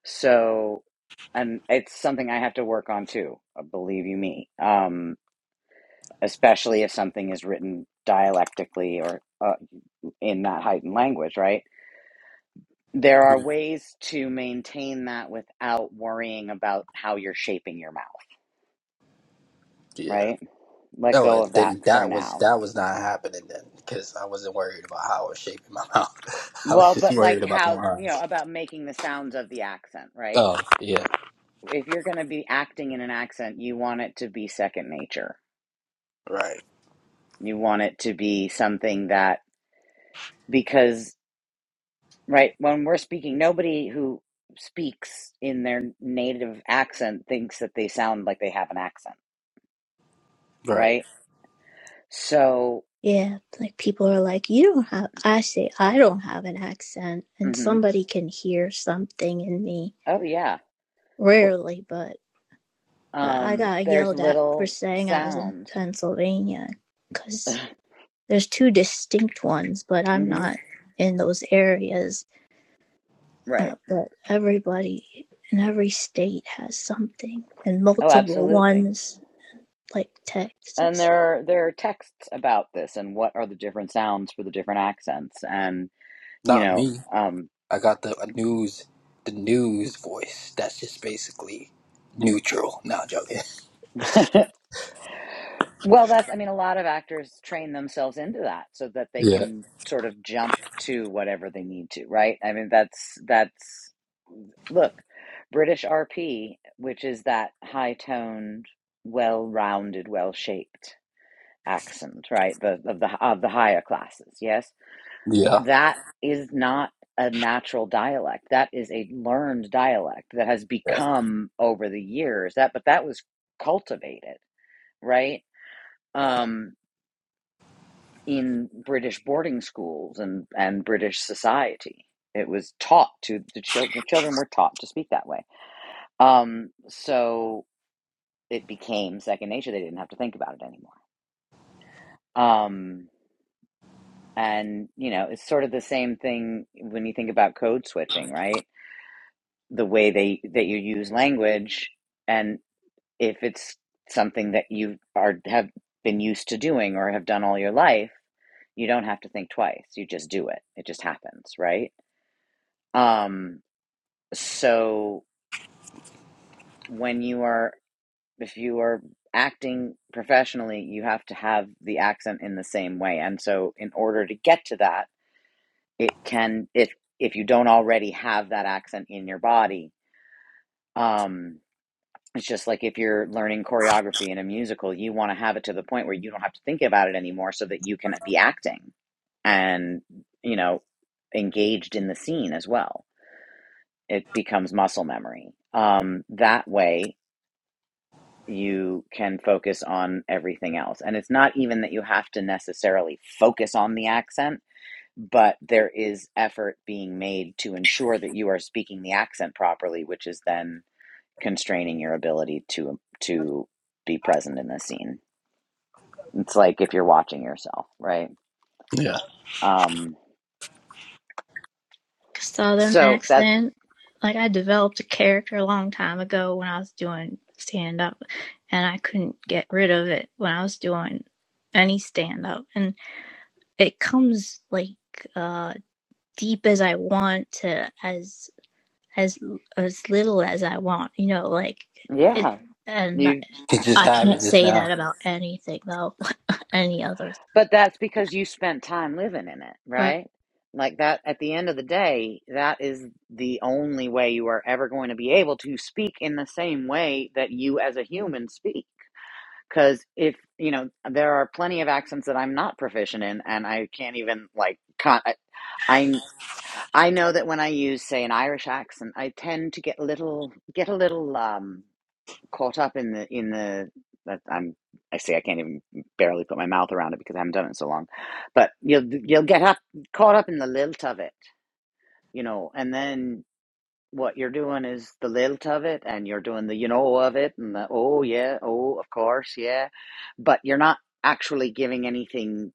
S2: so and it's something i have to work on too uh, believe you me Um, especially if something is written dialectically or uh, in that heightened language, right? There are ways to maintain that without worrying about how you're shaping your mouth,
S4: Yeah.
S2: right? Let
S4: No,
S2: go
S4: and
S2: of that
S4: then
S2: for
S4: that was
S2: now.
S4: that was not happening then because I wasn't worried about how I was shaping my mouth. I was
S2: Well,
S4: just
S2: but
S4: worried
S2: like
S4: about the
S2: how, you
S4: lines.
S2: know, about making the sounds of the accent, right?
S4: Oh yeah,
S2: If you're going to be acting in an accent, you want it to be second nature.
S4: right,
S2: You want it to be something that, because right? When we're speaking, nobody who speaks in their native accent thinks that they sound like they have an accent,
S4: right.
S2: right? So,
S3: yeah like people are like you don't have i say i don't have an accent and
S2: hmm
S3: somebody can hear something in me
S2: oh yeah, Well,
S3: rarely but i I
S2: um,
S3: got
S2: there's
S3: yelled at for
S2: little
S3: saying i was in
S2: sounds,
S3: pennsylvania because there's two distinct ones, but I'm
S2: hmm
S3: not in those areas.
S2: right?
S3: Uh, but everybody in every state has something, and
S2: Oh,
S3: multiple
S2: absolutely.
S3: ones, like
S2: And
S3: Texas.
S2: there are there are texts about this and what are the different sounds for the different accents, and you
S4: Not
S2: know,
S4: me.
S2: um,
S4: I got the uh, news, the news voice. That's just basically neutral. Now joking.
S2: Well, that's, I mean, a lot of actors train themselves into that so that they
S4: Yeah,
S2: can sort of jump to whatever they need to, right? I mean, that's, that's, look, British RP, which is that high toned, well rounded, well shaped accent, right? The, of the, of the higher classes, yes?
S4: yeah,
S2: That is not a natural dialect. That is a learned dialect that has
S4: yeah.
S2: become over the years that, but that was cultivated, right? Um, in British boarding schools and, and British society. It was taught to the children. Children were taught to speak that way. Um, so it became second nature. They didn't have to think about it anymore. Um, and you know, it's sort of the same thing when you think about code switching, right? The way they that you use language, and if it's something that you are have been used to doing or have done all your life, you don't have to think twice. You just do it. It just happens, right? Um, so when you are, if you are acting professionally, you have to have the accent in the same way. And so in order to get to that, it can, if, if you don't already have that accent in your body, um, it's just like if you're learning choreography in a musical, you want to have it to the point where you don't have to think about it anymore so that you can be acting and, you know, engaged in the scene as well. It becomes muscle memory. Um, that way, you can focus on everything else. And it's not even that you have to necessarily focus on the accent, but there is effort being made to ensure that you are speaking the accent properly, which is then constraining your ability to to be present in the scene. It's like if you're watching yourself, right? Um
S3: Southern
S2: so that's
S3: accent. Like I developed a character a long time ago when I was doing stand up, and I couldn't get rid of it when I was doing any stand up. And it comes like uh, deep as I want to, as as as little as I want, you know, like it.
S2: yeah.
S3: And I,
S2: you.
S4: It just
S3: I can't
S4: happened just
S3: say
S4: now.
S3: that about anything though, any other.
S2: But that's because you spent time living in it,
S3: But
S2: right? Like that, at the end of the day, that is the only way you are ever going to be able to speak in the same way that you as a human speak. Because if, you know, there are plenty of accents that I'm not proficient in and I can't even, like, con- I, I I know that when I use, say, an Irish accent, I tend to get a little, get a little, um, caught up in the in the that I'm I say I can't even barely put my mouth around it because I haven't done it in so long, but you'll you'll get up caught up in the lilt of it, you know, and then what you're doing is the lilt of it, and you're doing the you know of it, and the oh yeah, oh of course yeah, but you're not actually giving anything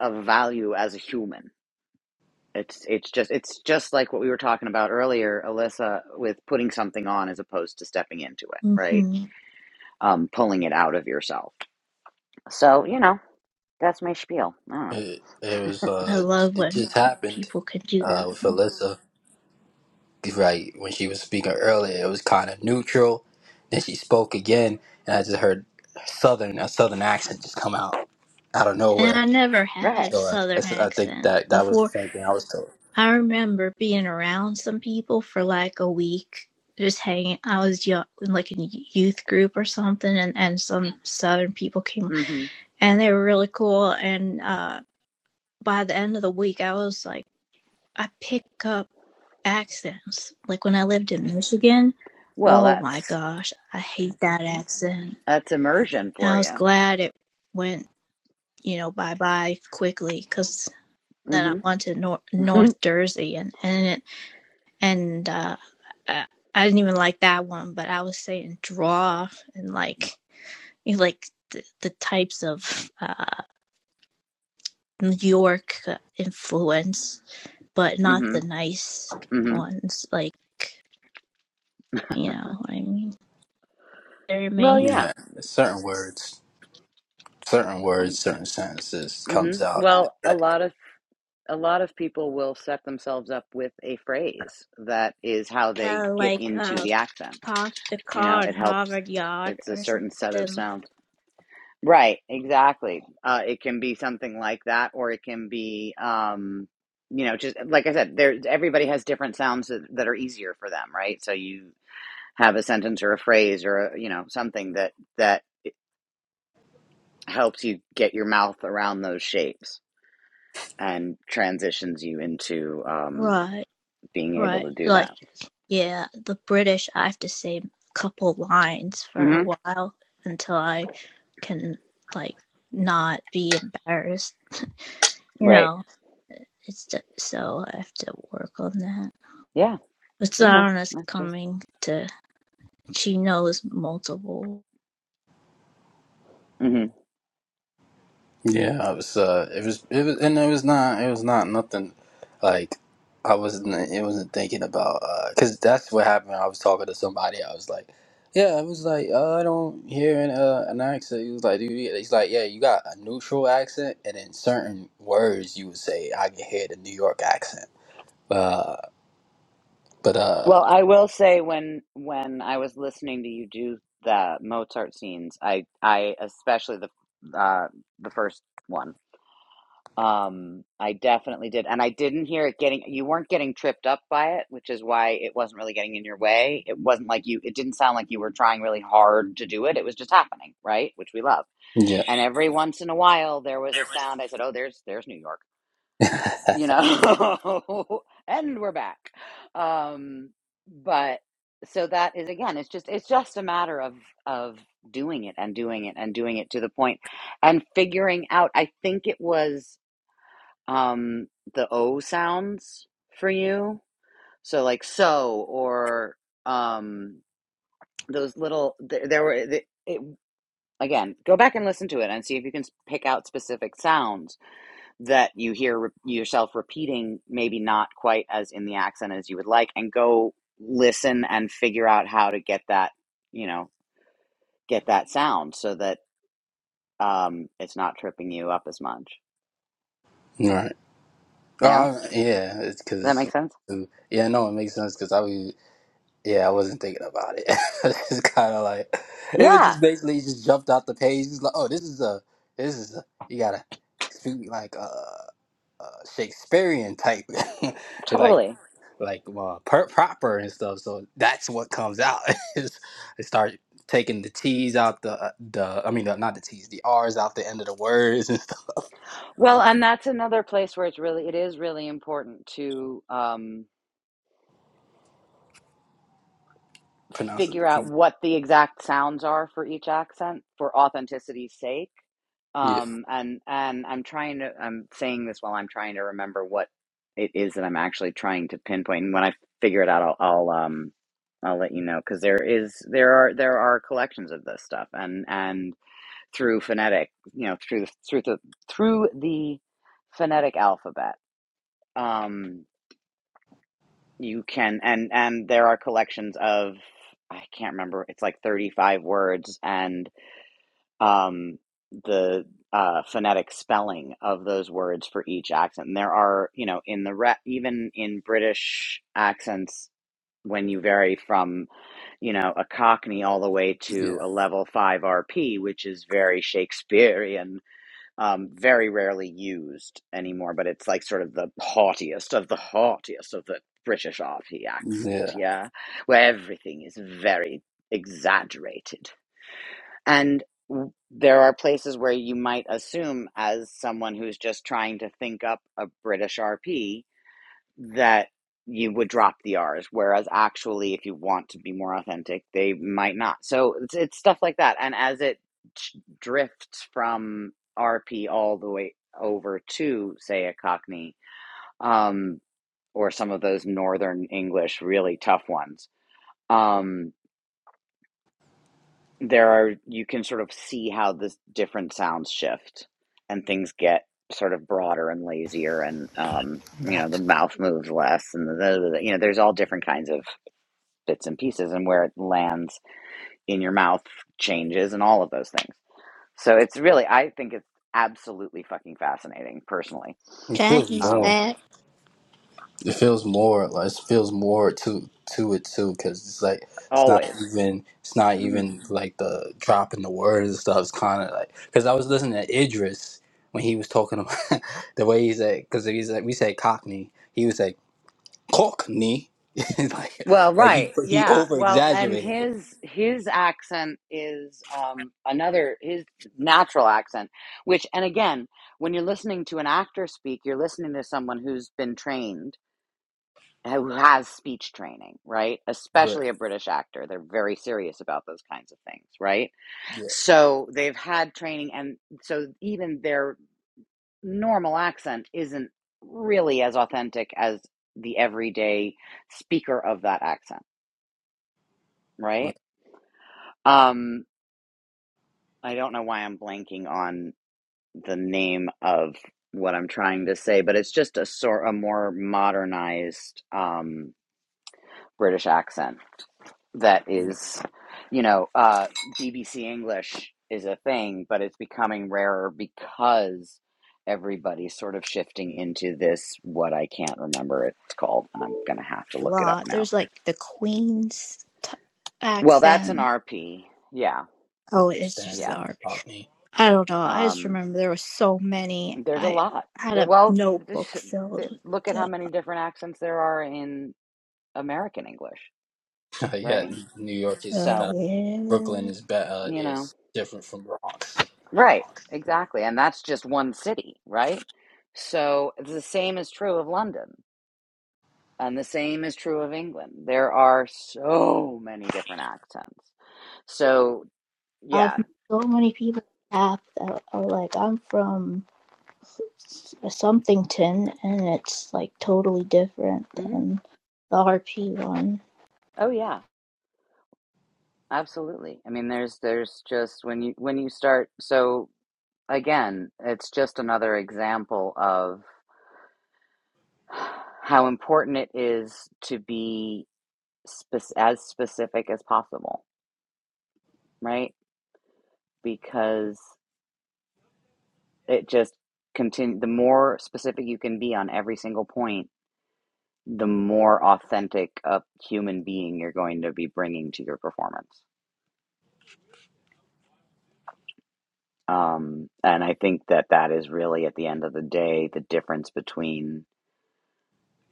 S2: of value as a human. It's it's just it's just like what we were talking about earlier, Alyssa, with putting something on as opposed to stepping into it, right?
S3: hmm
S2: Um, pulling it out of yourself So, you know, that's my spiel. I don't know.
S4: It, it was
S3: I
S4: uh,
S3: love
S4: it
S3: when
S4: just happened
S3: people can do
S4: uh
S3: that.
S4: with Alyssa. Right when she was speaking earlier, it was kind of neutral. Then she spoke again, and I just heard southern a southern accent just come out out of
S3: And I
S4: nowhere.
S3: never had a
S2: Right.
S4: So I,
S3: Southern
S4: that's- I think
S3: accent
S4: that that was the
S3: before.
S4: same thing I was told.
S3: I remember being around some people for like a week, just hanging. I was young, like in a youth group or something, and and some Southern people came,
S2: hmm
S3: and they were really cool. And uh, by the end of the week, I was like. I pick up accents. Like when I lived in Michigan,
S2: Well,
S3: oh my
S2: that's
S3: gosh, I hate that accent.
S2: that's immersion
S3: And I
S2: for
S3: was
S2: you.
S3: glad it went, you know, bye bye quickly because then I
S2: hmm
S3: went to North, North Jersey and and it, and uh, I, I didn't even like that one, but I was saying draw and like you know, like the, the types of uh, New York uh, influence, but not
S2: hmm
S3: the nice
S2: hmm
S3: ones like You know, I mean, there
S2: Well,
S3: may
S2: yeah.
S4: Yeah, certain words, certain
S2: I,
S4: words, certain sentences
S2: hmm
S4: comes out,
S2: Well, a
S4: and
S2: lot of a lot of people will set themselves up with a phrase that is how they
S3: uh,
S2: get
S3: like
S2: into
S3: uh
S2: the accent.
S3: park the
S2: You know,
S3: car in
S2: it helps.
S3: Harvard Yard
S2: It's a
S3: or
S2: certain set of
S3: something.
S2: sounds. Right. Exactly. Uh, it can be something like that, or it can be. Um, you know, just like I said, there everybody has different sounds that, that are easier for them, right? So you have a sentence or a phrase or a, you know something that that helps you get your mouth around those shapes and transitions you into um,
S3: Right,
S2: being able
S3: right.
S2: to do
S3: Like,
S2: that.
S3: yeah, the British. I have to say a couple lines for a
S2: hmm
S3: while until I can like not be embarrassed. You
S2: Right?
S3: know, it's ju- so I have to work on that.
S2: Yeah.
S3: But
S2: You know,
S3: Sarna's
S2: not just.
S3: coming to. She knows multiple.
S2: hmm
S4: Yeah, it was. Uh, it was. It was, and it was not. It was not nothing. Like I wasn't. It wasn't thinking about. Because that's what happened. I was talking to somebody. I was like, "Yeah." I was like, uh, "I don't hear an uh, an accent." He was like, "Do He's like, "Yeah, you got a neutral accent, and in certain words, you would say I can hear the New York accent." Uh, but uh,
S2: Well, I will say when when I was listening to you do the Mozart scenes, I I especially the uh, the first one Um, I definitely did. And I didn't hear it getting, you weren't getting tripped up by it, which is why it wasn't really getting in your way. It wasn't like you, it didn't sound like you were trying really hard to do it. It was just happening, right? Which we love.
S4: yeah.
S2: And every once in a while there was a sound. I said, "Oh, there's there's New York." You know. And we're back. Um, but so that is again, it's just it's just a matter of of doing it and doing it and doing it to the point and figuring out. I think it was um the o sounds for you so like so or um those little there, there were the, it, again go back and listen to it and see if you can pick out specific sounds that you hear re- yourself repeating maybe not quite as in the accent as you would like and go listen and figure out how to get that you know get that sound so that um it's not tripping you up as much
S4: Right.
S2: yeah
S4: Uh,
S2: does
S4: yeah, it's
S2: that
S4: because
S2: make sense
S4: yeah, no, it makes sense because I was Yeah, I wasn't thinking about it. it's kind of like it was
S2: yeah
S4: just basically it just jumped out the page. It's like, oh, this is a this is a, you gotta speak like a, a Shakespearean type, like
S2: totally
S4: like uh, per- proper and stuff. So that's what comes out. It's- they start taking the T's out the uh, the I mean the, not the T's the R's out the end of the words and stuff.
S2: Well,
S4: Uh,
S2: and that's another place where it's really it is really important to um,
S4: pronouncing
S2: figure
S4: the
S2: out
S4: T.
S2: what the exact sounds are for each accent for authenticity's sake.
S4: Yeah,
S2: Um, and and I'm trying to I'm saying this while I'm trying to remember what it is that I'm actually trying to pinpoint. And when I figure it out, I'll I'll um I'll let you know because there is there are there are collections of this stuff and and through phonetic you know through the through the through the phonetic alphabet. Um, you can and and there are collections of i can't remember it's like 35 words and um the uh phonetic spelling of those words for each accent and there are you know in the re- even in british accents when you vary from you know a cockney all the way to
S4: yeah,
S2: a level 5 rp which is very shakespearean um, very rarely used anymore, but it's like sort of the haughtiest of the haughtiest of the British arty accent,
S4: yeah.
S2: yeah, where everything is very exaggerated. And w- there are places where you might assume, as someone who's just trying to think up a British RP, that you would drop the R's, whereas actually, if you want to be more authentic, they might not. So it's, it's stuff like that. And as it drifts from RP all the way over to, say, a Cockney um, or some of those Northern English, really tough ones, um, there are, you can sort of see how the different sounds shift and things get sort of broader and lazier and, um,
S6: I'm
S2: you know, the
S6: back.
S2: mouth moves less and the, the, the, you know, there's all different kinds of bits and pieces and where it lands in your mouth changes and all of those things. So it's really, I think it's absolutely fucking fascinating personally.
S4: It feels
S3: Jackie's
S4: more.
S2: Um,
S3: back.
S4: it feels more like it feels more to to it too because it's like it's not
S2: always.
S4: even it's not
S2: hmm
S4: even like the drop in the words and stuff it's kind of like because i was listening to idris when he was talking about the way he said because he's like we say cockney he was like cockney like
S2: Well,
S4: like he
S2: right.
S4: he
S2: Yeah.
S4: over
S2: Well, and
S4: exaggerated it
S2: his, his accent is, um, another, his natural accent, which, and again, when you're listening to an actor speak, you're listening to someone who's been trained who has speech training, right?
S4: but
S2: Especially a British actor. They're very serious about those kinds of things, right?
S4: yeah
S2: So they've had training, and so even their normal accent isn't really as authentic as the everyday speaker of that accent, right?
S4: right,
S2: Um, I don't know why I'm blanking on the name of what I'm trying to say, but it's just a sort a more modernized um, British accent. that
S4: yeah
S2: is, you know, uh, BBC English is a thing, but it's becoming rarer because everybody's sort of shifting into this what I can't remember it's called. I'm gonna have to
S3: a
S2: look it up
S3: lot.
S2: now.
S3: There's like the Queen's t-
S2: Well, that's an
S3: accent.
S2: RP. Yeah,
S3: Oh, it's just
S4: standard
S3: the
S2: yeah.
S3: art.
S4: cockney
S3: I don't know. I just
S2: Um,
S3: remember there were so many.
S2: there's a
S3: I
S2: lot.
S3: had
S2: There,
S3: a
S2: well,
S3: notebook
S2: this,
S3: filled
S2: th-
S3: with
S2: look at how many different accents there are in American English,
S4: yeah
S2: right?
S4: new york
S3: the.
S4: is
S3: Uh,
S2: So,
S4: uh, brooklyn
S3: yeah.
S4: is better
S2: you know.
S4: is different from bronx
S2: Right, exactly. And that's just one city, right? So the same is true of London, and the same is true of England. There are so many different accents. So
S3: I've
S2: yeah.
S3: met so many people that are like, I'm from somethington, and it's like totally different
S2: hmm
S3: than the RP one.
S2: Oh yeah, absolutely. I mean, there's there's just when you when you start, so again, it's just another example of how important it is to be spec- as specific as possible, right? Because it just continue the more specific you can be on every single point the more authentic a human being you're going to be bringing to your performance um, and i think that that is really at the end of the day the difference between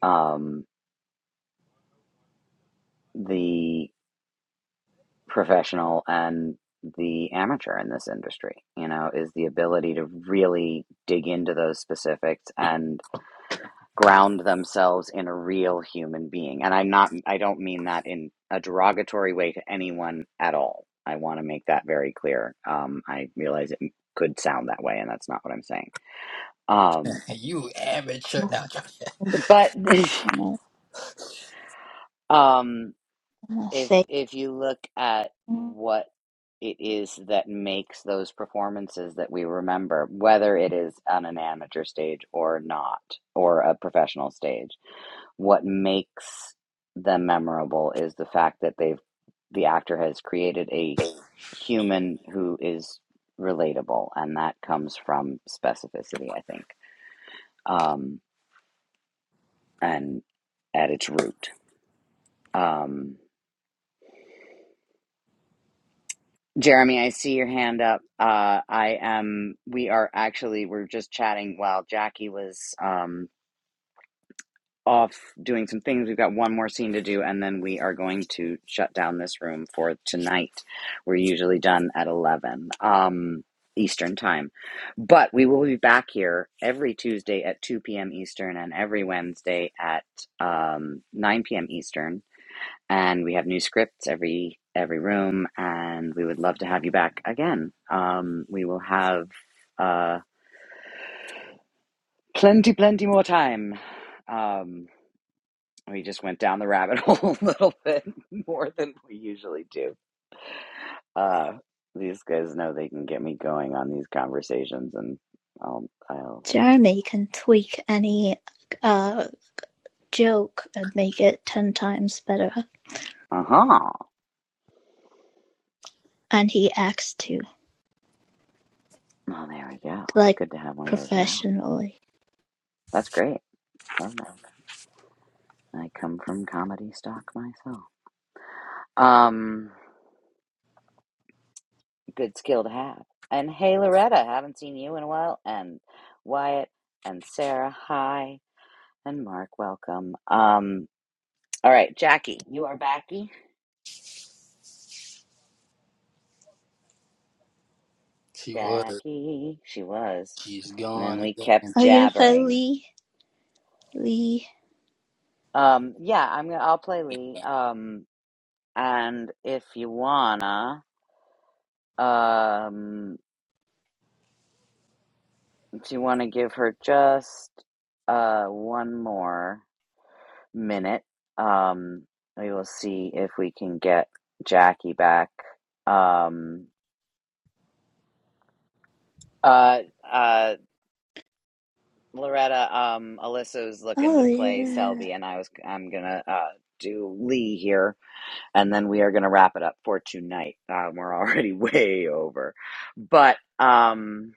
S2: um, the professional and the amateur in this industry you know is the ability to really dig into those specifics and. ground themselves in a real human being and i'm not i don't mean that in a derogatory way to anyone at all i want to make that very clear um, i realize it could sound that way and that's not what i'm saying um,
S4: you amateur
S3: Must
S4: now
S2: but um,
S3: must
S2: if
S3: say,
S2: if you look at what it is that makes those performances that we remember whether it is on an amateur stage or not or a professional stage what makes them memorable is the fact that they've the actor has created a human who is relatable, and that comes from specificity, I think, um, and at its root. Um, Jeremy, I see your hand up. Uh, I am. We are actually. We're just chatting while Jackie was um, off doing some things. We've got one more scene to do, and then we are going to shut down this room for tonight. We're usually done at 11 um, Eastern time. But we will be back here every Tuesday at 2 p.m. Eastern and every Wednesday at um, 9 p.m. Eastern. And we have new scripts every every room, and we would love to have you back again. Um, we will have uh, plenty, plenty more time. Um, We just went down the rabbit hole a little bit more than we usually do. Uh, these guys know they can get me going on these conversations, and I'll, I'll,
S3: Jeremy can tweak any uh joke and make it 10 times better.
S2: uh huh.
S3: And he acts too,
S2: Well, there we go.
S3: like
S2: Good to have one of those around.
S3: professionally.
S2: That's great. Love that. I come from comedy stock myself. Um, good skill to have. And hey, Loretta, haven't seen you in a while. And Wyatt and Sarah, hi. And Mark, welcome. Um, all right, Jackie, you are backy.
S4: She was.
S2: Jackie. She was.
S4: She's
S2: And then
S4: gone
S2: we kept
S4: again.
S3: Are you gonna play
S2: jabbering.
S3: Lee? Lee?
S2: Um, yeah, I'm gonna I'll play Lee. Um, and if you wanna, um, if you wanna give her just uh one more minute, um, we will see if we can get Jackie back. Um, uh, uh, Loretta, um, Alyssa was looking
S3: Oh,
S2: to play
S3: yeah.
S2: Selby, and I was I'm gonna uh do Lee here. and then we are going to wrap it up for tonight. Um, we're already way over. But um,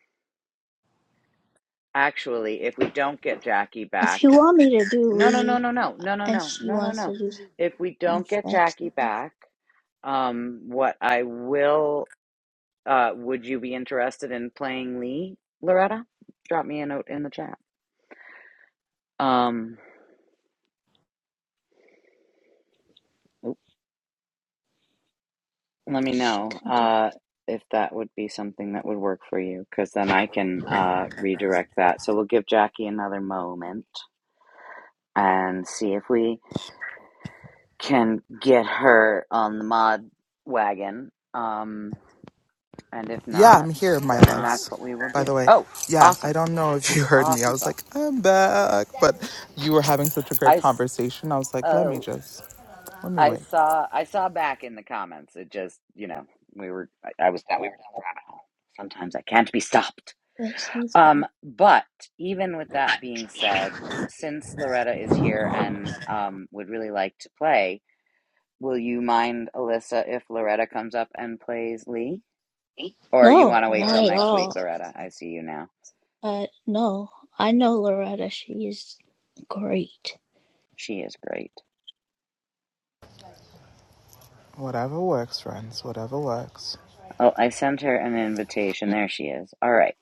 S2: actually, if we don't get Jackie
S3: If you
S2: back,
S3: want me to do
S2: no, no, no,
S3: Lee
S2: no, no, no, no,
S3: and
S2: no,
S3: she
S2: no, no,
S3: wants
S2: no.
S3: to do
S2: If we
S3: some
S2: don't get Jackie
S3: flexible,
S2: back, um, what I will, uh, would you be interested in playing Lee, Loretta? Drop me a note in the chat. Um, let me
S3: she
S2: know
S3: can do
S2: uh, if that would be something that would work for you, because then I can uh, redirect that. So we'll give Jackie another moment. and see if we can get her on the mod wagon. Um, and if
S6: Yeah,
S2: not,
S6: I'm here, my
S2: then that's
S6: loves.
S2: what we will
S6: By
S2: do.
S6: the way,
S2: Oh,
S6: yeah, I
S2: awesome,
S6: don't know if you heard me. I
S2: awesome
S6: was like,
S2: sauce.
S6: I'm back. But you were having such a great
S2: I
S6: conversation. I was like, let me
S2: oh
S6: just, let me
S2: I
S6: wait.
S2: saw I saw back in the comments. It just you know we were I, I was that we were down the rabbit hole. Sometimes I can't be stopped.
S3: this. She's
S2: Um,
S3: not.
S2: but even with that being said, since Loretta is here and um would really like to play, Will you mind, Alyssa, if Loretta comes up and plays Lee? Or you want
S3: No,
S2: to wait
S3: not
S2: till
S3: at
S2: next week,
S3: all.
S2: Loretta? I see you now.
S3: Uh, no, I know Loretta. She's great.
S2: She is great.
S6: Whatever works, friends, whatever works.
S2: Oh, I sent her an invitation.
S3: Yeah,
S2: There she is. All right.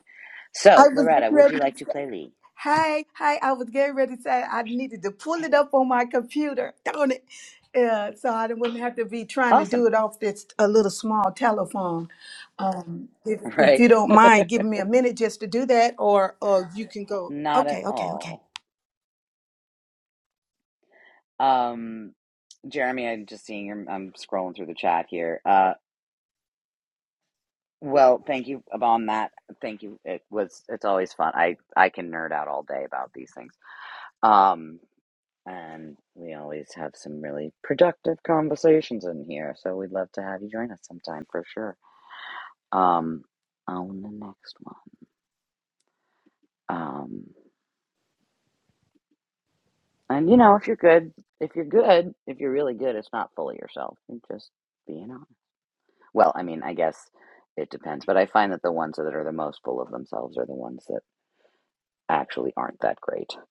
S7: I
S2: So,
S7: was
S2: Loretta,
S7: getting
S2: would you
S7: ready to
S2: like to
S7: say,
S2: play Lee?
S7: hey, hey, I was getting ready to say I needed to pull it up on my computer, don't it? Yeah, so I didn't- wouldn't have to be trying to do
S2: Awesome.
S7: it off this a little small telephone. Um, if, if
S2: Right?
S7: you don't mind giving me a minute just to do that, or or you can go.
S2: Not at
S7: Okay, okay, okay.
S2: all. Um, Jeremy, I'm just seeing your, I'm scrolling through the chat here. Uh, well, thank you on that. Thank you. It was, it's always fun. I, I can nerd out all day about these things. Um, And we always have some really productive conversations in here. So we'd love to have you join us sometime for sure. Um, on the next one. Um, and you know, if you're good, if you're good, if you're really good, it's not fully yourself. You're just being on. Well, I mean, I guess it depends. But I find that the ones that are the most full of themselves are the ones that actually aren't that great.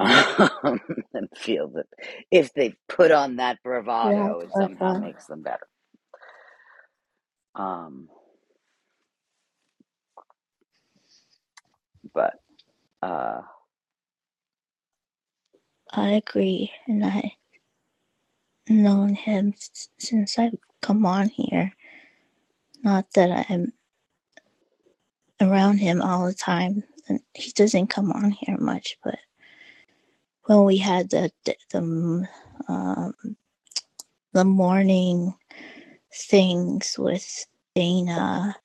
S2: Um, and feel that if they put on that bravado, it somehow makes them better. Um, but, uh,
S3: I agree. And I've known him since I've come on here Not that I'm around him all the time. And he doesn't come on here much, but when we had the the the, um, the morning things with Dana,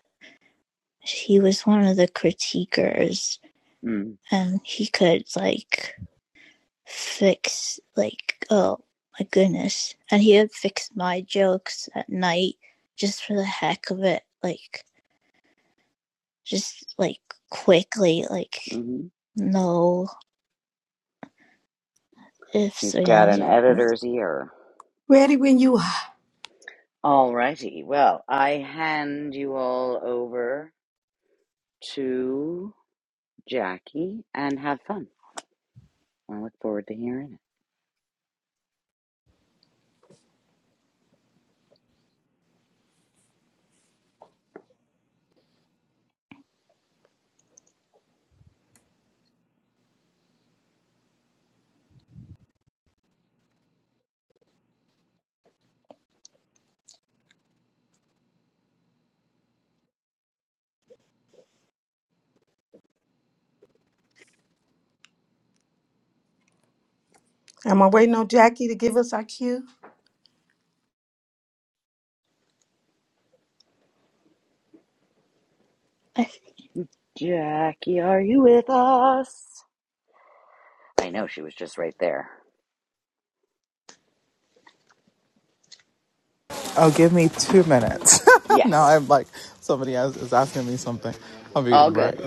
S3: he was one of the critiquers,
S2: Mm,
S3: and he could like fix like oh my goodness, and he would fix my jokes at night just for the heck of it, like just like quickly, like
S2: hmm
S3: no if
S2: He's got
S3: Suyans
S2: an editor's ear.
S7: Ready when you are.
S2: Alrighty. Well, I hand you all over to Jackie and have fun. I look forward to hearing
S7: Am I waiting on Jackie to give us our cue?
S3: I think
S2: it. Jackie, are you with us? I know she was just right there.
S6: Oh, give me two minutes. now
S2: Yes.
S6: I'm like, somebody else is asking me something. I'll be
S2: All
S6: right
S2: good.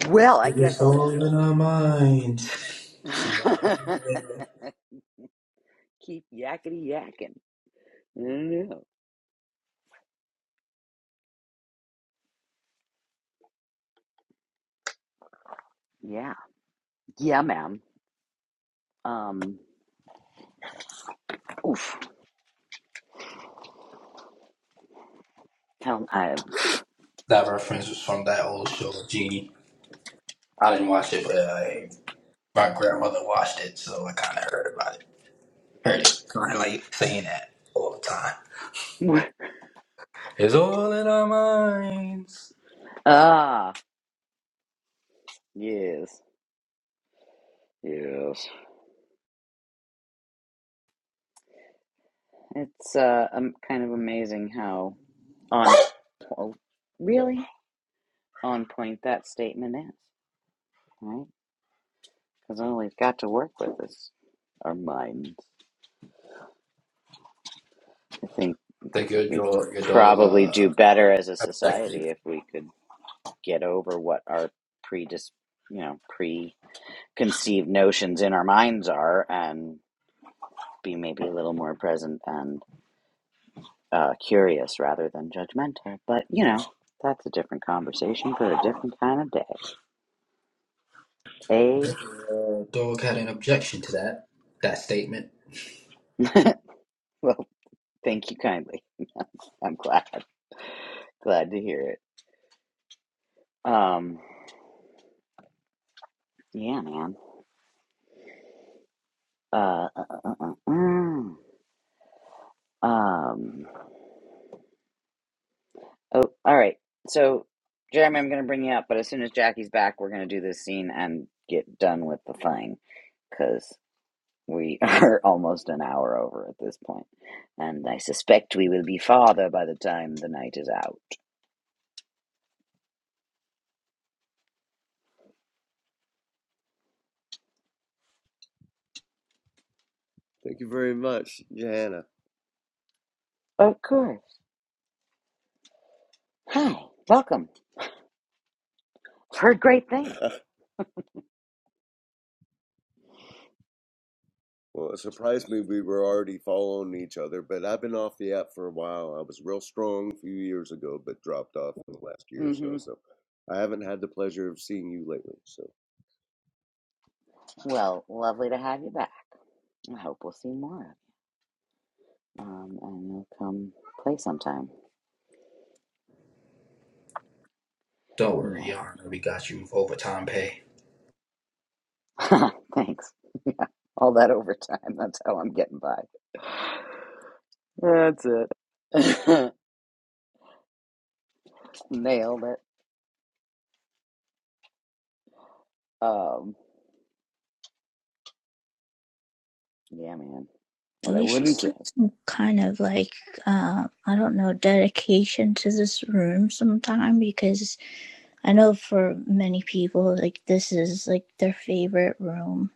S2: Well, I
S4: It's
S2: guess I'll
S4: all
S2: just
S4: in our minds. She
S2: keep yakety yakking. I don't know. Yeah. Yeah, ma'am. Um, oof. Tell I.
S4: that reference was from that old show, Genie. I didn't watch it, but uh, my grandmother watched it, so I kind of heard about it. Heard it, kind of like saying that all the time. It's all in our minds.
S2: ah, yes. Yes. It's uh, um, kind of amazing how on po- really on point that statement is, right? Because all we've got to work with is our mind. I think
S4: Think your
S2: we'd
S4: dog, your dog,
S2: probably
S4: uh,
S2: do better as a
S4: objected.
S2: society if we could get over what our predis, you know, preconceived notions in our minds are, and be maybe a little more present and uh, curious rather than judgmental. But you know, that's a different conversation for a different kind of day. Eh?
S4: If Your uh, dog had an objection to that that statement.
S2: Thank you kindly. I'm glad. Glad to hear it. Um, yeah, man. Uh, mm, um. Oh, all right. So, Jeremy, I'm gonna bring you up, but as soon as Jackie's back, we're gonna do this scene and get done with the thing because we are almost an hour over at this point, and I suspect we will be farther by the time the night is out.
S8: Thank you very much, Johanna.
S2: Of course. Hi. Welcome. Heard great things.
S8: well, it surprised me we were already following each other, but I've been off the app for a while. I was real strong a few years ago, but dropped off in the last year or so.
S2: Mm-hmm.
S8: So I haven't had the pleasure of seeing you lately. So
S2: Well, lovely to have you back. I hope we'll see more. of um, and you'll come play sometime.
S4: Don't worry,
S2: Yeah,
S4: Yarn. We got you with overtime pay.
S2: thanks. All that overtime, that's how I'm getting by. That's it. Nailed it. Um, yeah, man. What I
S3: we should
S2: wouldn't give.
S3: do some kind of like, uh, I don't know, dedication to this room sometime because I know for many people, like, this is like their favorite room.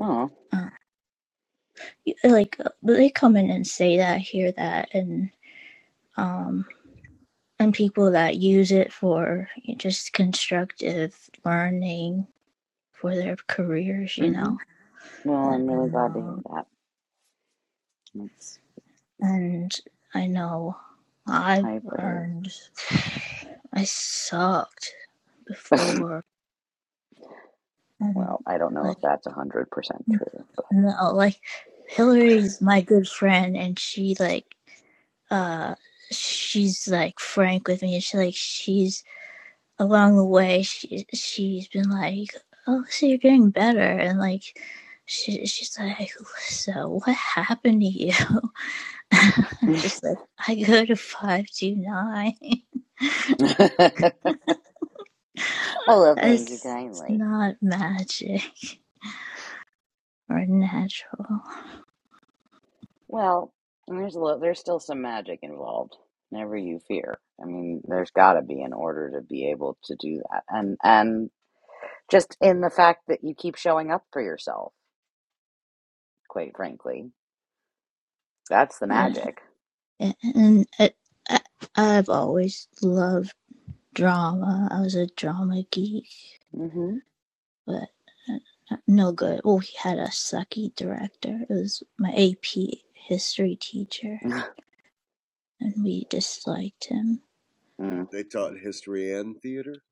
S2: Oh,
S3: Uh, like, uh, they come in and say that, hear that, and, um, and people that use it for just constructive learning for their careers, you
S2: hmm
S3: know.
S2: Well,
S3: I
S2: I'm
S3: do
S2: really glad to hear
S3: know.
S2: that. That's
S3: and I know I
S2: high praise.
S3: learned I sucked before, and
S2: Well, I don't know if
S3: like
S2: that's a hundred true, but
S3: no, like Hillary's my good friend, and she like uh she's like frank with me, and she like she's along the way she she's been like oh so you're getting better, and like she, she's like, so what happened to you? I'm just like, I go to 529.
S2: oh well, thank you
S3: It's
S2: kindly.
S3: not magic or natural.
S2: Well, there's a little. there's still some magic involved. Never you fear. I mean, there's got to be in order to be able to do that, and and Just in the fact that you keep showing up for yourself, quite frankly. That's the
S3: Yeah.
S2: magic.
S3: And I, I, I've always loved drama. I was a drama geek,
S2: hmm
S3: but uh, no good. Well, he had a sucky director. It was my AP history teacher, and we disliked him.
S2: Mm.
S8: they taught history and theater.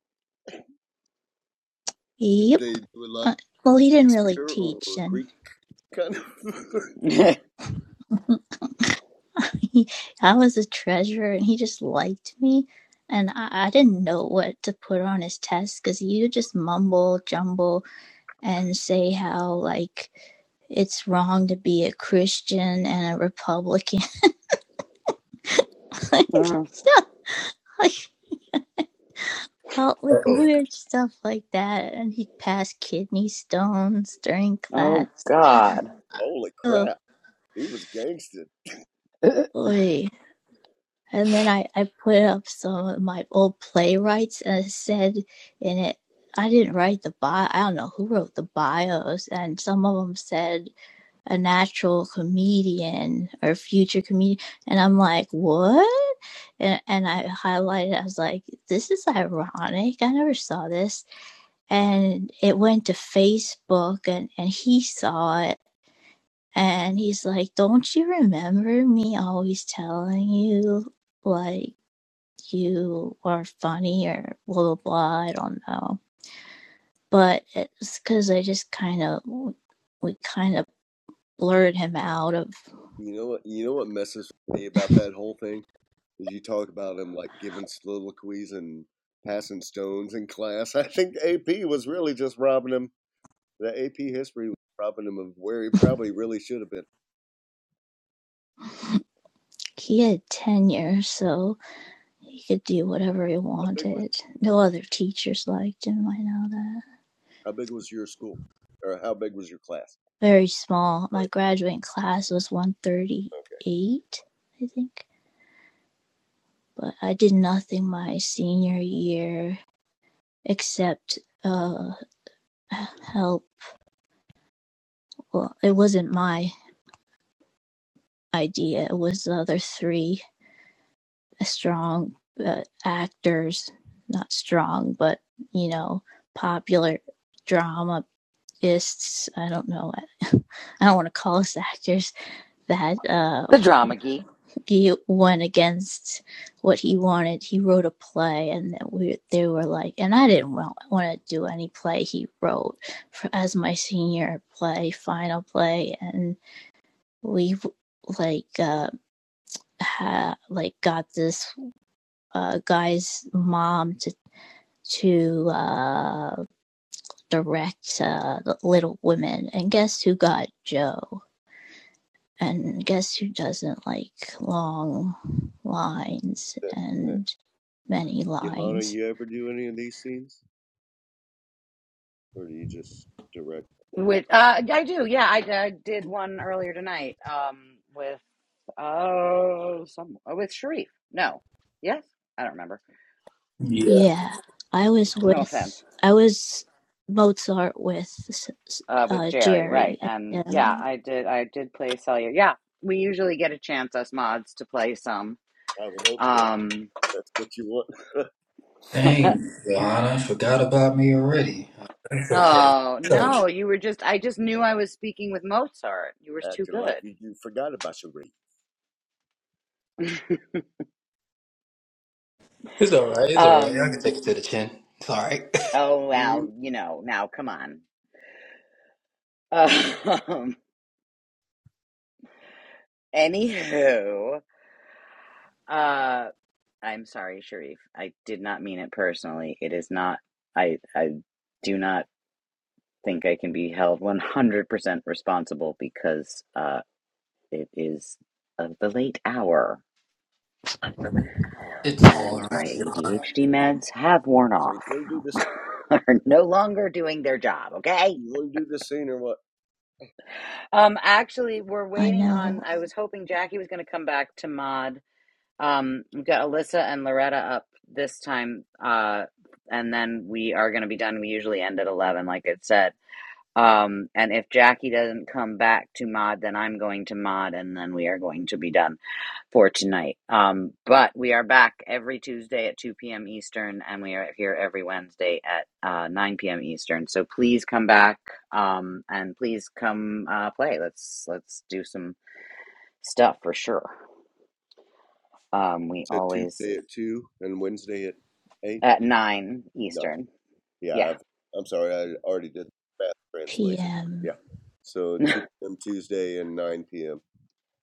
S8: Did
S3: Yep.
S8: they do a lot of
S3: Uh, well, he didn't really
S8: Shakespeare or
S3: teach, and
S8: Greek kind of?
S3: he I was a treasurer and he just liked me and I, I didn't know what to put on his test because he would just mumble jumble and say how like it's wrong to be a Christian and a Republican like stuff like all, like
S4: Oh,
S3: weird stuff like that and he'd pass kidney stones during
S2: oh,
S3: class.
S2: God.
S8: Holy
S3: Oh
S8: crap! He was gangster.
S2: the
S3: boy. And then I, I put up some of my old playwrights and it said in it, I didn't write the bio. I don't know who wrote the bios. And some of them said a natural comedian or future comedian. And I'm like, what? And, and I highlighted, I was like, this is ironic. I never saw this. And it went to Facebook and, and he saw it. And he's like, don't you remember me always telling you like you are funny or blah blah blah. I don't know, but it's because I just kind of we kind of blurred him out of.
S8: You know what? You know what messes with me about that whole thing is you talk about him like giving soliloquies and passing stones in class. I think AP was really just robbing him. The AP history was robbing him of where he probably really should have been.
S3: He had tenure, so he could do whatever he
S8: How big was
S3: wanted. No other teachers liked him. I know that.
S8: how big was your school, or how big was your class?
S3: Very small. My
S8: Like,
S3: graduating class was one thirty
S8: Okay,
S3: eight, I think, but I did nothing my senior year except uh help well it wasn't my idea. It was the other three strong uh, actors, not strong, but you know, popular dramatists. I don't know. I don't want to call us actors. That uh,
S2: drama geek.
S3: he went against what he wanted. He wrote a play, and that we they were like, and I didn't want, want to do any play he wrote for, as my senior play, final play, and we like uh, ha, like got this uh, guy's mom to to uh, direct uh, Little Women, and guess who got Joe? And guess who doesn't like long lines
S8: that, that.
S3: and many
S8: Johanna,
S3: lines?
S8: you ever do any of these scenes, or do you just direct?
S2: With, uh, I do, yeah. I, I did one earlier tonight um, with, oh, uh, some, uh, with Sharif. No. Yes? I don't remember.
S4: yeah.
S3: Yeah, I
S8: I
S3: was
S8: was like,
S2: No offense.
S3: with I was Mozart with
S2: Uh, with
S3: uh,
S2: Jerry, right.
S3: Jerry. At
S2: And yeah,
S3: the,
S2: I did, I did play Cellular. Yeah, we usually get a chance, us mods, to play some.
S8: I would hope so.
S2: Um,
S8: That's what you want.
S4: Dang, Yarn. Okay.
S2: Oh, no, you were just I just knew I was speaking with Mozart. You were too
S8: Acting like
S2: good.
S8: you forgot about your race.
S4: It's all right. It's all right. I can
S2: Um,
S4: take it to the chin. It's all right.
S2: oh well,
S8: Mhm.
S2: you know, now come on. Um, anywho, uh, I'm sorry, Sharif. I did not mean it personally. It is not, I, I do not think I can be held 100% responsible because, uh, it is of the late hour.
S4: It's all
S2: and
S4: right.
S2: my ADHD meds have worn
S8: So you
S2: off.
S8: want to do this
S2: Are no longer doing their job, okay?
S8: You want to do this thing or what?
S2: Um, actually, we're
S3: I
S2: waiting on.
S3: know
S2: I was hoping Jackie was going to come back to mod. Um, we've got Alyssa and Loretta up this time, uh, and then we are going to be done. We usually end at 11, like I said. Um, and if Jackie doesn't come back to mod, then I'm going to mod, and then we are going to be done. for tonight. Um, but we are back every Tuesday at 2 p.m. Eastern, and we are here every Wednesday at uh, 9 p.m. Eastern. So please come back um, and please come uh, play. Let's let's do some stuff for sure. Um, we
S8: So
S2: always
S8: Tuesday at two and Wednesday at eight.
S2: at 9
S8: No,
S2: Eastern.
S8: yeah,
S2: Yeah,
S8: I've, I'm sorry, I already did the fast translation.
S3: PM.
S8: Yeah, so two p.m. Tuesday and nine p.m.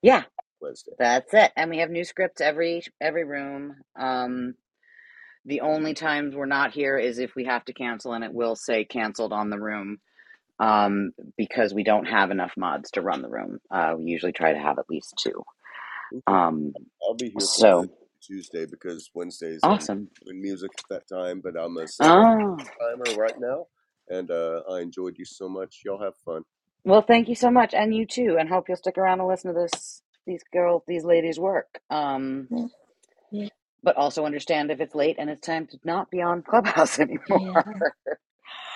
S2: yeah,
S8: Wednesday.
S2: that's it. And we have new scripts every every room. Um, the only times we're not here is if we have to cancel, and it will say canceled on the room um, because we don't have enough mods to run the room. Uh, we usually try to have at least two.
S8: Okay,
S2: Um,
S8: I'll be here for the
S2: so
S8: Tuesday because Wednesdays I'm
S2: awesome.
S8: doing music at that time, but I'm gonna set a
S2: Oh,
S8: timer right now. And uh, I enjoyed you so much. Y'all have fun.
S2: well, thank you so much, and you too. And hope you'll stick around and listen to this these girls, these ladies work. Um, but also understand if it's late and it's time to not be on Clubhouse
S3: Yeah.
S2: anymore.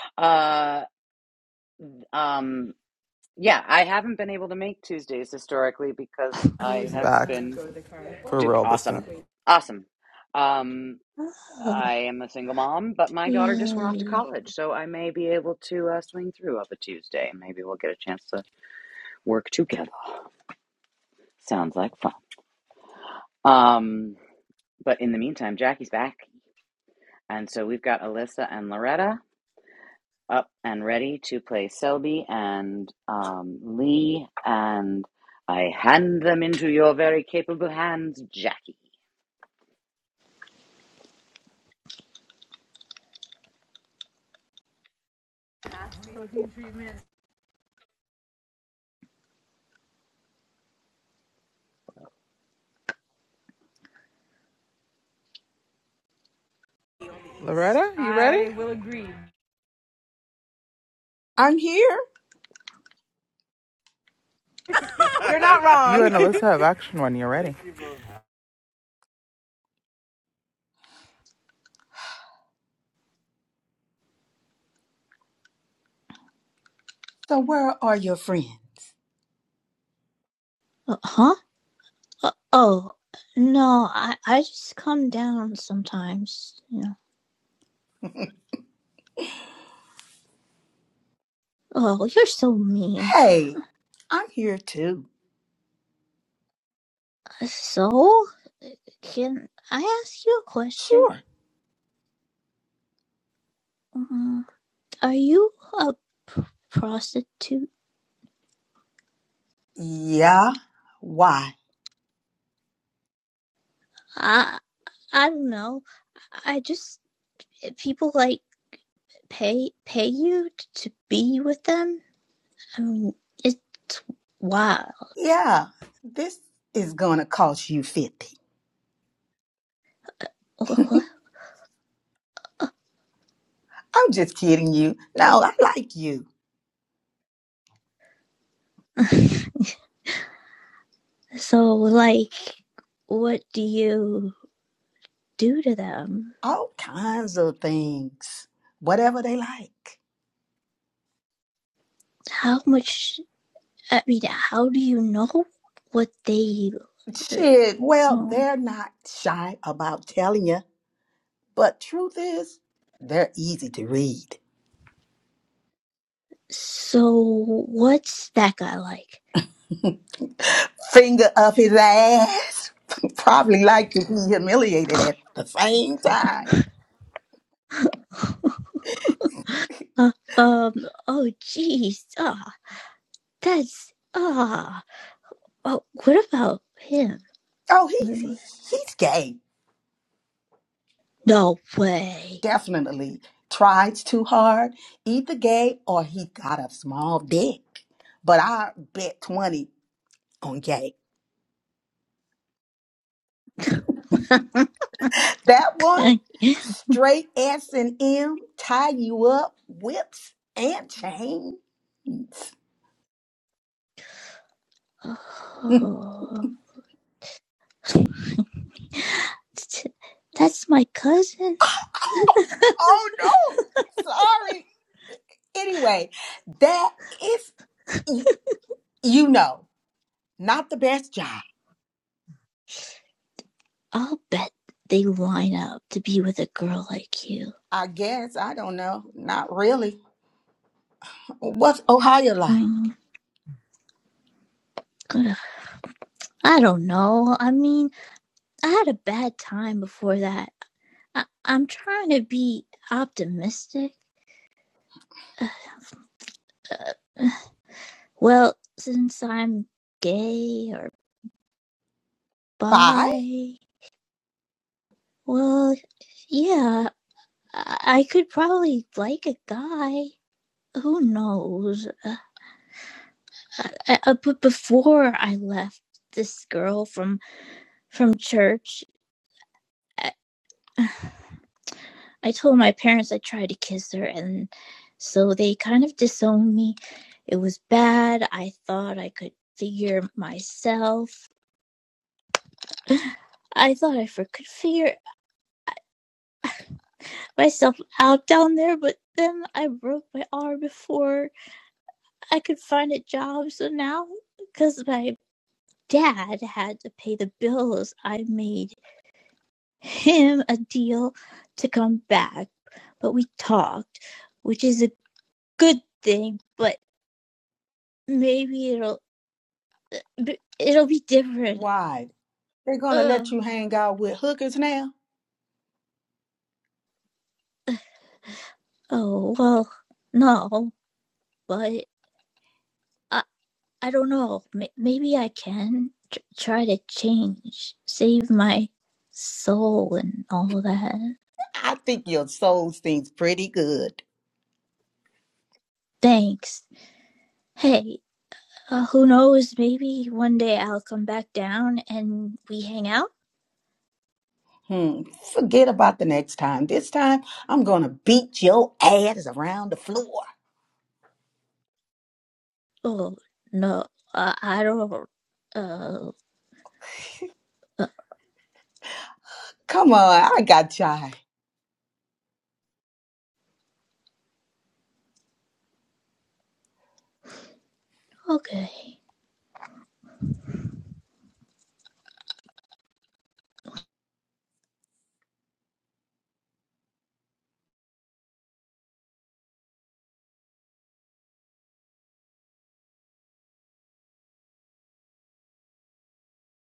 S2: uh, um, yeah, I haven't been able to make Tuesdays historically because I have
S6: back
S2: been
S6: for
S2: dude,
S6: real this
S2: awesome,
S6: time.
S2: awesome. Um,
S3: Oh,
S2: I am a single mom, but my daughter just went off to
S3: yay.
S2: college, so I may be able to uh, swing through of a Tuesday. Maybe we'll get a chance to work together. Sounds like fun. Um, but in the meantime, Jackie's back, and so we've got Alyssa and Loretta up and ready to play Selby and um, Lee, and I hand them into your very capable hands, Jackie.
S6: Loretta, you Hi. ready?
S7: I'm here.
S6: You and Alyssa have action when you're ready.
S7: So where are your friends?
S3: Uh, Huh? Uh, oh, no, I, I just come down sometimes. You know. Oh, you're so mean.
S7: Hey, I'm here too.
S3: So, can I ask you a question?
S7: Sure.
S3: Mm, Are you a p- prostitute?
S7: Yeah. Why?
S3: I I don't know. I just people like pay pay you t- to be with them. I mean, it's wild.
S7: Yeah, this is gonna cost you 50. I'm just kidding you. No, I like you.
S3: so, like, what do you do to them?
S7: All kinds of things. Whatever they like.
S3: How much I mean, how do you know what they? Uh,
S7: Shit, well,
S3: um,
S7: they're not shy about telling you. But truth is, they're easy to read.
S3: so what's that guy like?
S7: Finger up his ass. Probably like to be humiliated at the same time.
S3: Uh, um. Oh, jeez. Ah, oh, that's ah. uh, oh, what about him?
S7: Oh, he, he's gay.
S3: No way.
S7: Definitely. Tries too hard. Either gay or he got a small dick. But I bet 20 on gay. That one, straight S and M, tie you up, whips and chains.
S3: oh, t- that's my cousin.
S7: oh no. Sorry. Anyway, that is y- you know, not the best job.
S3: I'll bet they line up to be with a girl like you.
S7: I guess. I don't know. Not really. What's Ohio like?
S3: Um, I don't know. I mean, I had a bad time before that. I, I'm trying to be optimistic. Uh, well, since I'm gay or
S7: Bye?
S3: bi, well, yeah, I, I could probably like a guy. Who knows? Uh, I, I, but before I left, this girl from from church, I, I told my parents I tried to kiss her, and so they kind of disowned me. It was bad. I thought I could figure myself I thought I could figure myself out down there, but then I broke my arm before I could find a job. So now, because my dad had to pay the bills, I made him a deal to come back. But we talked, which is a good thing, but maybe it'll it'll be different.
S7: Why? They're gonna
S3: Ugh.
S7: let you hang out with hookers now?
S3: Oh well, no, but I don't know. May- Maybe I can tr- try to change, save my soul and all that.
S7: I think your soul seems pretty good.
S3: Thanks. Hey, uh, who knows? Maybe one day I'll come back down and we hang out.
S7: Hmm, forget about the next time. This time, I'm gonna beat your ass around the floor.
S3: Oh no, uh, I don't. Uh, uh,
S7: Come on, I got shy.
S3: okay.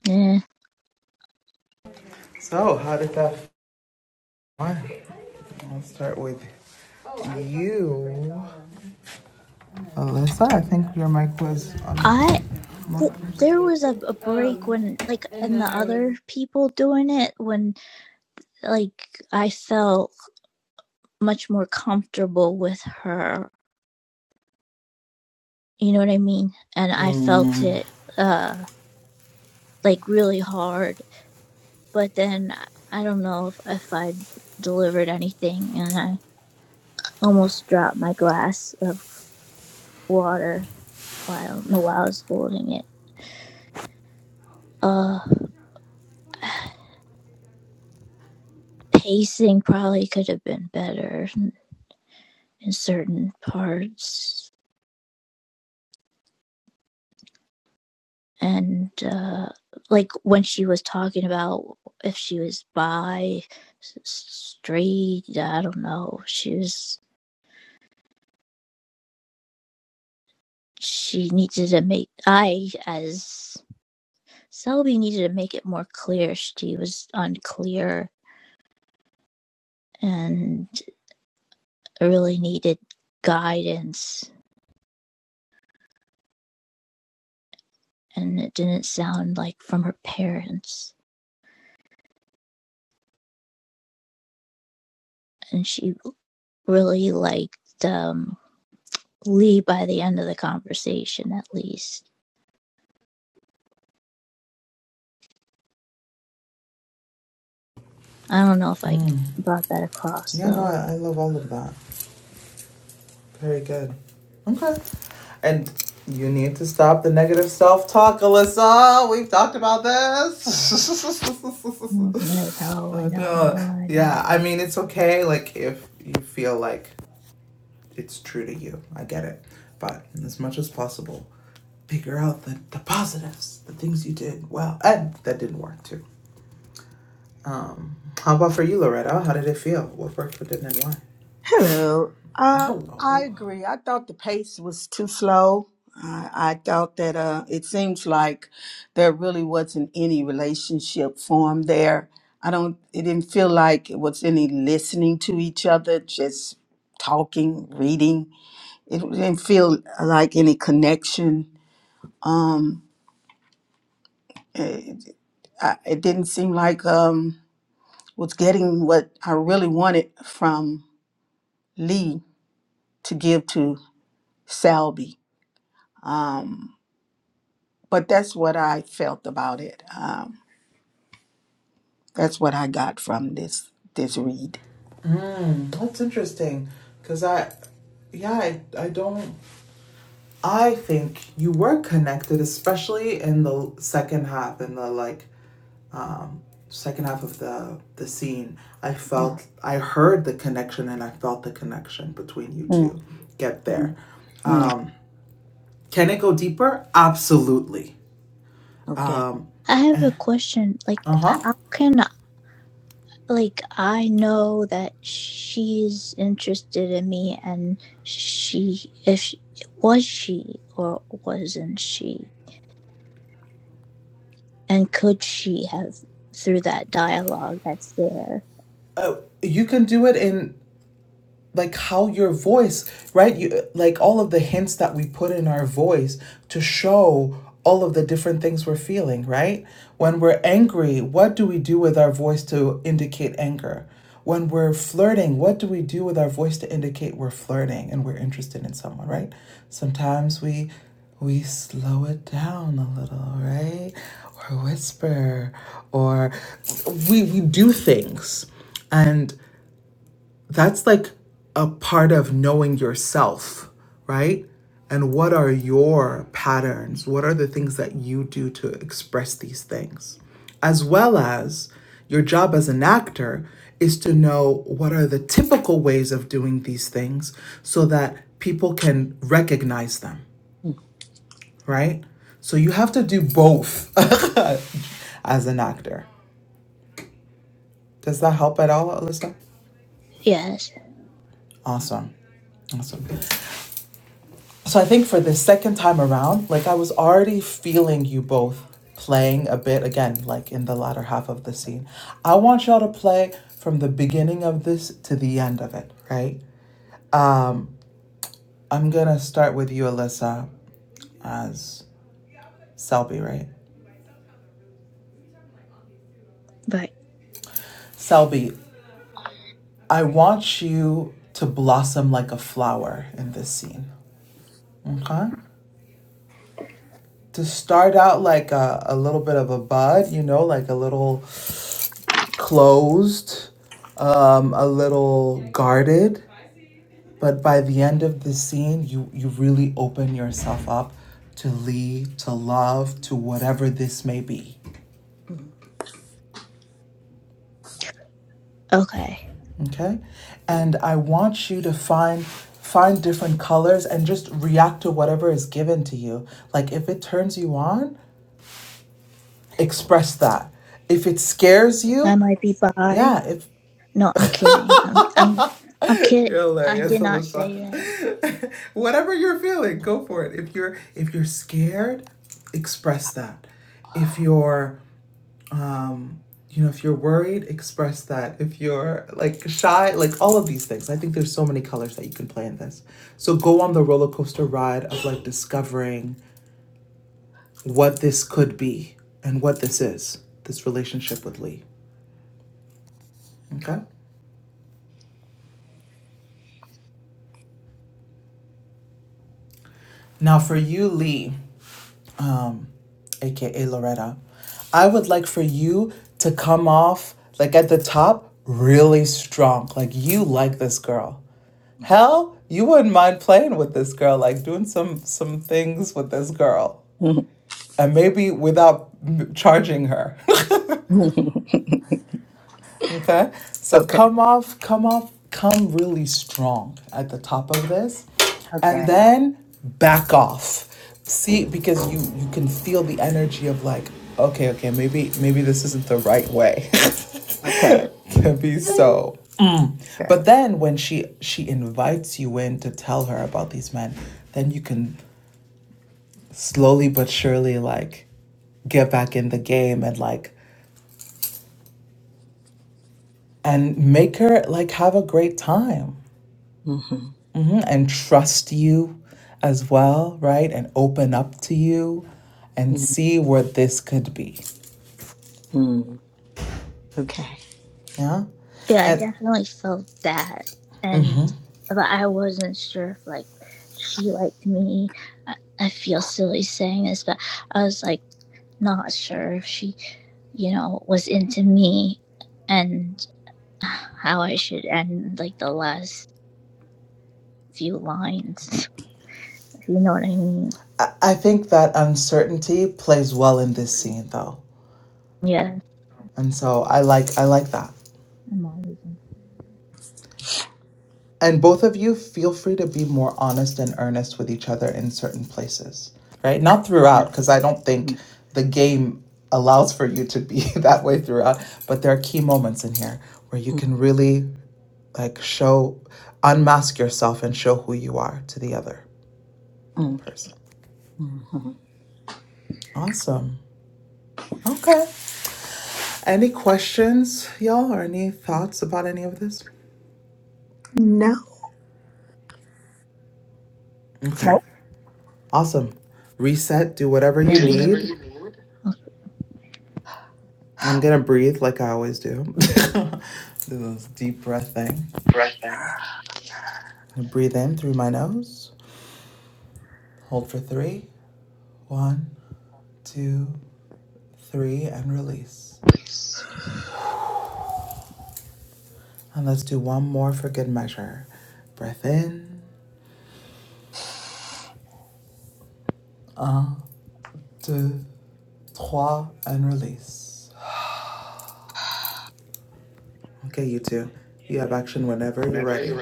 S3: Yeah.
S6: So, how did that fly? I'll start with you. Alyssa, I think your mic was on.
S3: I
S6: lock
S3: th-
S6: first.
S3: there was a, a break when like and the other people doing it when like I felt much more comfortable with her You know what I mean? And I felt
S6: Hmm.
S3: it uh like really hard. But then I don't know if, if I delivered anything and I almost dropped my glass of water. Well, I don't know why I was holding it. Uh pacing probably could have been better in certain parts. And uh like when she was talking about if she was bi s- straight, I don't know. She was she needed to make I as Selby needed to make it more clear she was unclear and really needed guidance and it didn't sound like from her parents and she really liked um Lee by the end of the conversation at least. I don't know if I brought that across
S6: Yeah, no,
S3: though.
S6: I, I love all of that. Very good. Okay. And you need to stop the negative self talk, Alyssa. We've talked about this.
S3: Mm, I know, I
S6: But,
S3: know, I
S6: uh,
S3: know, I
S6: yeah,
S3: know.
S6: I mean, it's okay, like, if you feel like it's true to you. I get it. But as much as possible, figure out the, the positives, the things you did well, and that didn't work too. Um, how about for you, Loretta? How did it feel? What worked, what didn't, and why?
S7: Hello. Uh, I
S6: Hello.
S7: agree. I thought the pace was too slow. I, I thought that uh, it seems like there really wasn't any relationship formed there. I don't. It didn't feel like it was any listening to each other, just talking, reading. It didn't feel like any connection. Um, it, I, it didn't seem like um was getting what I really wanted from Lee to give to Salby. But that's what I felt about it. Um, that's what I got from this this read.
S6: Mm, that's interesting because I, yeah, I, I don't. I think you were connected, especially in the second half, in the like um, second half of the the scene, I felt I heard the connection and I felt the connection between you
S7: Mm,
S6: two. Get
S7: mm,
S6: there.
S7: mm.
S6: Um, can it go deeper? Absolutely.
S7: Okay.
S3: I have a question. Like,
S6: Uh-huh.
S3: how can like I know that she's interested in me and she if she, was she or wasn't she and could she have through that dialogue that's there
S6: Uh You can do it in like how your voice right you like all of the hints that we put in our voice to show all of the different things we're feeling right when we're angry what do we do with our voice to indicate anger when we're flirting what do we do with our voice to indicate we're flirting and we're interested in someone right sometimes we we slow it down a little right or whisper or we we do things and that's like a part of knowing yourself, right? And what are your patterns? What are the things that you do to express these things? As well as your job as an actor is to know what are the typical ways of doing these things so that people can recognize them, right? So you have to do both as an actor. Does that help at all, Alyssa?
S3: yes
S6: Awesome. Awesome. So I think for the second time around, like I was already feeling you both playing a bit again, like in the latter half of the scene. I want y'all to play from the beginning of this to the end of it, right? Um, I'm gonna start with you, Alyssa, as Selby, right?
S3: right
S6: Selby, I want you to blossom like a flower in this scene. Okay? To start out like a, a little bit of a bud, you know, like a little closed, um, a little guarded, but by the end of the scene, you you really open yourself up to lead, to love, to whatever this may be.
S7: Mm,
S3: okay
S6: Okay, and I want you to find find different colors and just react to whatever is given to you. Like if it turns you on, express that. If it scares
S3: I
S6: you,
S3: might be bi
S6: yeah. if.
S3: no I'm kidding I'm I'm I'm kidding
S6: You're
S3: I
S6: hilarious,
S3: did not say that
S6: Alyssa. Whatever you're feeling, go for it. If you're if you're scared, express that. If you're um you know, if you're worried, express that. If you're like shy, like all of these things. I think there's so many colors that you can play in this. So go on the roller coaster ride of like discovering what this could be and what this is, this relationship with Lee. Okay? Now for you, Lee. um, aka Loretta, I would like for you to come off like at the top really strong. Like you like this girl. Hell, you wouldn't mind playing with this girl, like doing some some things with this girl,
S7: mm.
S6: and maybe without charging her. Okay. So
S7: okay.
S6: come off, come off, come really strong at the top of this. And
S7: Okay.
S6: then back off. See, because you you can feel the energy of like, okay, okay, maybe maybe this isn't the right way.
S7: Okay.
S6: to be
S7: Okay.
S6: so. Mm.
S7: Okay.
S6: But then when she she invites you in to tell her about these men, then you can slowly but surely like get back in the game and like and make her like have a great time
S7: Mhm,
S6: Mhm, and trust you as well, right? And open up to you and
S7: mhm,
S6: see where this could be.
S7: mhm. Okay.
S6: Yeah.
S3: Yeah, I
S6: And
S3: definitely felt that, and but I wasn't sure if like she liked me. I, I feel silly saying this, but I was like not sure if she, you know, was into me, and how I should end like the last few lines. If you know what I mean?
S6: I I think that uncertainty plays well in this scene though.
S3: Yeah,
S6: And so I like I like that.
S3: I'm always in
S6: And both of you feel free to be more honest and earnest with each other in certain places. Right? Not
S7: Mm,
S6: throughout, because I don't think
S7: mm,
S6: the game allows for you to be that way throughout, but there are key moments in here where you can really like show unmask yourself and show who you are to the other
S7: mm,
S6: person
S7: mm,
S6: awesome okay any questions y'all or any thoughts about any of this
S7: mhm.
S6: okay
S7: Nope.
S6: awesome reset do whatever you
S3: Do whatever
S6: need
S3: you need.
S6: i'm gonna breathe like i always do do this deep breath thing breathe in through my nose hold for three. One, two, three, and release and let's do one more for good measure breath in Two, three, and release. Okay, you two. You have action whenever you're ready.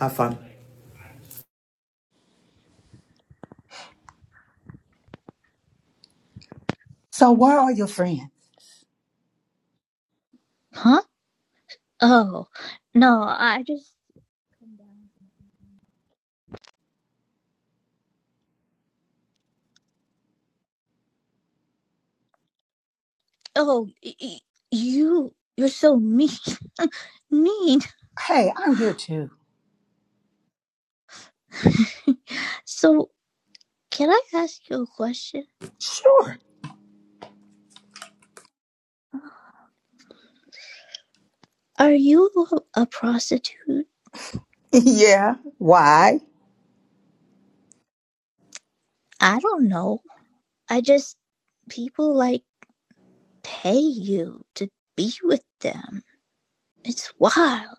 S6: Have fun.
S7: So where are your friends?
S3: Huh? Oh, no, I just. Oh, y- y- you, you're so mean. mean.
S7: Hey, I'm here too.
S3: So, can I ask you a question?
S7: Sure.
S3: Are you a prostitute?
S7: Yeah. Why?
S3: I don't know. I just, people like pay you to be with them. It's wild.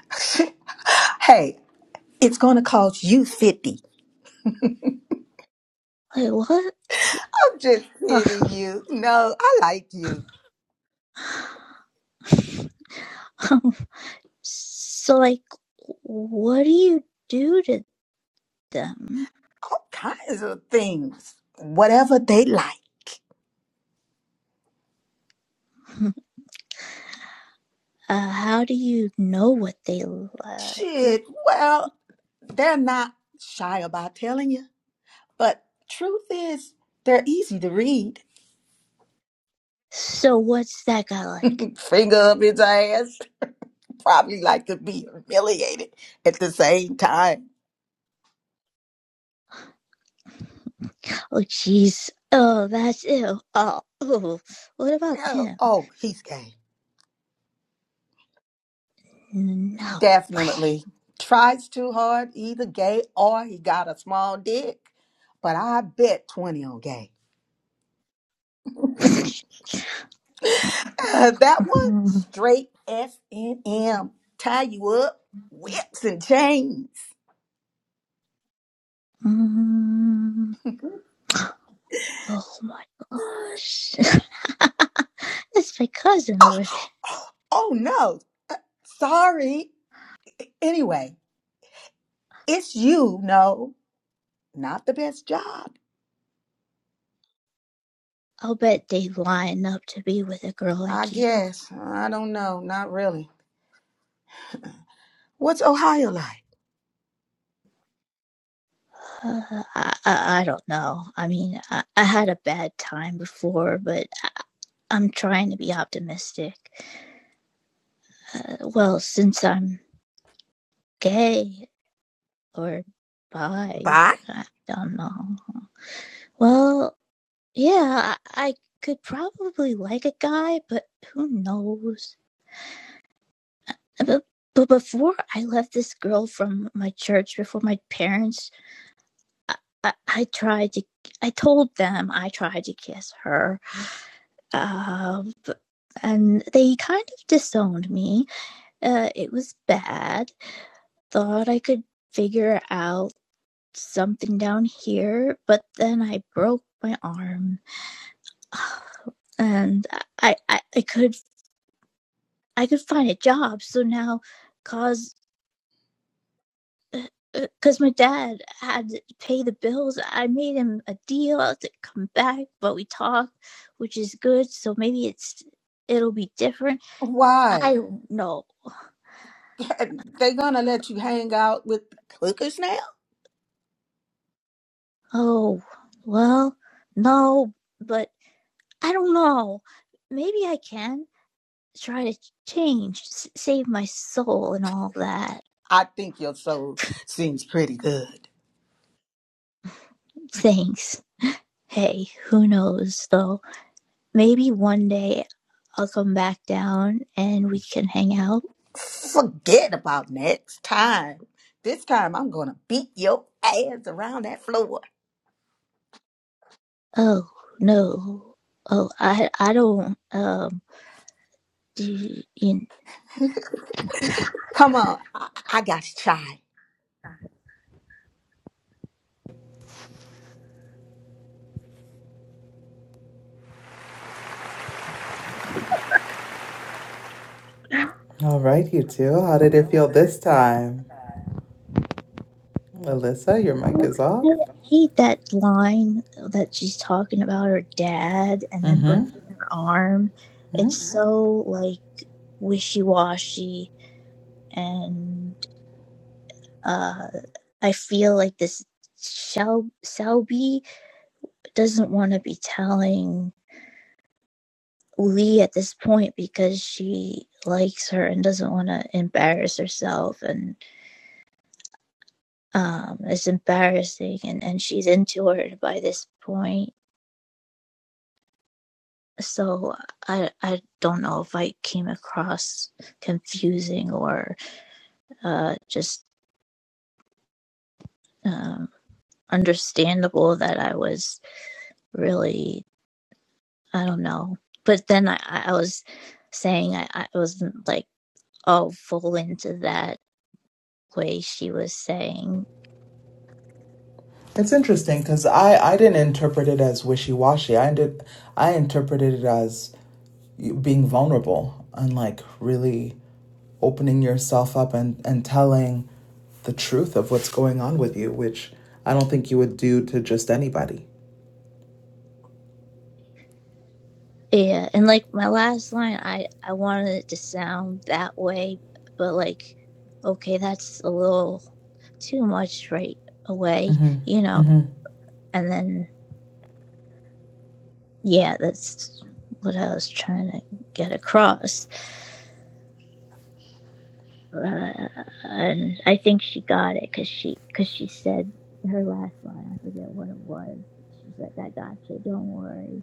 S7: hey, it's gonna cost you fifty.
S3: Like, what?
S7: I'm just kidding you. No, I like you.
S3: Um, so, like, what do you do to them?
S7: All kinds of things. Whatever they like.
S3: Uh, how do you know what they like?
S7: Shit. Well, they're not shy about telling you. But truth is, they're easy to read.
S3: So, what's that guy like?
S7: Finger up his ass. Probably like to be humiliated at the same time.
S3: Oh, jeez. Oh, that's ew. Oh, oh, what about
S7: Oh,
S3: him?
S7: oh, he's gay.
S3: No
S7: Definitely. Tries too hard, either gay or he got a small dick. But I bet 20 on gay.
S3: way.
S7: Uh, that one, straight S and M Tie you up, whips and chains.
S3: Mm, oh my gosh. that's my cousin over there.
S7: Oh, no. Uh, Sorry. Anyway, it's you, no. Not the best job.
S3: I'll bet they line up to be with a girl
S7: I
S3: like you.
S7: guess. I don't know. Not really. What's Ohio like?
S3: Uh, I, I, I don't know. I mean, I, I had a bad time before, but I, I'm trying to be optimistic. Uh, well, since I'm gay or bi,
S7: Bye.
S3: I don't know. Well, yeah, I, I could probably like a guy, but who knows? But, but before I left this girl from my church, before my parents, I, I, I tried to, I told them I tried to kiss her. Uh, but, and they kind of disowned me. Uh, it was bad. Thought I could figure out something down here, but then I broke my arm. And I, I, I could I could find a job. So now, cause because my dad had to pay the bills, I made him a deal to come back, but we talked, which is good. So maybe it's it'll be different.
S7: Why?
S3: I don't know.
S7: They're gonna let you hang out with hookers now?
S3: Oh, well, no, but I don't know. Maybe I can try to change, save my soul and all that.
S7: I think your soul seems pretty good.
S3: Thanks. Hey, who knows though? Maybe one day I'll come back down and we can hang out.
S7: Forget about next time. This time I'm gonna beat your ass around that floor.
S3: Oh no. Oh, I I don't um do you
S7: Come on, I, I got you, child.
S6: All right, you two. How did it feel this time? Alyssa, your mic is off.
S3: know, I hate that line that she's talking about her dad and then breaking
S6: Mm-hmm.
S3: her arm.
S6: Mm-hmm.
S3: It's so like wishy washy, and uh, I feel like this Shel- Selby doesn't want to be telling Lee at this point because she likes her and doesn't want to embarrass herself and um it's embarrassing and and she's into her by this point so i i don't know if i came across confusing or uh just um understandable that i was really i don't know but then i i I was saying i i wasn't like all full into that way she was saying
S6: It's interesting because I, I didn't interpret it as wishy-washy. I did I interpreted it as being vulnerable and like really opening yourself up and, and telling the truth of what's going on with you, which I don't think you would do to just anybody.
S3: Yeah, and like my last line, I I wanted it to sound that way, but like, okay, that's a little too much right away,
S6: hmm
S3: you know. And then yeah, that's what I was trying to get across, uh, and I think she got it because she because she said her last line. I forget what it was. She's like, "I got you. Don't worry."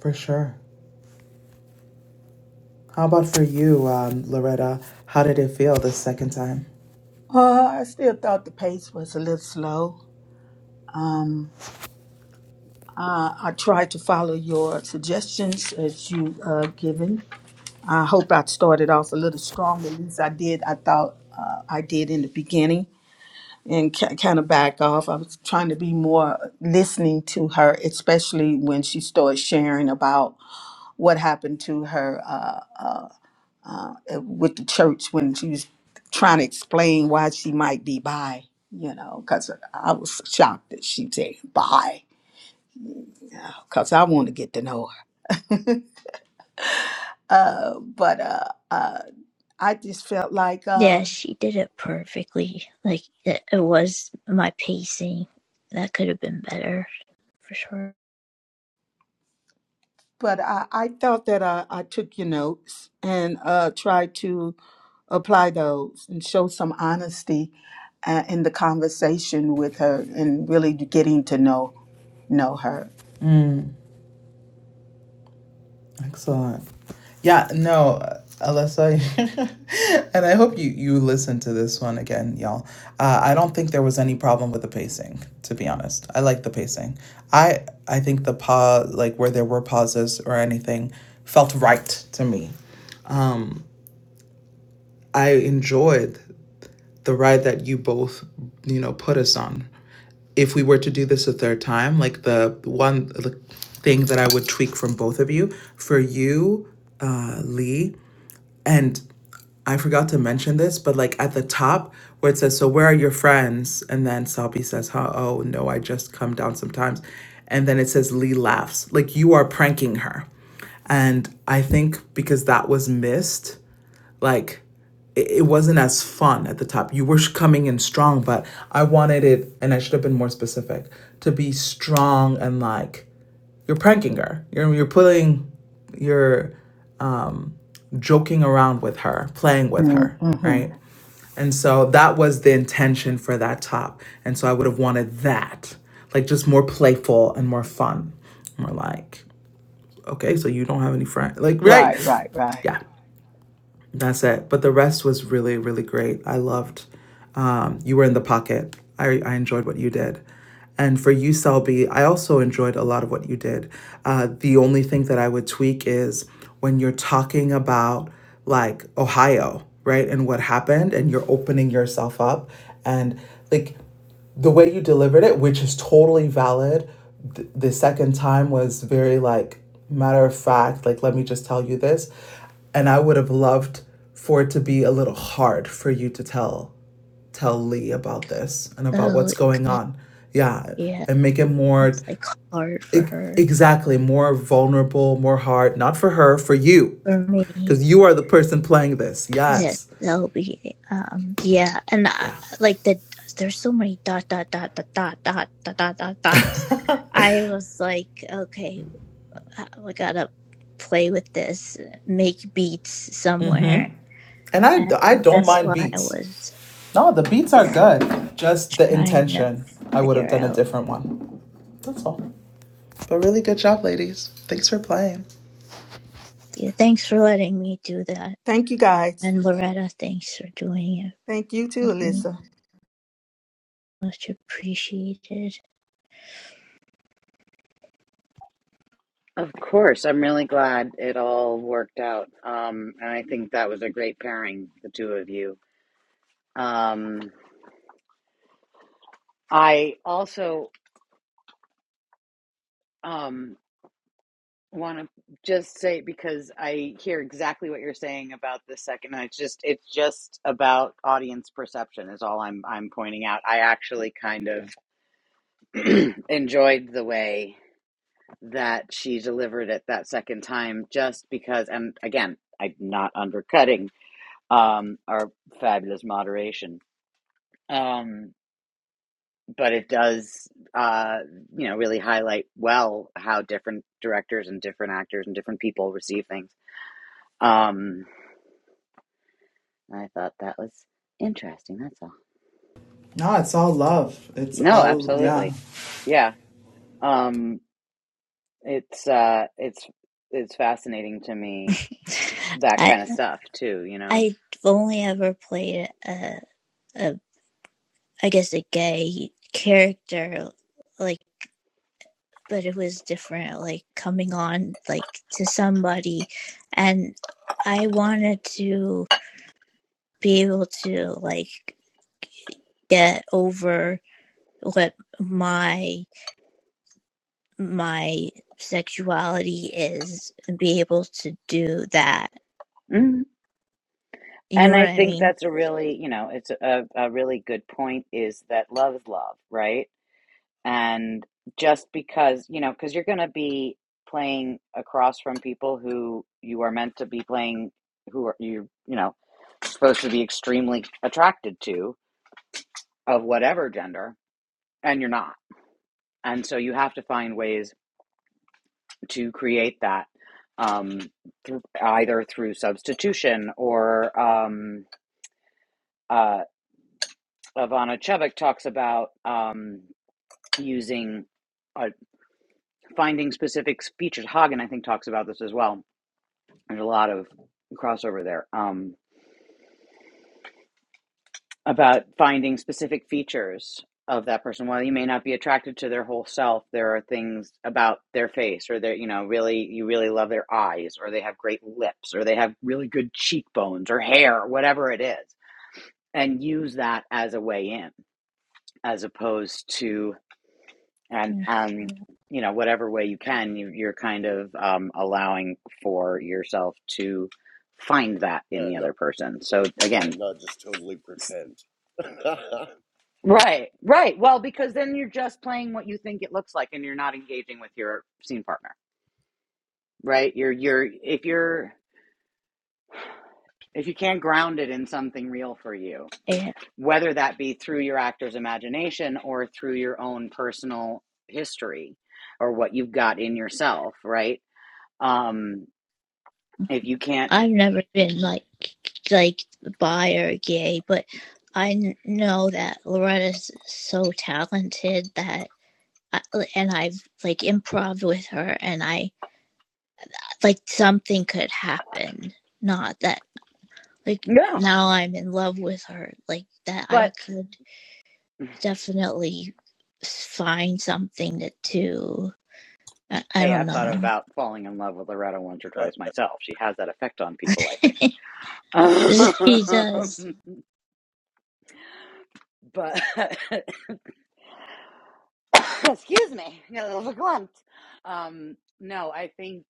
S6: For sure. How about for you, um, Loretta? How did it feel the second time?
S7: Uh, I still thought the pace was a little slow. Um, uh, I tried to follow your suggestions as you uh, given. I hope I started off a little strong. At least I did. I thought uh, I did in the beginning and ki kind of back off. I was trying to be more listening to her, especially when she started sharing about what happened to her uh, with the church when she was trying to explain why she might be bi, you know, because I was shocked that she said bi, because I want to get to know her. But uh, uh, I just felt like.
S3: Yeah,
S7: um
S3: she did it perfectly. Like it, it was my pacing that could have been better. for sure.
S7: but I, I thought that I, I took your notes and uh, tried to apply those and show some honesty uh, in the conversation with her and really getting to know know her.
S6: Excellent. Yeah, no, uh, Alyssa, and I hope you you listen to this one again, y'all. Uh, I don't think there was any problem with the pacing, to be honest. I like the pacing. I I think the pause, like where there were pauses or anything, felt right to me. I enjoyed the ride that you both, you know, put us on. if we were to do this a third time, like the one the thing that I would tweak from both of you, for you, uh, Lee, and I forgot to mention this, but like at the top where it says, "So where are your friends?" and then Salby says, "Huh? Oh no, I just come down sometimes," and then it says Lee laughs, like you are pranking her, and I think because that was missed like it it wasn't as fun at the top. You were coming in strong, but I wanted it, and I should have been more specific to be strong and like you're pranking her. You're you're putting, you're um, joking around with her, playing with her,
S7: Mm-hmm.
S6: right? And so that was the intention for that top. And so I would have wanted that, like just more playful and more fun, more like okay, so you don't have any friends, like right?
S7: Right, right, right.
S6: Yeah. That's it. But the rest was really, really great. I loved. Um, you were in the pocket. I, I enjoyed what you did. And for you, Selby, I also enjoyed a lot of what you did. Uh, the only thing that I would tweak is when you're talking about like Ohio, right? And what happened, and you're opening yourself up. And like the way you delivered it, which is totally valid, th- the second time was very like matter of fact, like let me just tell you this. And I would have loved for it to be a little hard for you to tell tell Lee about this and about
S3: So
S6: what's
S3: it could
S6: going
S3: be
S6: on. Yeah,
S3: yeah,
S6: and make it more
S3: it's like hard for
S6: e-
S3: her.
S6: exactly more vulnerable, more hard, not for her, for you.
S3: For me,
S6: Cuz you are the person playing this.
S3: yes,
S6: Yes.
S3: that'll be um yeah, and I,
S6: Yeah.
S3: like the there's so many dot dot dot dot dot dot dot dot dot dots. I was like, okay, uh, we gotta play with this, make beats somewhere,
S6: And I
S3: and
S6: I don't
S3: that's
S6: mind
S3: why I
S6: beats.
S3: was
S6: No, the beats are good. Just the
S3: trying to
S6: intention. I would have
S3: figure
S6: done a
S3: out.
S6: different one. That's all. But really good job, ladies. Thanks for playing.
S3: Yeah, thanks for letting me do that,
S7: Thank you guys.
S3: and Loretta, thanks for doing it.
S7: Thank you too,
S3: Mm-hmm.
S7: Alyssa.
S3: much appreciated.
S2: Of course, I'm really glad it all worked out, um, and I think that was a great pairing, the two of you Um, I also um, want to just say because I hear exactly what you're saying about the second. And it's just it's just about audience perception is all I'm I'm pointing out. I actually kind of enjoyed the way that she delivered it that second time, just because. And again, I'm not undercutting um, our fabulous moderation. Um, but it does uh you know really highlight well how different directors and different actors and different people receive things um i thought that was interesting that's all
S6: No, it's all love. It's
S2: no
S6: all, yeah.
S2: absolutely yeah um it's uh it's it's fascinating to me that
S3: I
S2: kind of stuff too you know
S3: I've only ever played a, a I guess a gay character like but it was different like coming on like to somebody and I wanted to be able to like get over what my my sexuality is and be able to do that.
S2: Mhm.
S3: You know
S2: and
S3: what
S2: i
S3: I
S2: think
S3: mean?
S2: that's a really you know it's a, a really good point is that love is love right and just because you know because you're going to be playing across from people who you are meant to be playing who are you you know supposed to be extremely attracted to of whatever gender and you're not and so you have to find ways to create that um through, either through substitution or um uh Ivana Chevik talks about um using uh, finding specific features Hagen I think talks about this as well There's a lot of crossover there um, about finding specific features of that person. While you may not be attracted to their whole self, there are things about their face, or their, you know, really, you really love their eyes, or they have great lips, or they have really good cheekbones or hair, whatever it is, and use that as a way in, as opposed to and um you know whatever way you can you, you're kind of um, allowing for yourself to find that in
S8: Yeah,
S2: the
S8: not
S2: other person so
S8: yeah,
S2: again
S8: not just totally pretend.
S2: Right, right. Well, because then you're just playing what you think it looks like and you're not engaging with your scene partner. Right? You're you're if you're if you can't ground it in something real for you,
S3: Yeah.
S2: whether that be through your actor's imagination or through your own personal history or what you've got in yourself, right? Um if you can't
S3: I've never been like like bi or gay, but I kn- know that Loretta's so talented that I, and I've like improv with her and I like something could happen. Not that like
S2: no,
S3: now I'm in love with her, like that I
S2: but
S3: could definitely find something to do. I, I
S2: hey,
S3: don't
S2: I've thought
S3: know.
S2: about falling in love with Loretta once or
S8: I
S2: twice myself. She has that effect on people, I
S3: she
S2: think.
S3: does.
S2: Um, but excuse me, I got a little bit glumped. Um, no, I think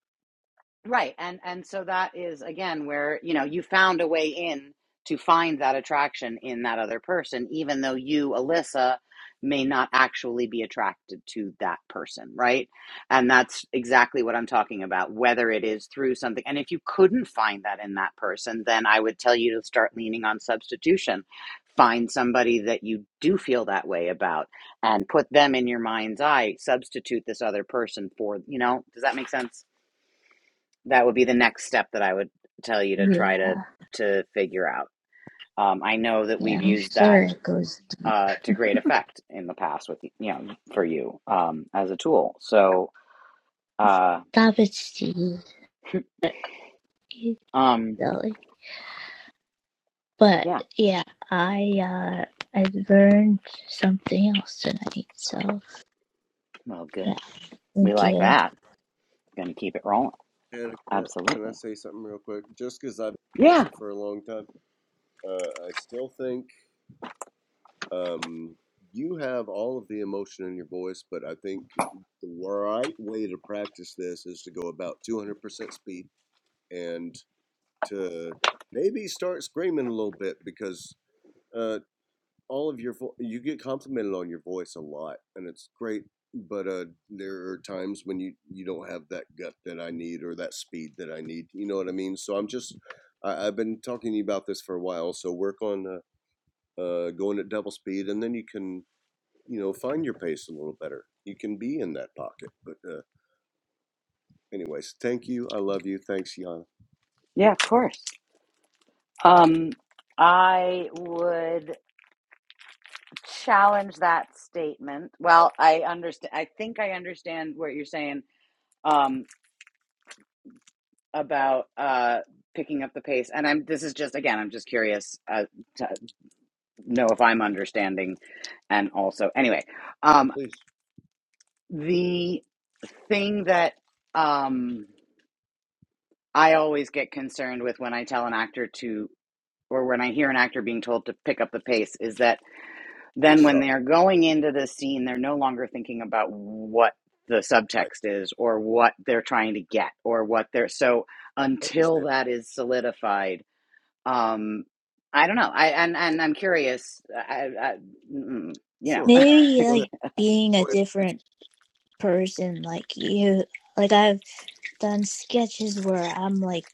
S2: Right. And and so that is again where, you know, you found a way in to find that attraction in that other person, even though you, Alyssa, may not actually be attracted to that person, right? And that's exactly what I'm talking about, whether it is through something. And if you couldn't find that in that person, then I would tell you to start leaning on substitution. Find somebody that you do feel that way about and put them in your mind's eye, substitute this other person for, you know, does that make sense? that would be the next step that I would tell you to
S3: Yeah,
S2: try to to figure out. Um, I know that
S3: yeah,
S2: we've
S3: I'm
S2: used that
S3: sure it goes.
S2: uh, to great effect in the past with you know for you um, as a tool. So uh,
S3: Stop it, Steve.
S2: um,
S3: silly. But
S2: yeah,
S3: yeah, I uh I learned something else tonight. So
S2: well,
S3: yeah,
S2: good. We
S3: thank
S2: like
S3: you.
S2: that. Going to keep it rolling.
S8: Hannah, can I, can I
S2: Absolutely.
S8: say something real quick? Just because I've
S2: Yeah,
S8: listened for a long time, uh, I still think um, you have all of the emotion in your voice, but I think the right way to practice this is to go about 200% speed and to maybe start screaming a little bit because. Uh, all of your vo- you get complimented on your voice a lot and it's great but uh there are times when you you don't have that gut that i need or that speed that i need you know what i mean so i'm just I, i've been talking to you about this for a while so work on uh, uh going at double speed and then you can you know find your pace a little better you can be in that pocket but uh anyways thank you i love you thanks yana
S2: yeah, of course. Um, I would challenge that statement. Well, I understand. I think I understand what you're saying. Um, about uh, picking up the pace, and I'm this is just again, I'm just curious uh, to know if I'm understanding, and also anyway, um,
S8: please
S2: the thing that um, I always get concerned with when I tell an actor to, or when I hear an actor being told to pick up the pace, is that then
S8: please
S2: when
S8: stop
S2: they're going into the scene, they're no longer thinking about what the
S8: i i
S2: subtext is or what they're trying to get or what they're so until
S8: understand
S2: that is solidified Um, I don't know. I and and I'm curious. I, I mm, you know,
S8: sure
S3: Maybe
S8: go ahead
S3: like being a
S8: Go ahead. it's
S3: different person, like you, like I've done sketches where I'm like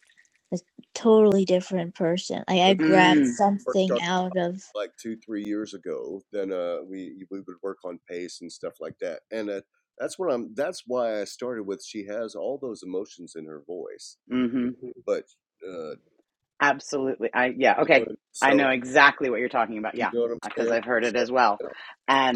S3: a totally different person. Like I
S8: been
S3: grabbed
S2: mm,
S8: worked on.
S3: something out of
S8: like two three years ago then uh we we would work on pace and stuff like that and uh, that's what i'm that's why i started with she has all those emotions in her voice
S2: hmm
S8: Mhm. but uh
S2: absolutely. I yeah.
S8: you know
S2: Okay, I know
S8: so
S2: exactly what you're talking about.
S8: do you
S2: Yeah,
S8: know what i'm
S2: because
S8: saying
S2: I've heard it
S8: so
S2: as well.
S8: you know,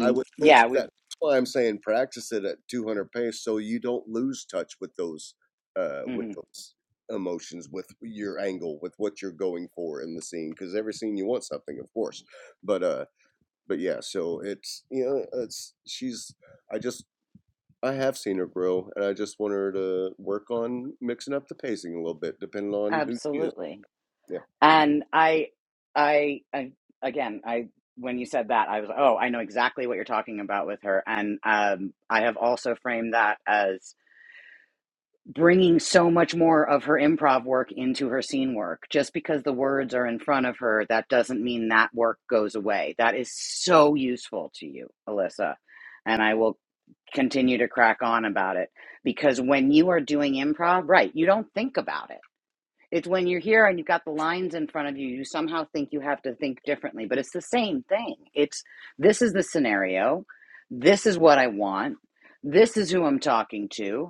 S8: i would hope
S2: yeah,
S8: that
S2: we've
S8: that's why i'm saying practice it at 200 pace so you don't lose touch with those uh with
S2: hmm
S8: those emotions with your angle with what you're going for in the scene because every scene you want something of course but uh but yeah, so it's you know it's she's I just I have seen her grow, and I just want her to work on mixing up the pacing a little bit, depending on who she is.
S2: absolutely.
S8: Yeah,
S2: And I, I, I again, I when you said that, I was oh, I know exactly what you're talking about with her. And um, I have also framed that as bringing so much more of her improv work into her scene work. Just because the words are in front of her, that doesn't mean that work goes away. That is so useful to you, Alyssa. And I will continue to crack on about it because when you are doing improv, right, you don't think about it. It's when you're here and you've got the lines in front of you, you somehow think you have to think differently, but it's the same thing. It's this is the scenario. This is what I want. This is who I'm talking to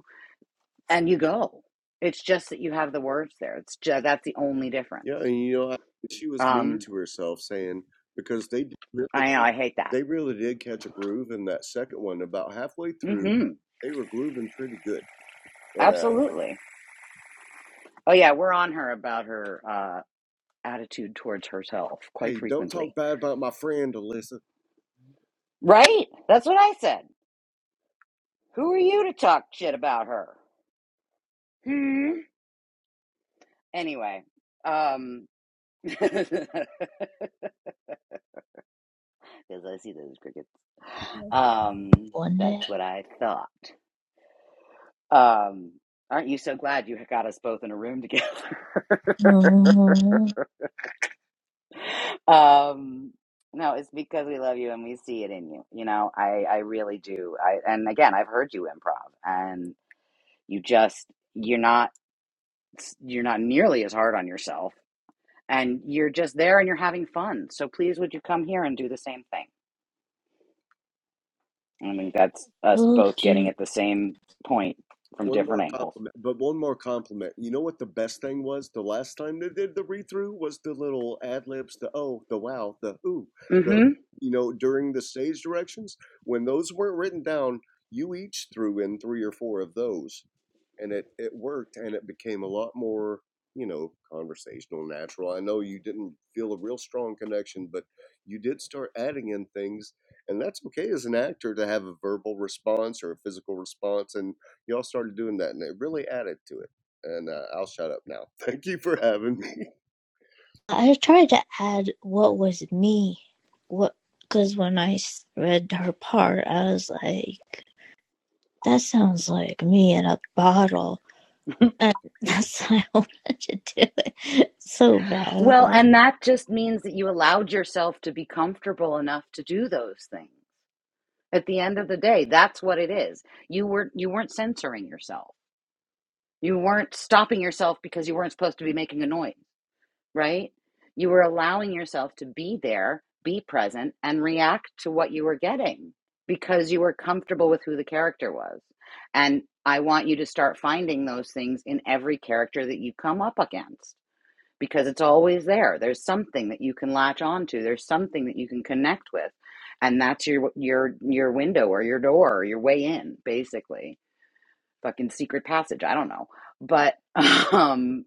S2: and you go. It's just that you have the words there. It's just, that's the only
S8: yeah,
S2: difference.
S8: and you know I, she was mean
S2: Um,
S8: to herself, saying because they did- really
S2: I know
S8: did
S2: I hate that.
S8: they really did catch a groove in that second one. About halfway through,
S2: hmm
S8: they were grooving pretty good, and uh.
S2: Absolutely. Oh yeah, we're on her about her uh, attitude towards herself quite
S8: Hey, don't
S2: frequently.
S8: talk bad about my friend, Alyssa.
S2: Right? That's what I said. Who are you to talk shit about her? Hmm. Anyway, um, because I see those crickets. Um,
S3: one day.
S2: that's what I thought. Um, aren't you so glad you got us both in a room together?
S3: Oh,
S2: Um, no, it's because we love you and we see it in you. You know, I I really do. I and again, I've heard you improv, and you just you're not you're not nearly as hard on yourself, and you're just there and you're having fun. So please, would you come here and do the same thing? I think that's us
S3: oh,
S2: both getting
S3: dude.
S2: at the same point from
S8: One more
S2: different angles.
S8: compliment, but one more compliment. You know what the best thing was? The last time they did the read through was the little ad libs, the oh, the wow, the ooh, the
S2: hmm
S8: you know during the stage directions when those weren't written down. You each threw in three or four of those, and it it worked and it became a lot more you know conversational natural i know you didn't feel a real strong connection but you did start adding in things and that's okay as an actor to have a verbal response or a physical response and y'all started doing that and it really added to it and uh, i'll shut up now thank you for having me
S3: I tried to add what was me, what because when I read her part, I was like, That sounds like me in a bottle. And that's why I wanted to do it so bad. I was
S2: Well,
S3: like,
S2: and that just means that you allowed yourself to be comfortable enough to do those things. At the end of the day, that's what it is. You were you weren't censoring yourself. You weren't stopping yourself because you weren't supposed to be making a noise, right? You were allowing yourself to be there, be present and react to what you were getting because you were comfortable with who the character was. And I want you to start finding those things in every character that you come up against because it's always there. There's something that you can latch onto. There's something that you can connect with, and that's your your your window or your door or your way in, basically. Fucking secret passage. I don't know, but um,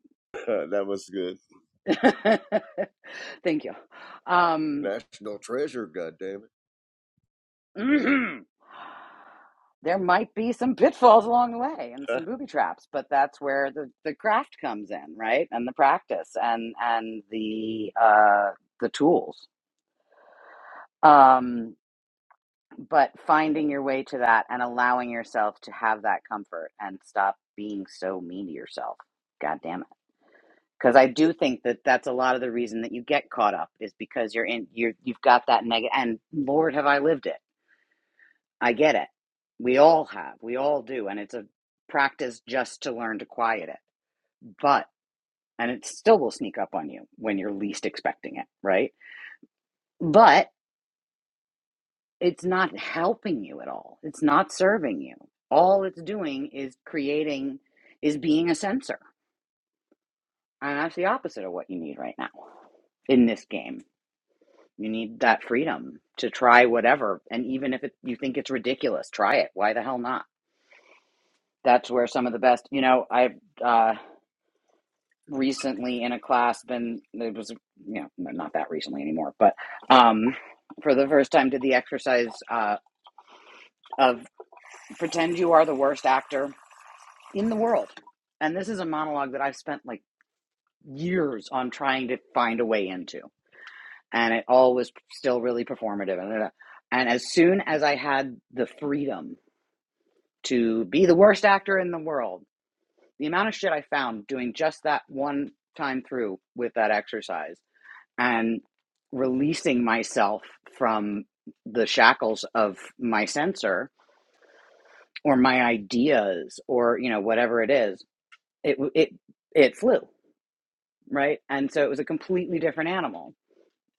S8: Uh, that was good
S2: thank you. Um,
S8: national treasure god damn it
S2: there might be some pitfalls along the way and
S8: Thank
S2: some booby traps, but that's where the the craft comes in, right? And the practice and and the uh, the tools. Um, but finding your way to that and allowing yourself to have that comfort and stop being so mean to yourself god damn it because i do think that that's a lot of the reason that you get caught up is because you're in you're you've got that negative and lord have i lived it i get it we all have we all do and it's a practice just to learn to quiet it but and it still will sneak up on you when you're least expecting it right But. it's not helping you at all. It's not serving you. All it's doing is creating, is being a censor. And that's the opposite of what you need right now in this game. You need that freedom to try whatever. And even if it, you think it's ridiculous, try it. Why the hell not? That's where some of the best, you know, I've uh, recently in a class been, it was, you know, not that recently anymore, but um, for the first time did the exercise uh, of pretend you are the worst actor in the world. And this is a monologue that I've spent like years on trying to find a way into. And it all was still really performative. And, and as soon as I had the freedom to be the worst actor in the world, the amount of shit I found doing just that one time through with that exercise and releasing myself from the shackles of my censor or my ideas or, you know, whatever it is, it, it, it flew right? And so it was a completely different animal.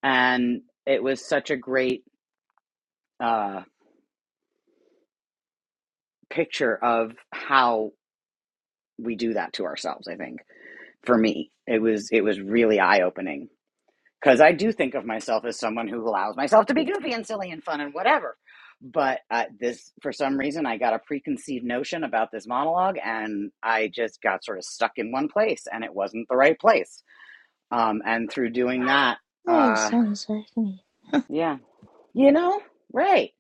S2: And it was such a great uh, picture of how we do that to ourselves, I think. For me, it was it was really eye-opening because I do think of myself as someone who allows myself to be goofy and silly and fun and whatever. But uh, this, for some reason, I got a preconceived notion about this monologue, and I just got sort of stuck in one place, and it wasn't the right place. Um, and through doing that,
S3: that
S2: uh,
S3: sounds like me.
S2: yeah, you know, right.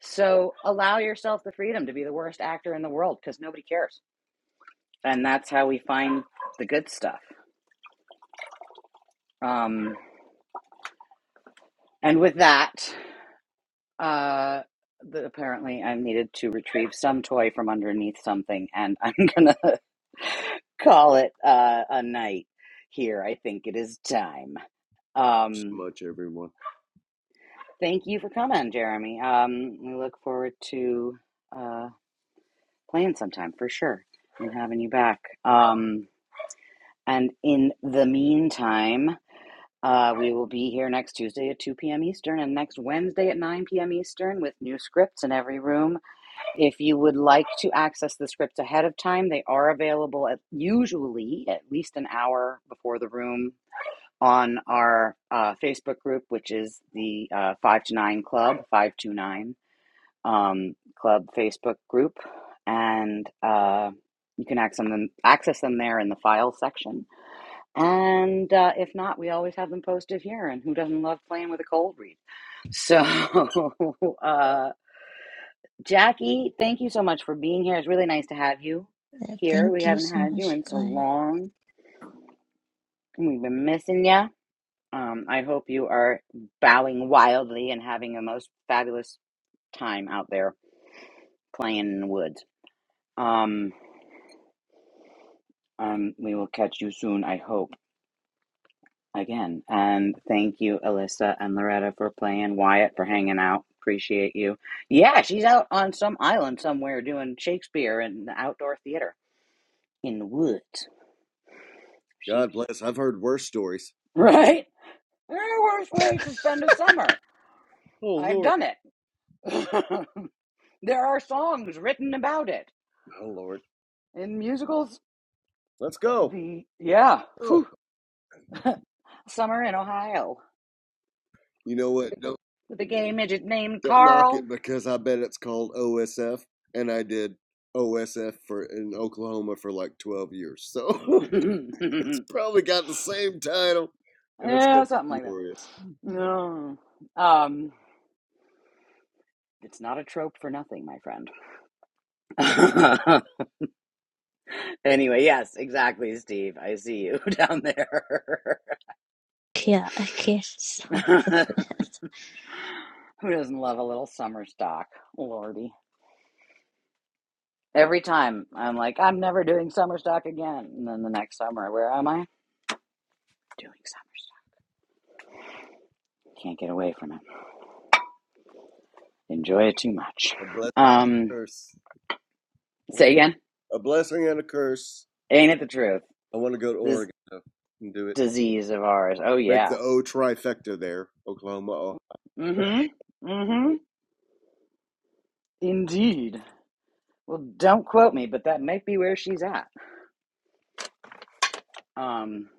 S2: So allow yourself the freedom to be the worst actor in the world because nobody cares. And that's how we find the good stuff. Um, and with that, uh, the, apparently I needed to retrieve some toy from underneath something, and I'm going to call it uh, a night here. I think it is time.
S8: you so
S2: Um,
S8: much everyone
S2: thank you for coming, Jeremy. Um, we look forward to uh, playing sometime for sure and having you back. Um, And in the meantime, uh, we will be here next Tuesday at 2 p.m. Eastern and next Wednesday at 9 p.m. Eastern with new scripts in every room. If you would like to access the scripts ahead of time, they are available at usually at least an hour before the room on our uh, Facebook group, which is the uh, 5 to 9 Club, 529 um, Club Facebook group. And uh, you can access them, access them there in the file section. And uh, if not, we always have them posted here. And who doesn't love playing with a cold read? So, uh, Jackie, thank you so much for being here. It's really nice to have you
S3: Uh,
S2: here. We
S3: Thank you
S2: haven't
S3: so
S2: had you
S3: much,
S2: in
S3: you
S2: so
S3: guys.
S2: long. We've been missing you. Um, I hope you are bowing wildly and having a most fabulous time out there playing in the woods. Um, um, we will catch you soon, I hope. again. And thank you, Alyssa and Loretta, for playing. Wyatt for hanging out. Appreciate you. Yeah, she's out on some island somewhere doing Shakespeare and outdoor theater in the woods. She's
S8: god bless i've heard worse stories
S2: right. There are worse ways to spend a summer.
S8: oh
S2: I've
S8: lord
S2: done it. there are songs written about it
S8: oh lord
S2: in musicals.
S8: let's go
S2: The yeah,
S8: oh
S2: Whew. summer in Ohio
S8: you know what? Don't
S2: with a gay midget named
S8: Don't knock it
S2: Carl.
S8: because I bet it's called OSF, and I did OSF for in Oklahoma for like twelve years,
S2: yeah,
S8: so it's
S2: something
S8: probably got the same title, and it's gonna be
S2: like that.
S8: glorious.
S2: No. Um, It's not a trope for nothing, my friend. anyway, yes, exactly, Steve. I see you down there.
S3: Yeah, I can't stop this.
S2: Who doesn't love a little summer stock? Lordy. Every time I'm like, I'm never doing summer stock again. And then the next summer, where am I? Doing summer stock. Can't get away from it. Enjoy it too much.
S8: A blessing, and a
S2: Um,
S8: curse, I want-
S2: say again.
S8: a blessing and a curse.
S2: Ain't it the truth?
S8: I want to go to
S2: This
S8: Oregon and do it.
S2: disease of ours. Oh,
S8: Make
S2: yeah.
S8: the O trifecta there, Oklahoma. Ohio,
S2: Mm hmm. Mm hmm. Indeed. Well, don't quote me, but that might be where she's at. Um,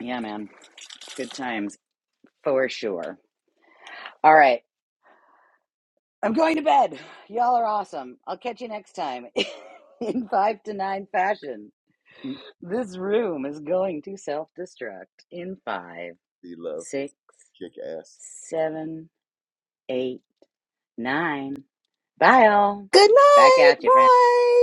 S2: yeah, man, good times for sure. All right, I'm going to bed. Y'all are awesome. I'll catch you next time in five to nine fashion. This room is going to self destruct in five,
S8: love,
S2: six,
S8: kick ass.
S2: seven, eight, nine. Bye, all.
S7: Good
S2: Back
S7: night.
S2: at you, friend.
S7: Bye.